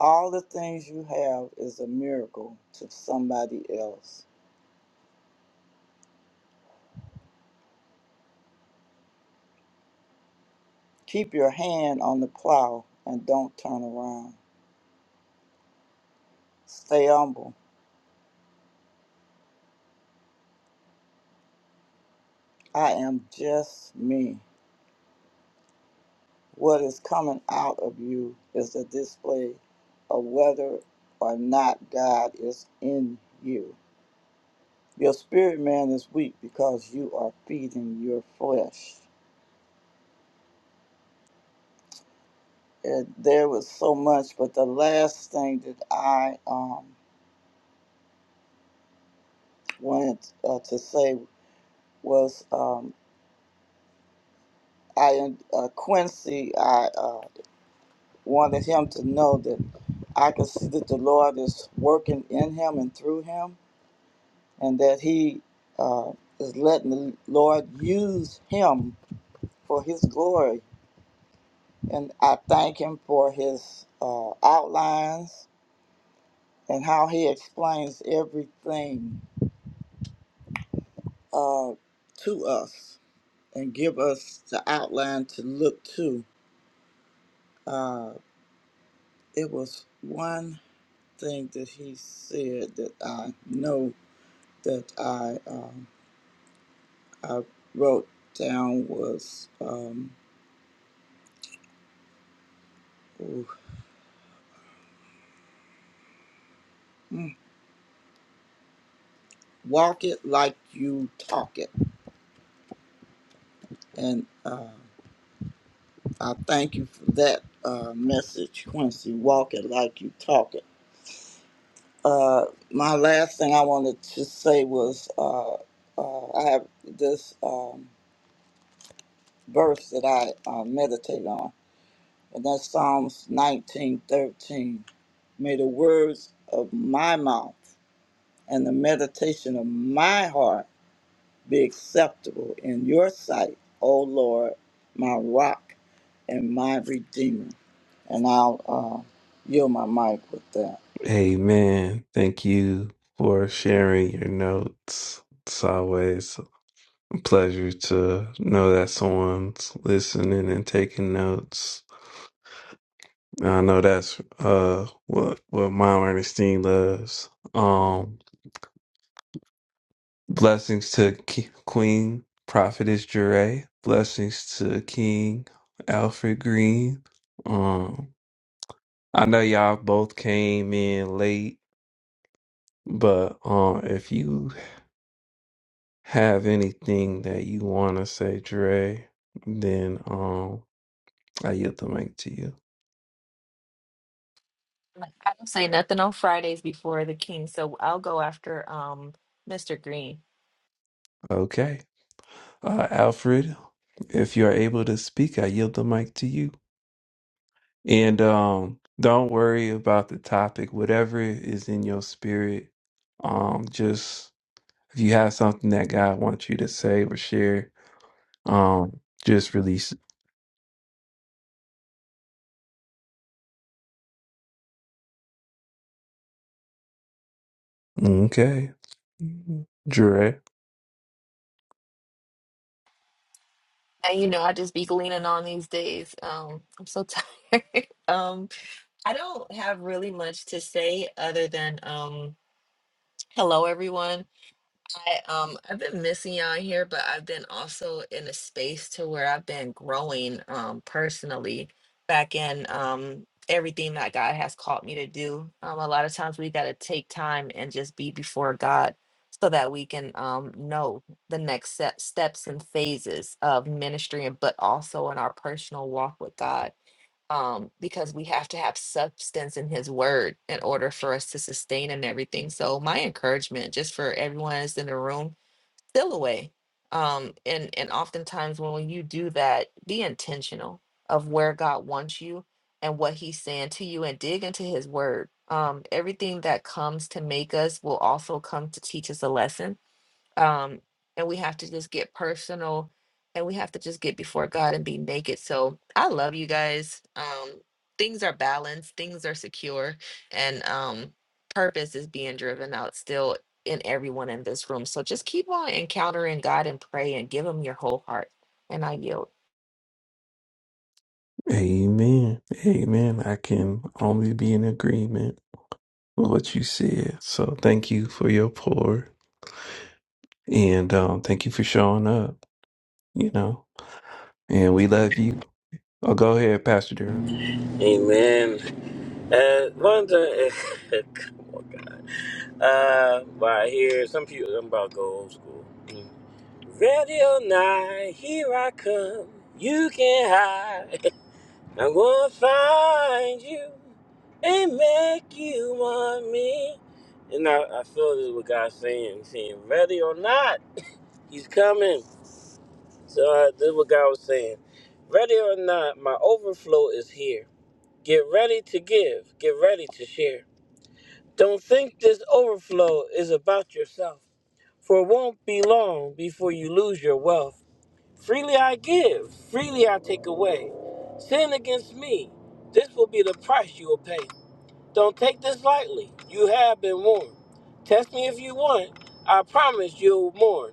L: All the things you have is a miracle to somebody else. Keep your hand on the plow and don't turn around. Stay humble. I am just me. What is coming out of you is a display of whether or not God is in you. Your spirit man is weak because you are feeding your flesh. uh, there was so much, but the last thing that I um, wanted uh, to say was um, I uh, Quincy. I uh, wanted him to know that I could see that the Lord is working in him and through him, and that he uh, is letting the Lord use him for His glory. And I thank Him for His uh, outlines and how He explains everything uh, to us and give us the outline to look to. Uh, it was one thing that he said that I know that I um, I wrote down was um, ooh, mm, walk it like you talk it, and uh, I thank you for that uh, message, Quincy. Walk it like you talk it. Uh, my last thing I wanted to say was uh, uh, I have this. Um, verse that I uh, meditate on, and that's Psalms 19:13. May the words of my mouth and the meditation of my heart be acceptable in your sight, O Lord, my rock and my redeemer. And I'll uh, yield my mic with that.
A: Amen. Thank you for sharing your notes. It's always a pleasure to know that someone's listening and taking notes. I know that's uh what what Mom Ernestine loves. Um, blessings to K- Queen Prophetess Jure. Blessings to King Alfred Green. Um, I know y'all both came in late But uh, if you have anything that you want to say, Dre, then um, I yield the mic to you.
M: Like, I don't say nothing on Fridays before the king, so I'll go after um Mr. Green.
A: Okay. Uh, Alfred, if you are able to speak, I yield the mic to you. And um, don't worry about the topic, whatever is in your spirit. Um, just if you have something that God wants you to say or share, um, just release it. Okay. Dre.
M: And you know, I just be gleaning on these days. Um, I'm so tired. um, I don't have really much to say other than um hello everyone. I um I've been missing y'all here, but I've been also in a space to where I've been growing um personally back in um everything that God has called me to do. Um a lot of times we gotta take time and just be before God so that we can um know the next step, steps and phases of ministry and but also in our personal walk with God um, because we have to have substance in his word in order for us to sustain and everything. So my encouragement just for everyone that's in the room, still away. Um, and, and oftentimes when you do that, be intentional of where God wants you and what he's saying to you and dig into his word. Um, everything that comes to make us will also come to teach us a lesson um and we have to just get personal and we have to just get before god and be naked so i love you guys um things are balanced things are secure and um purpose is being driven out still in everyone in this room so just keep on encountering god and pray and give him your whole heart and i yield
A: Amen. Amen. I can only be in agreement with what you said. So thank you for your pour and um, thank you for showing up, you know, and we love you. Oh, go ahead, Pastor Durham.
C: Amen. Uh, Londa, come on, God. Uh, by here, some people, I'm about to go old school. Mm. Ready or not, here I come. You can hide. I'm gonna find you and make you want me. And I, I feel this is what God's saying. He's saying, ready or not, He's coming. So uh, this is what God was saying. Ready or not, my overflow is here. Get ready to give. Get ready to share. Don't think this overflow is about yourself, for it won't be long before you lose your wealth. Freely I give, freely I take away. Sin against me, this will be the price you will pay. Don't take this lightly, you have been warned. Test me if you want, I promise you'll mourn.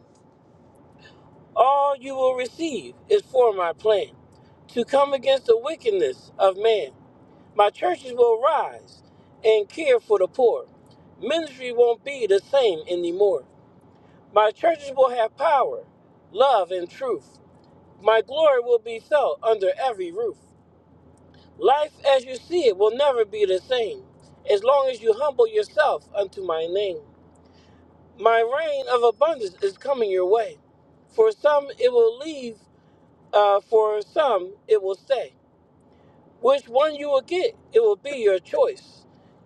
C: All you will receive is for my plan to come against the wickedness of man. My churches will rise and care for the poor. Ministry won't be the same anymore. My churches will have power, love, and truth. My glory will be felt under every roof. Life as you see it will never be the same, as long as you humble yourself unto my name. My reign of abundance is coming your way. For some it will leave, uh, for some it will stay. Which one you will get, it will be your choice.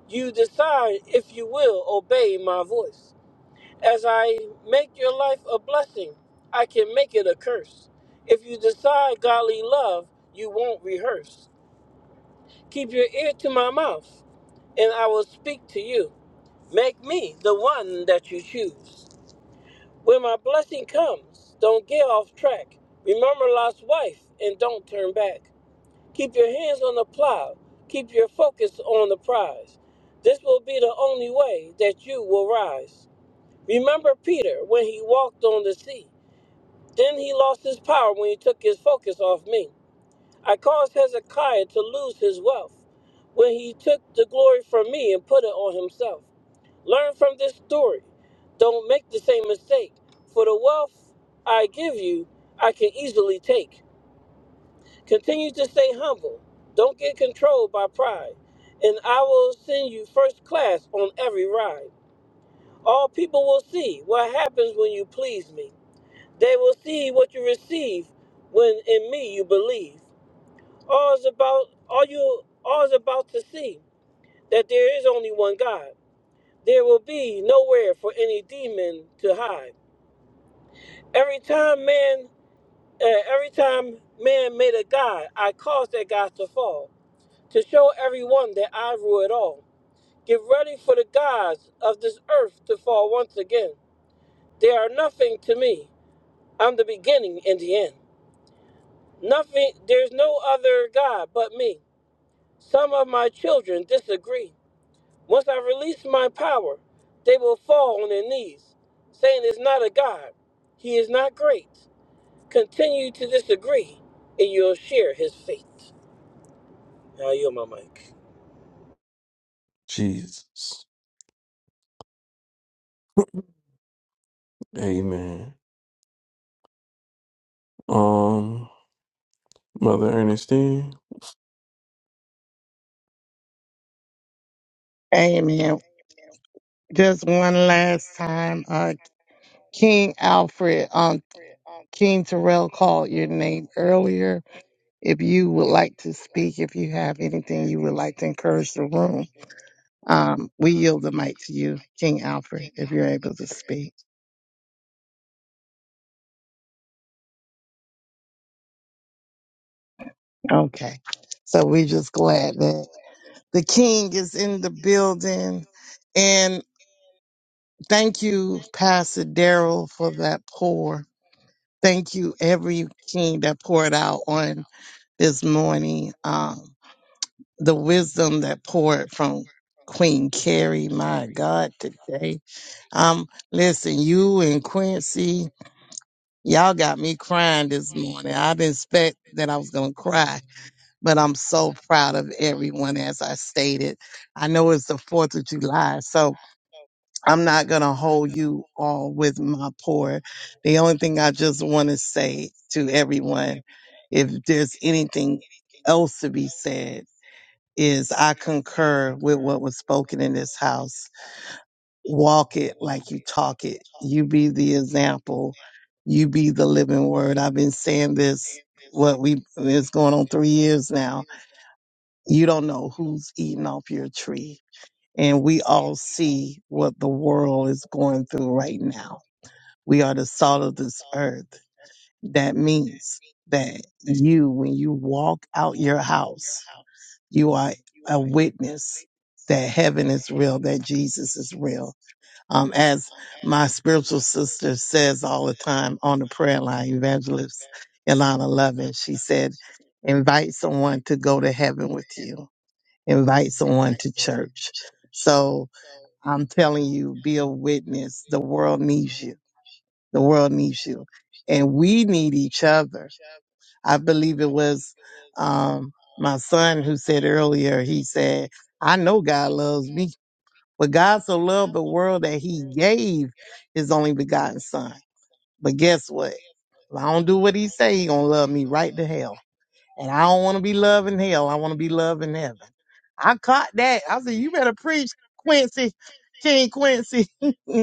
C: You decide if you will obey my voice. As I make your life a blessing, I can make it a curse. If you decide godly love, you won't rehearse. Keep your ear to my mouth, and I will speak to you. Make me the one that you choose. When my blessing comes, don't get off track. Remember Lot's wife and don't turn back. Keep your hands on the plow. Keep your focus on the prize. This will be the only way that you will rise. Remember Peter when he walked on the sea. Then he lost his power when he took his focus off me. I caused Hezekiah to lose his wealth when he took the glory from me and put it on himself. Learn from this story. Don't make the same mistake. For the wealth I give you, I can easily take. Continue to stay humble. Don't get controlled by pride. And I will send you first class on every ride. All people will see what happens when you please me. They will see what you receive when in me you believe. All's about all you all's about to see that there is only one God. There will be nowhere for any demon to hide. Every time man, uh, every time man made a god, I caused that god to fall to show everyone that I rule it all. Get ready for the gods of this earth to fall once again. They are nothing to me. I'm the beginning and the end. Nothing. There's no other god but me. Some of my children disagree Once I release my power, they will fall on their knees, saying, It's not a God. He is not great. Continue to disagree, and you'll share his fate. Now, you my mic.
A: Jesus. Amen. Um, Mother Ernestine.
I: Amen. Just one last time. Uh, King Alfred, um, King Terrell called your name earlier. If you would like to speak, if you have anything you would like to encourage the room, um, we yield the mic to you, King Alfred, if you're able to speak. Okay. So we're just glad that the King is in the building. Thank you, Pastor Daryl, for that pour. Thank you, every king that poured out on this morning. Um, the wisdom that poured from Queen Carrie, my God, today. Um, listen, you and Quincy, y'all got me crying this morning. I didn't expect that I was gonna cry, but I'm so proud of everyone, as I stated. I know it's the Fourth of July, so I'm not going to hold you all with my pour. The only thing I just want to say to everyone, if there's anything else to be said, is I concur with what was spoken in this house. Walk it like you talk it. You be the example. You be the living word. I've been saying this, what we, it's going on three years now. You don't know who's eating off your tree. And we all see what the world is going through right now we are the salt of this earth. That means that you, when you walk out your house, you are a witness that heaven is real, that Jesus is real. Um, as my spiritual sister says all the time on the prayer line, Evangelist Ilana Lovin, she said, invite someone to go to heaven with you, invite someone to church. So I'm telling you, be a witness. The world needs you the world needs you. And we need each other. I believe it was um, my son who said earlier, he said, I know God loves me, but God so loved the world that he gave his only begotten son. But guess what? If I don't do what he say, he gonna love me right to hell. And I don't want to be loving hell. I want to be loving heaven. I caught that. I said, you better preach, Quincy, King Quincy.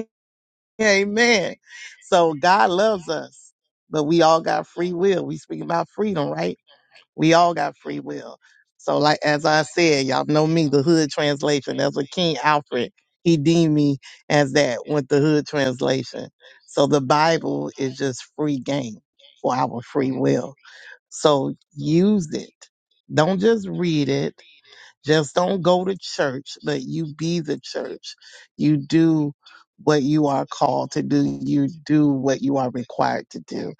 I: Amen. So God loves us, but we all got free will. We speak about freedom, right? We all got free will. So, like as I said, y'all know me, the Hood translation. That's what King Alfred he deemed me as that with the Hood translation. So the Bible is just free game for our free will. So use it. Don't just read it. Just don't go to church, but you be the church. You do what you are called to do. You do what you are required to do.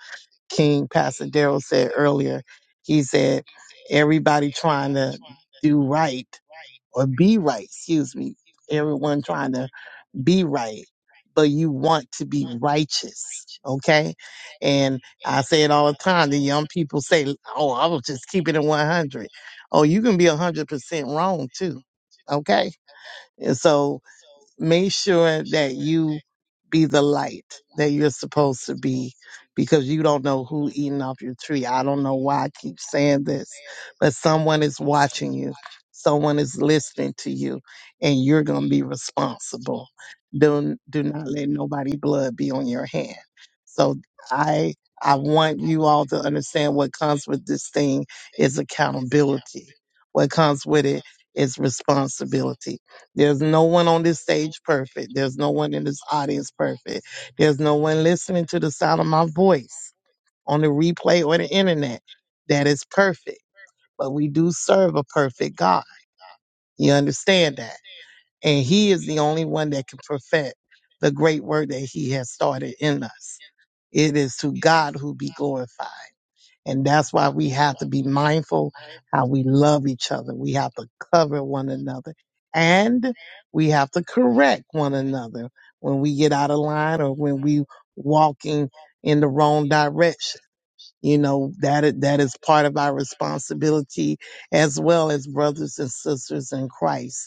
I: King Pastor Daryl said earlier, he said, everybody trying to do right or be right, excuse me. Everyone trying to be right, but you want to be righteous. Okay. And I say it all the time. The young people say, Oh, I was just keeping it 100. Oh, you can be 100% wrong too. Okay. And so make sure that you be the light that you're supposed to be because you don't know who eating off your tree. I don't know why I keep saying this, but someone is watching you. Someone is listening to you and you're going to be responsible. Do, do not let nobody blood be on your hand. So I, I want you all to understand what comes with this thing is accountability. What comes with it is responsibility there's no one on this stage perfect. There's no one in this audience perfect. There's no one listening to the sound of my voice on the replay or the internet that is perfect. But we do serve a perfect God. You understand that? And He is the only one that can perfect the great work that He has started in us. It is to God who be glorified. And that's why we have to be mindful how we love each other. We have to cover one another and we have to correct one another when we get out of line or when we walking in the wrong direction. You know, that, i- that is part of our responsibility as well as brothers and sisters in Christ.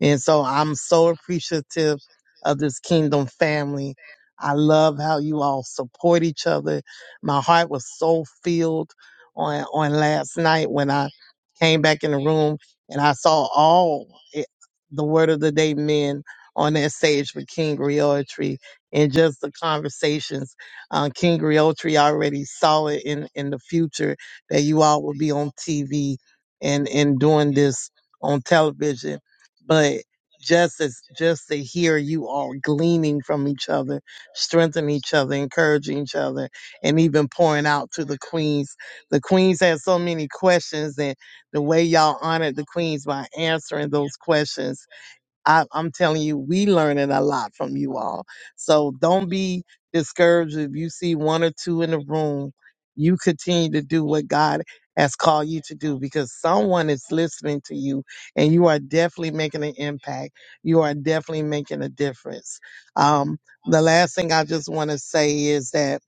I: And so I'm so appreciative of this kingdom family. I love how you all support each other. My heart was so filled on on last night when I came back in the room and I saw all it, the word of the day men on that stage with King Tree and just the conversations. Uh, King Tree already saw it in, in the future that you all will be on TV and, and doing this on television but just as just to hear you all gleaning from each other, strengthening each other, encouraging each other, and even pouring out to the queens. The queens had so many questions, and the way y'all honored the queens by answering those questions I, I'm telling you, we learning a lot from you all. So don't be discouraged if you see one or two in the room. You continue to do what God has called you to do because someone is listening to you and you are definitely making an impact. You are definitely making a difference. Um, the last thing I just want to say is that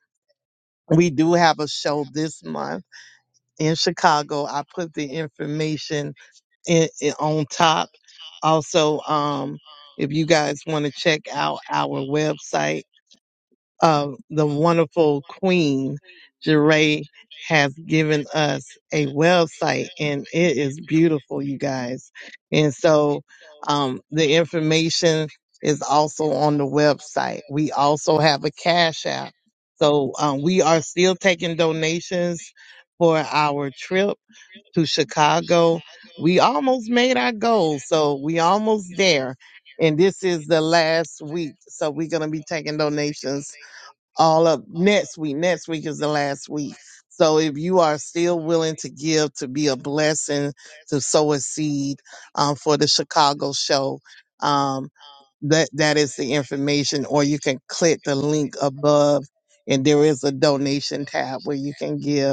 I: we do have a show this month in Chicago. I put the information in, in, on top. Also, um, if you guys want to check out our website, uh, the wonderful Queen Jeray has given us a website, and it is beautiful, you guys. And so, um, the information is also on the website. We also have a cash app. So um, we are still taking donations for our trip to Chicago. We almost made our goal, so we almost there. And this is the last week, so we're gonna be taking donations all up next week. Next week is the last week. So if you are still willing to give, to be a blessing, to sow a seed um, for the Chicago show, um, that that is the information. Or you can click the link above, and there is a donation tab where you can give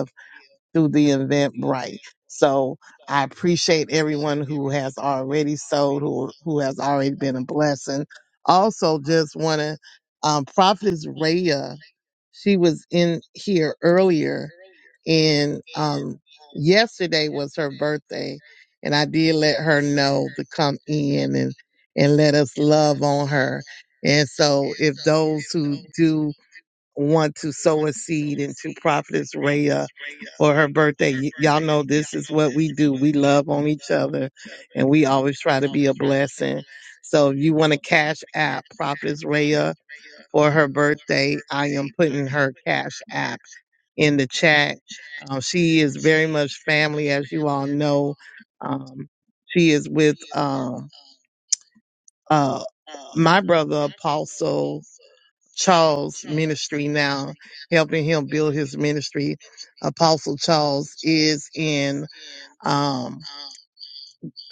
I: through the Eventbrite. So I appreciate everyone who has already sold, who who has already been a blessing. Also, just want to um, Prophetess Raya. She was in here earlier, and um, yesterday was her birthday, and I did let her know to come in and and let us love on her. And so, if those who do want to sow a seed into Prophetess Raya or her birthday. Y- Y'all know this is what we do. We love on each other and we always try to be a blessing. So if you want to cash app Prophetess Raya for her birthday, I am putting her cash app in the chat. Um, she is very much family, as you all know. Um, she is with um, uh, my brother, Apostle Charles Ministry now, helping him build his ministry. Apostle Charles is in um,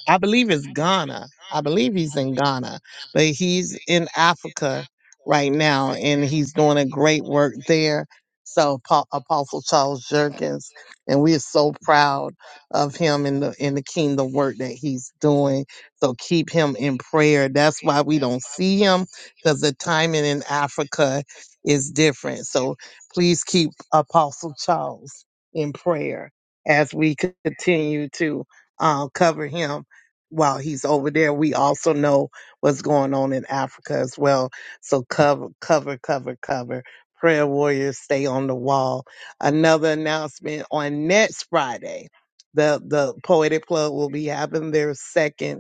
I: I believe it's Ghana. I believe he's in Ghana, but he's in Africa right now and he's doing a great work there. So Pa- Apostle Charles Jerkins, and we are so proud of him in the in the kingdom work that he's doing. So keep him in prayer. That's why we don't see him because the timing in Africa is different. So please keep Apostle Charles in prayer as we continue to uh, cover him while he's over there. We also know what's going on in Africa as well. So cover, cover, cover, cover. Prayer warriors stay on the wall. Another announcement on next Friday. The the Poetic Club will be having their second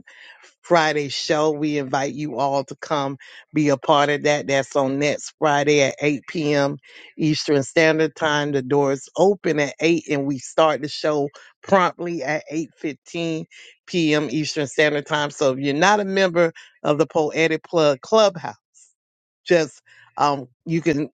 I: Friday show. We invite you all to come be a part of that. That's on next Friday at 8 p.m. Eastern Standard Time. The doors open at 8 and we start the show promptly at 8.15 p.m. Eastern Standard Time. So if you're not a member of the Poetic Plug Clubhouse, just um, you can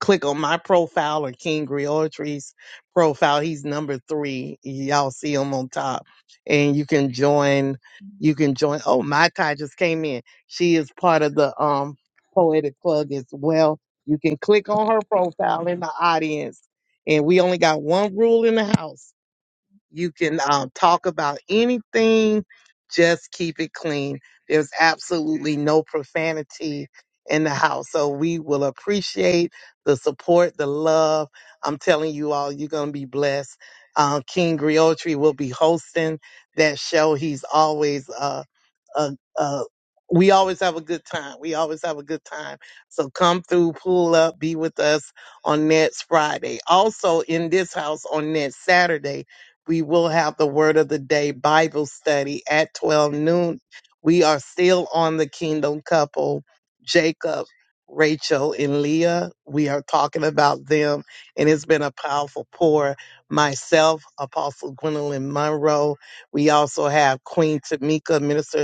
I: click on my profile or King Griotry's profile. He's number three. Y'all see him on top. And you can join you can join oh my Kai just came in. She is part of the um poetic plug as well. You can click on her profile in the audience. And we only got one rule in the house. You can um, talk about anything, just keep it clean. There's absolutely no profanity in the house. So we will appreciate the support, the love. I'm telling you all, you're going to be blessed. Um, King Griotri will be hosting that show. He's always uh, a, a we always have a good time. We always have a good time. So come through, pull up, be with us on next Friday. Also in this house on next Saturday, we will have the word of the day Bible study at 12 noon. We are still on the kingdom couple, Jacob, Rachel, and Leah. We are talking about them, and it's been a powerful pour. Myself, Apostle Gwendolyn Monroe. We also have Queen Tamika, Minister.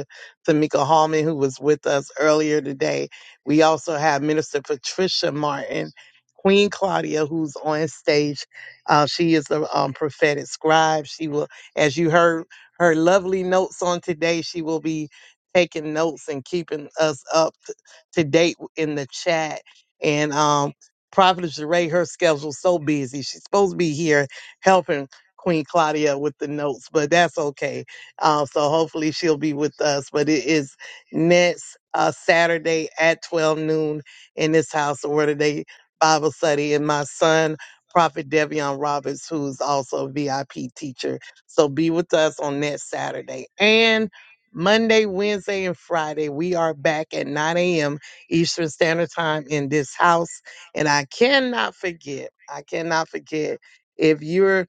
I: Tamika Hallman, who was with us earlier today. We also have Minister Patricia Martin, Queen Claudia, who's on stage. Uh, she is the um, prophetic scribe. She will, as you heard her lovely notes on today, she will be taking notes and keeping us up t- to date in the chat. And um, Prophet Jeray, her schedule's so busy. She's supposed to be here helping Queen Claudia with the notes, but that's okay uh, so hopefully she'll be with us. But it is next uh, Saturday at 12 noon in this house of Word of Day Bible study. And my son, Prophet Devion Roberts, who's also a VIP teacher. So be with us on next Saturday. And Monday, Wednesday, and Friday, we are back at 9 a.m. Eastern Standard Time in this house. And I cannot forget, I cannot forget if you're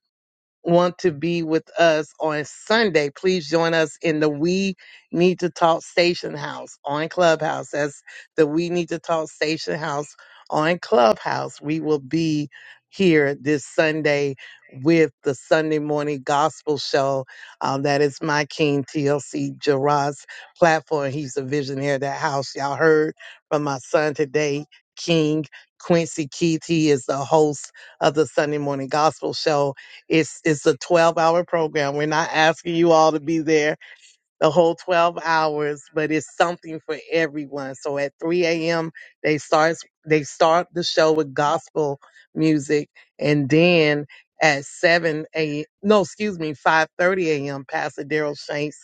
I: want to be with us on Sunday, please join us in the We Need to Talk Station House on Clubhouse. That's the We Need to Talk Station House on Clubhouse. We will be here this Sunday with the Sunday morning gospel show. Um, that is my king, TLC Gerard's platform. He's a visionary of that house. Y'all heard from my son today, King Quincy Keith. He is the host of the Sunday morning gospel show it's it's a 12 hour program. We're not asking you all to be there the whole 12 hours, but it's something for everyone. So at 3 a.m. they start they start the show with gospel music, and then at 7 a no, excuse me, 5:30 a.m. Pastor Daryl Shanks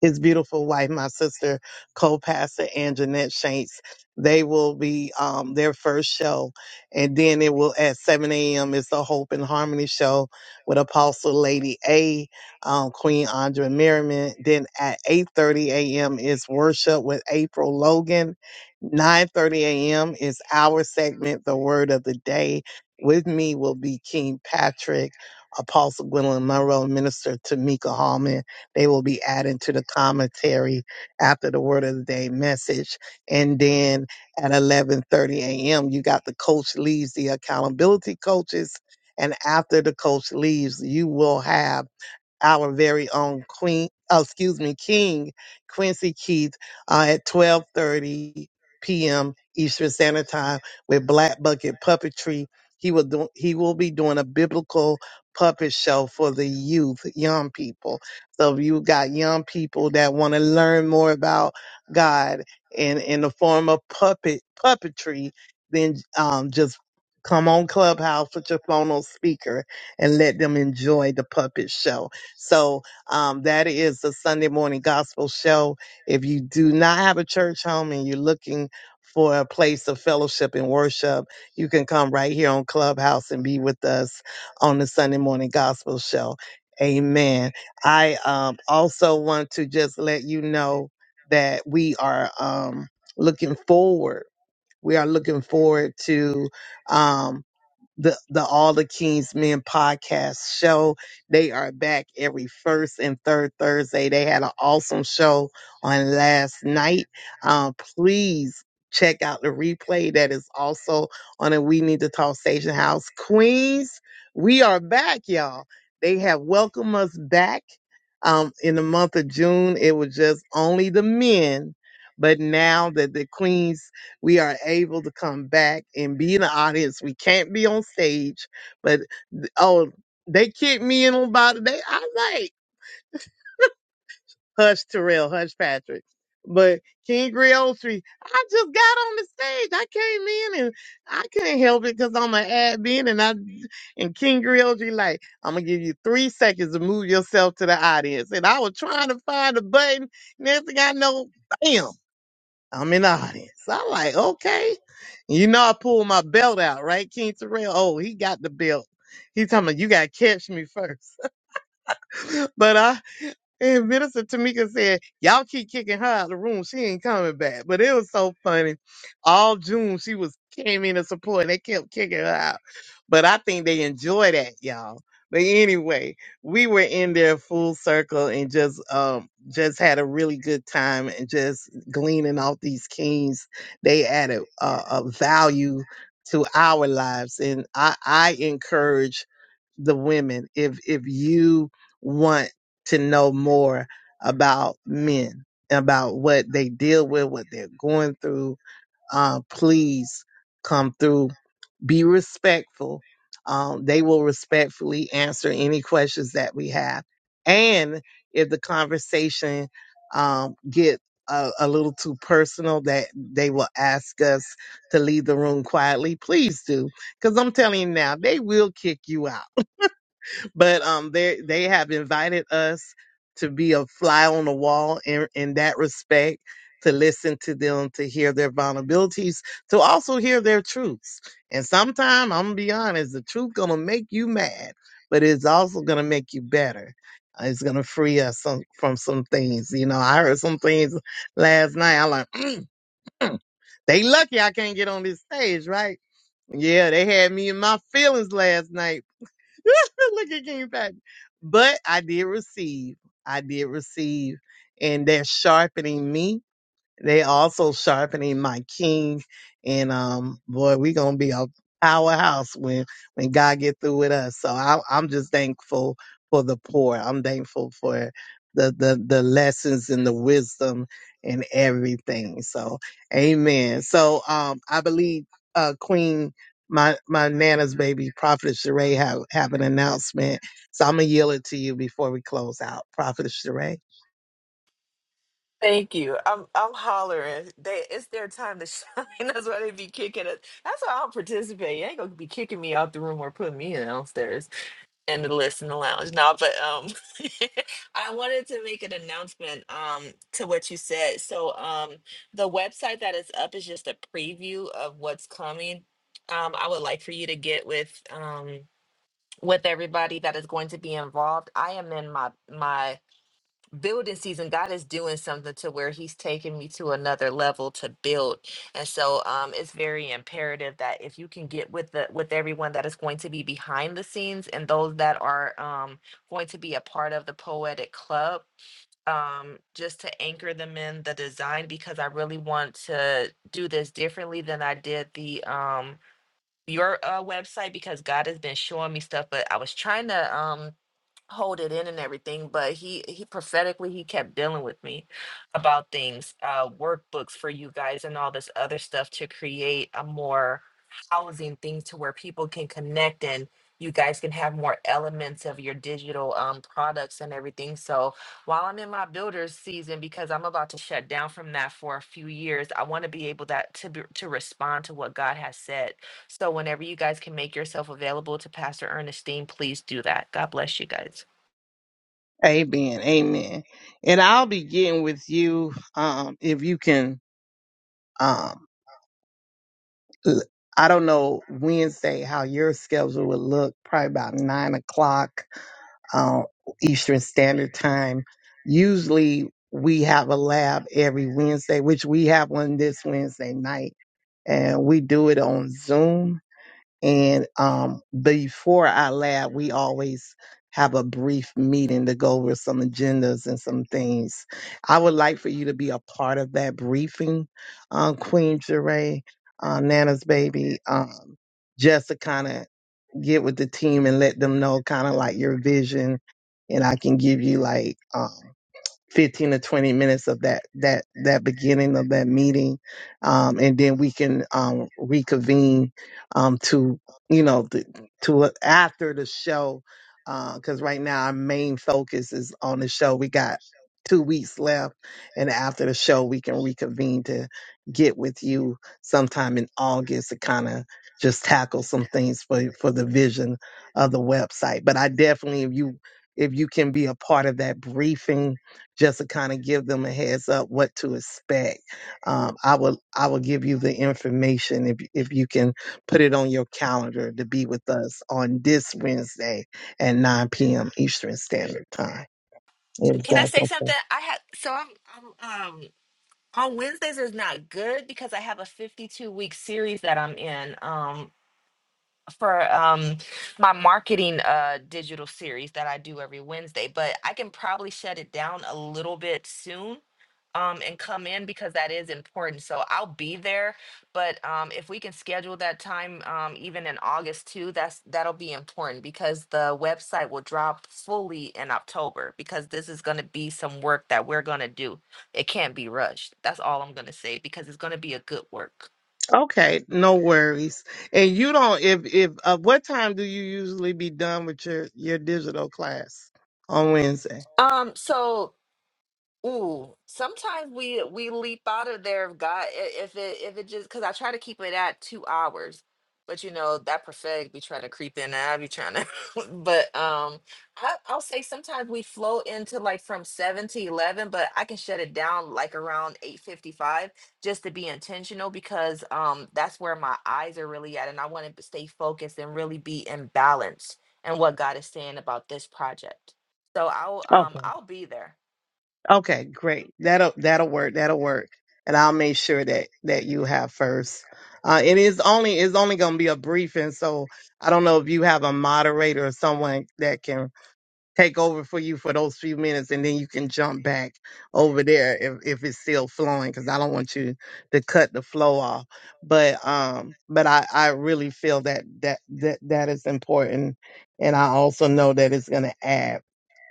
I: his beautiful wife, my sister, co-pastor and Jeanette Shanks. They will be um, their first show, and then it will at 7 a.m. It's the Hope and Harmony show with Apostle Lady A, um, Queen Andrea Merriman. Then at 8:30 a.m. is worship with April Logan. 9:30 a.m. is our segment, the Word of the Day. With me will be King Patrick, Apostle Gwendolyn Monroe, Minister Tamika Hallman. They will be added to the commentary after the word of the day message. And then at 11:30 a.m., you got the coach leaves the accountability coaches. And after the coach leaves, you will have our very own Queen, oh, excuse me, King Quincy Keith uh, at 12:30 p.m. Eastern Standard Time with Black Bucket Puppetry. He will do, he will be doing a biblical puppet show for the youth, young people. So if you got young people that want to learn more about God in in the form of puppet puppetry, then um, just come on Clubhouse with your phone on speaker and let them enjoy the puppet show. So um, that is the Sunday morning gospel show. If you do not have a church home and you're looking for a place of fellowship and worship, you can come right here on Clubhouse and be with us on the Sunday morning gospel show. Amen. I um, also want to just let you know that we are um, looking forward. We are looking forward to um, the the All the Kings Men podcast show. They are back every first and third Thursday. They had an awesome show on last night. Um, please check out the replay that is also on the We Need to Talk Station House Queens. We are back, y'all. They have welcomed us back. Um, in the month of June, it was just only the men, but now that the queens we are able to come back and be in the audience. We can't be on stage, but th- oh, they kicked me in on about it. They, I like Hush Terrell, Hush Patrick, but King Griotri, I just got on the stage. I came in and I couldn't help it because I'm an admin and I and King Griotri like I'm gonna give you three seconds to move yourself to the audience, and I was trying to find a button. Next thing I know, bam. I'm in the audience. I'm like, okay. You know, I pulled my belt out, right? King Terrell. Oh, he got the belt. He talking about you gotta catch me first. but I and Minister Tamika said, Y'all keep kicking her out of the room. She ain't coming back. But it was so funny. All June she was came in to support and they kept kicking her out. But I think they enjoy that, y'all. But anyway, we were in there full circle and just um just had a really good time and just gleaning off these kings. They added uh, a value to our lives. And I, I encourage the women if if you want to know more about men, about what they deal with, what they're going through. Uh, please come through. Be respectful. Um, they will respectfully answer any questions that we have. And if the conversation um, get a, a little too personal, that they will ask us to leave the room quietly. Please do, because I'm telling you now, they will kick you out but um they they have invited us to be a fly on the wall in in that respect to listen to them to hear their vulnerabilities to also hear their truths and sometimes i'm gonna be honest the truth gonna make you mad but it's also gonna make you better Uh, it's gonna free us some, from some things you know i heard some things last night i'm like mm, mm, they lucky i can't get on this stage right yeah they had me in my feelings last night Look, it came back. But I did receive. I did receive. And that's sharpening me. They also sharpening my king, and um, boy, we gonna be a powerhouse when when God get through with us. So I, I'm just thankful for the poor. I'm thankful for the the the lessons and the wisdom and everything. So, Amen. So um, I believe uh, Queen. My my nana's baby, Prophet Sheree, have have an announcement. So I'm gonna yield it to you before we close out, Prophet Sheree.
M: Thank you. I'm I'm hollering. They it's their time to shine. That's why they be kicking us. That's why I don't participate. You ain't gonna be kicking me out the room or putting me downstairs. and the list in the lounge. No, but um I wanted to make an announcement um to what you said. So um the website that is up is just a preview of what's coming. Um I would like for you to get with um with everybody that is going to be involved. I am in my my building season god is doing something to where he's taking me to another level to build and so um it's very imperative that if you can get with the with everyone that is going to be behind the scenes and those that are um going to be a part of the poetic club um just to anchor them in the design because i really want to do this differently than i did the um your uh, website because god has been showing me stuff but i was trying to um hold it in and everything but he he prophetically he kept dealing with me about things uh workbooks for you guys and all this other stuff to create a more housing thing to where people can connect and you guys can have more elements of your digital um products and everything so while i'm in my builders season because i'm about to shut down from that for a few years i want to be able that to be, to respond to what god has said so whenever you guys can make yourself available to Pastor Ernestine, please do that. God bless you guys.
I: Amen. Amen. And I'll begin with you. Um, if you can, um, l- I don't know Wednesday how your schedule would look, probably about nine o'clock, uh, Eastern Standard Time. Usually we have a lab every Wednesday, which we have one this Wednesday night and we do it on Zoom And um, before our lab, we always have a brief meeting to go over some agendas and some things. I would like for you to be a part of that briefing, um, Queen Jeray, uh, Nana's baby, um, just to kind of get with the team and let them know kind of like your vision. And I can give you like um, 15 to 20 minutes of that that that beginning of that meeting um and then we can um reconvene um to you know th- to after the show uh cuz right now our main focus is on the show we got 2 weeks left and after the show we can reconvene to get with you sometime in August to kind of just tackle some things for for the vision of the website but I definitely if you if you can be a part of that briefing just to kind of give them a heads up what to expect. Um, I will I will give you the information if if you can put it on your calendar to be with us on this Wednesday at 9 p.m. Eastern Standard Time. If
M: Can I
I: that's
M: say
I: okay.
M: something? I have so I'm, I'm um on Wednesdays is not good because I have a 52 week series that I'm in. Um for um my marketing uh digital series that I do every Wednesday, but I can probably shut it down a little bit soon um and come in because that is important. So I'll be there, but um if we can schedule that time um even in August too, that's that'll be important because the website will drop fully in October because this is going to be some work that we're going to do. It can't be rushed. That's all I'm going to say because it's going to be a good work.
I: Okay, no worries. And you don't if if uh, what time do you usually be done with your your digital class on Wednesday?
M: Um so Ooh, sometimes we we leap out of there if God i- if it if it just because I try to keep it at two hours, but you know that prophetic be trying to creep in and I be trying to, but um I, I'll say sometimes we flow into like from seven to eleven, but I can shut it down like around eight fifty five just to be intentional because um that's where my eyes are really at and I want to stay focused and really be in balance and what God is saying about this project. So I'll um I'll be there.
I: Okay, great. That'll that'll work. That'll work. And I'll make sure that that you have first. Uh, it is only it's only going to be a briefing, so I don't know if you have a moderator or someone that can take over for you for those few minutes, and then you can jump back over there if if it's still flowing, because I don't want you to cut the flow off. But um, but I I really feel that that that that is important, and I also know that it's going to add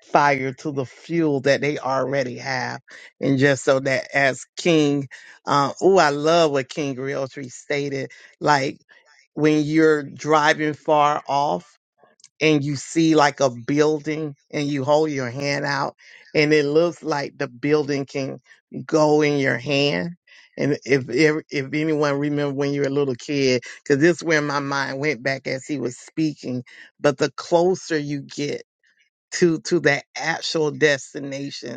I: fire to the fuel that they already have. And just so that as King, uh, oh, I love what King Realtree stated. Like when you're driving far off and you see like a building and you hold your hand out and it looks like the building can go in your hand. And if if if anyone remember when you were a little kid, because this is where my mind went back as he was speaking. But the closer you get to to that actual destination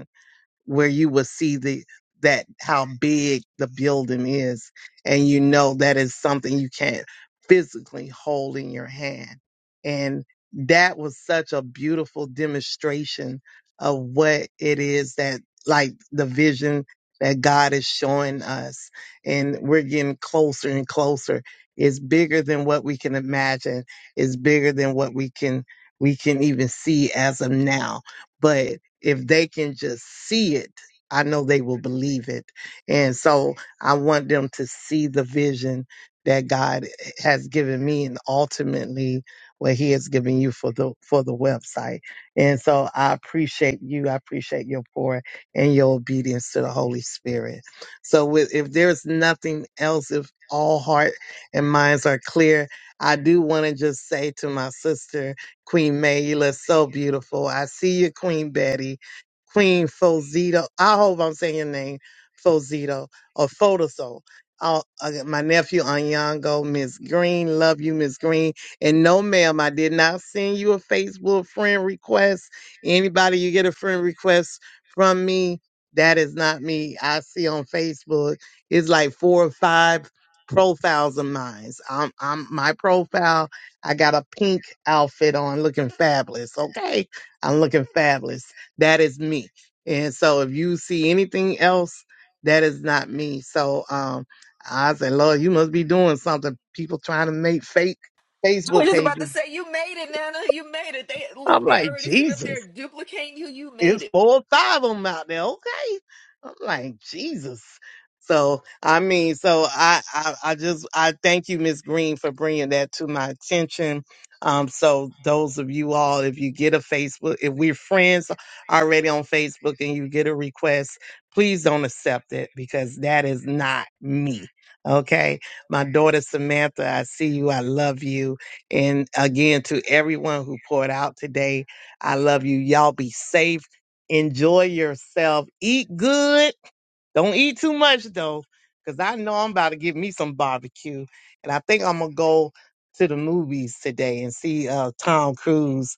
I: where you will see the that how big the building is and you know that is something you can't physically hold in your hand and that was such a beautiful demonstration of what it is that like the vision that God is showing us and we're getting closer and closer it's bigger than what we can imagine it's bigger than what we can we can even see as of now but if they can just see it, I know they will believe it. And so I want them to see the vision that God has given me and ultimately what he has given you for the for the website. And so I appreciate you. I appreciate your pour and your obedience to the Holy Spirit. So with, if there's nothing else, if all heart and minds are clear, I do want to just say to my sister Queen May, you look so beautiful. I see you, Queen Betty, Queen Fozito. I hope I'm saying your name, Fozito or Fotoso. Oh, uh, my nephew Anyango, Miss Green, love you, Miss Green. And no, ma'am, I did not send you a Facebook friend request. Anybody you get a friend request from me, that is not me. I see on Facebook, it's like four or five profiles of mine. I'm, I'm my profile I got a pink outfit on looking fabulous. Okay. I'm looking fabulous. That is me. And so if you see anything else, that is not me. So um I said, Lord, you must be doing something. People trying to make fake
M: I was
I: Facebook
M: just about to
I: pages.
M: say, you made it, Nana. You made it. They look,
I: I'm
M: they
I: like,
M: already sitting up
I: Jesus.
M: there duplicating you. You made
I: it's
M: it.
I: four or five of them out there. Okay. I'm like, Jesus. So, I mean, so I, I, I just, I thank you, Miss Green, for bringing that to my attention. Um, so those of you all, if you get a Facebook, if we're friends already on Facebook and you get a request, please don't accept it because that is not me. Okay. My daughter Samantha, I see you. I love you. And again, to everyone who poured out today, I love you. Y'all be safe enjoy yourself. Eat good. Don't eat too much though, because I know I'm about to get me some barbecue. And I think I'm gonna go to the movies today and see uh, Tom Cruise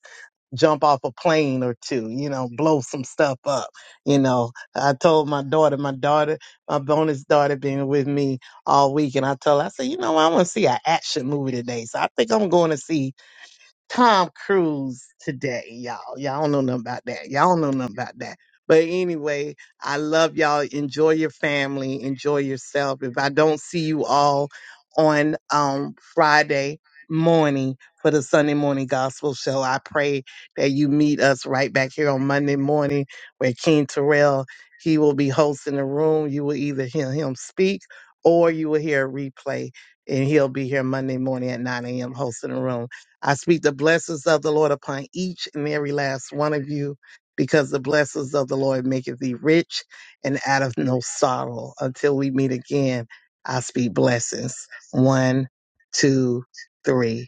I: jump off a plane or two. You know, blow some stuff up. You know, I told my daughter, my daughter, my bonus daughter, been with me all week, and I told her, I said, you know, what? I want to see an action movie today, so I think I'm going to see Tom Cruise today, y'all. Y'all don't know nothing about that. Y'all don't know nothing about that. But anyway, I love y'all. Enjoy your family. Enjoy yourself. If I don't see you all on um, Friday morning for the Sunday morning gospel show, I pray that you meet us right back here on Monday morning where King Terrell, he will be hosting the room. You will either hear him speak or you will hear a replay and he'll be here Monday morning at 9 a.m. hosting the room. I speak the blessings of the Lord upon each and every last one of you, because the blessings of the Lord maketh thee rich and out of no sorrow. Until we meet again, I speak blessings. One, two, three.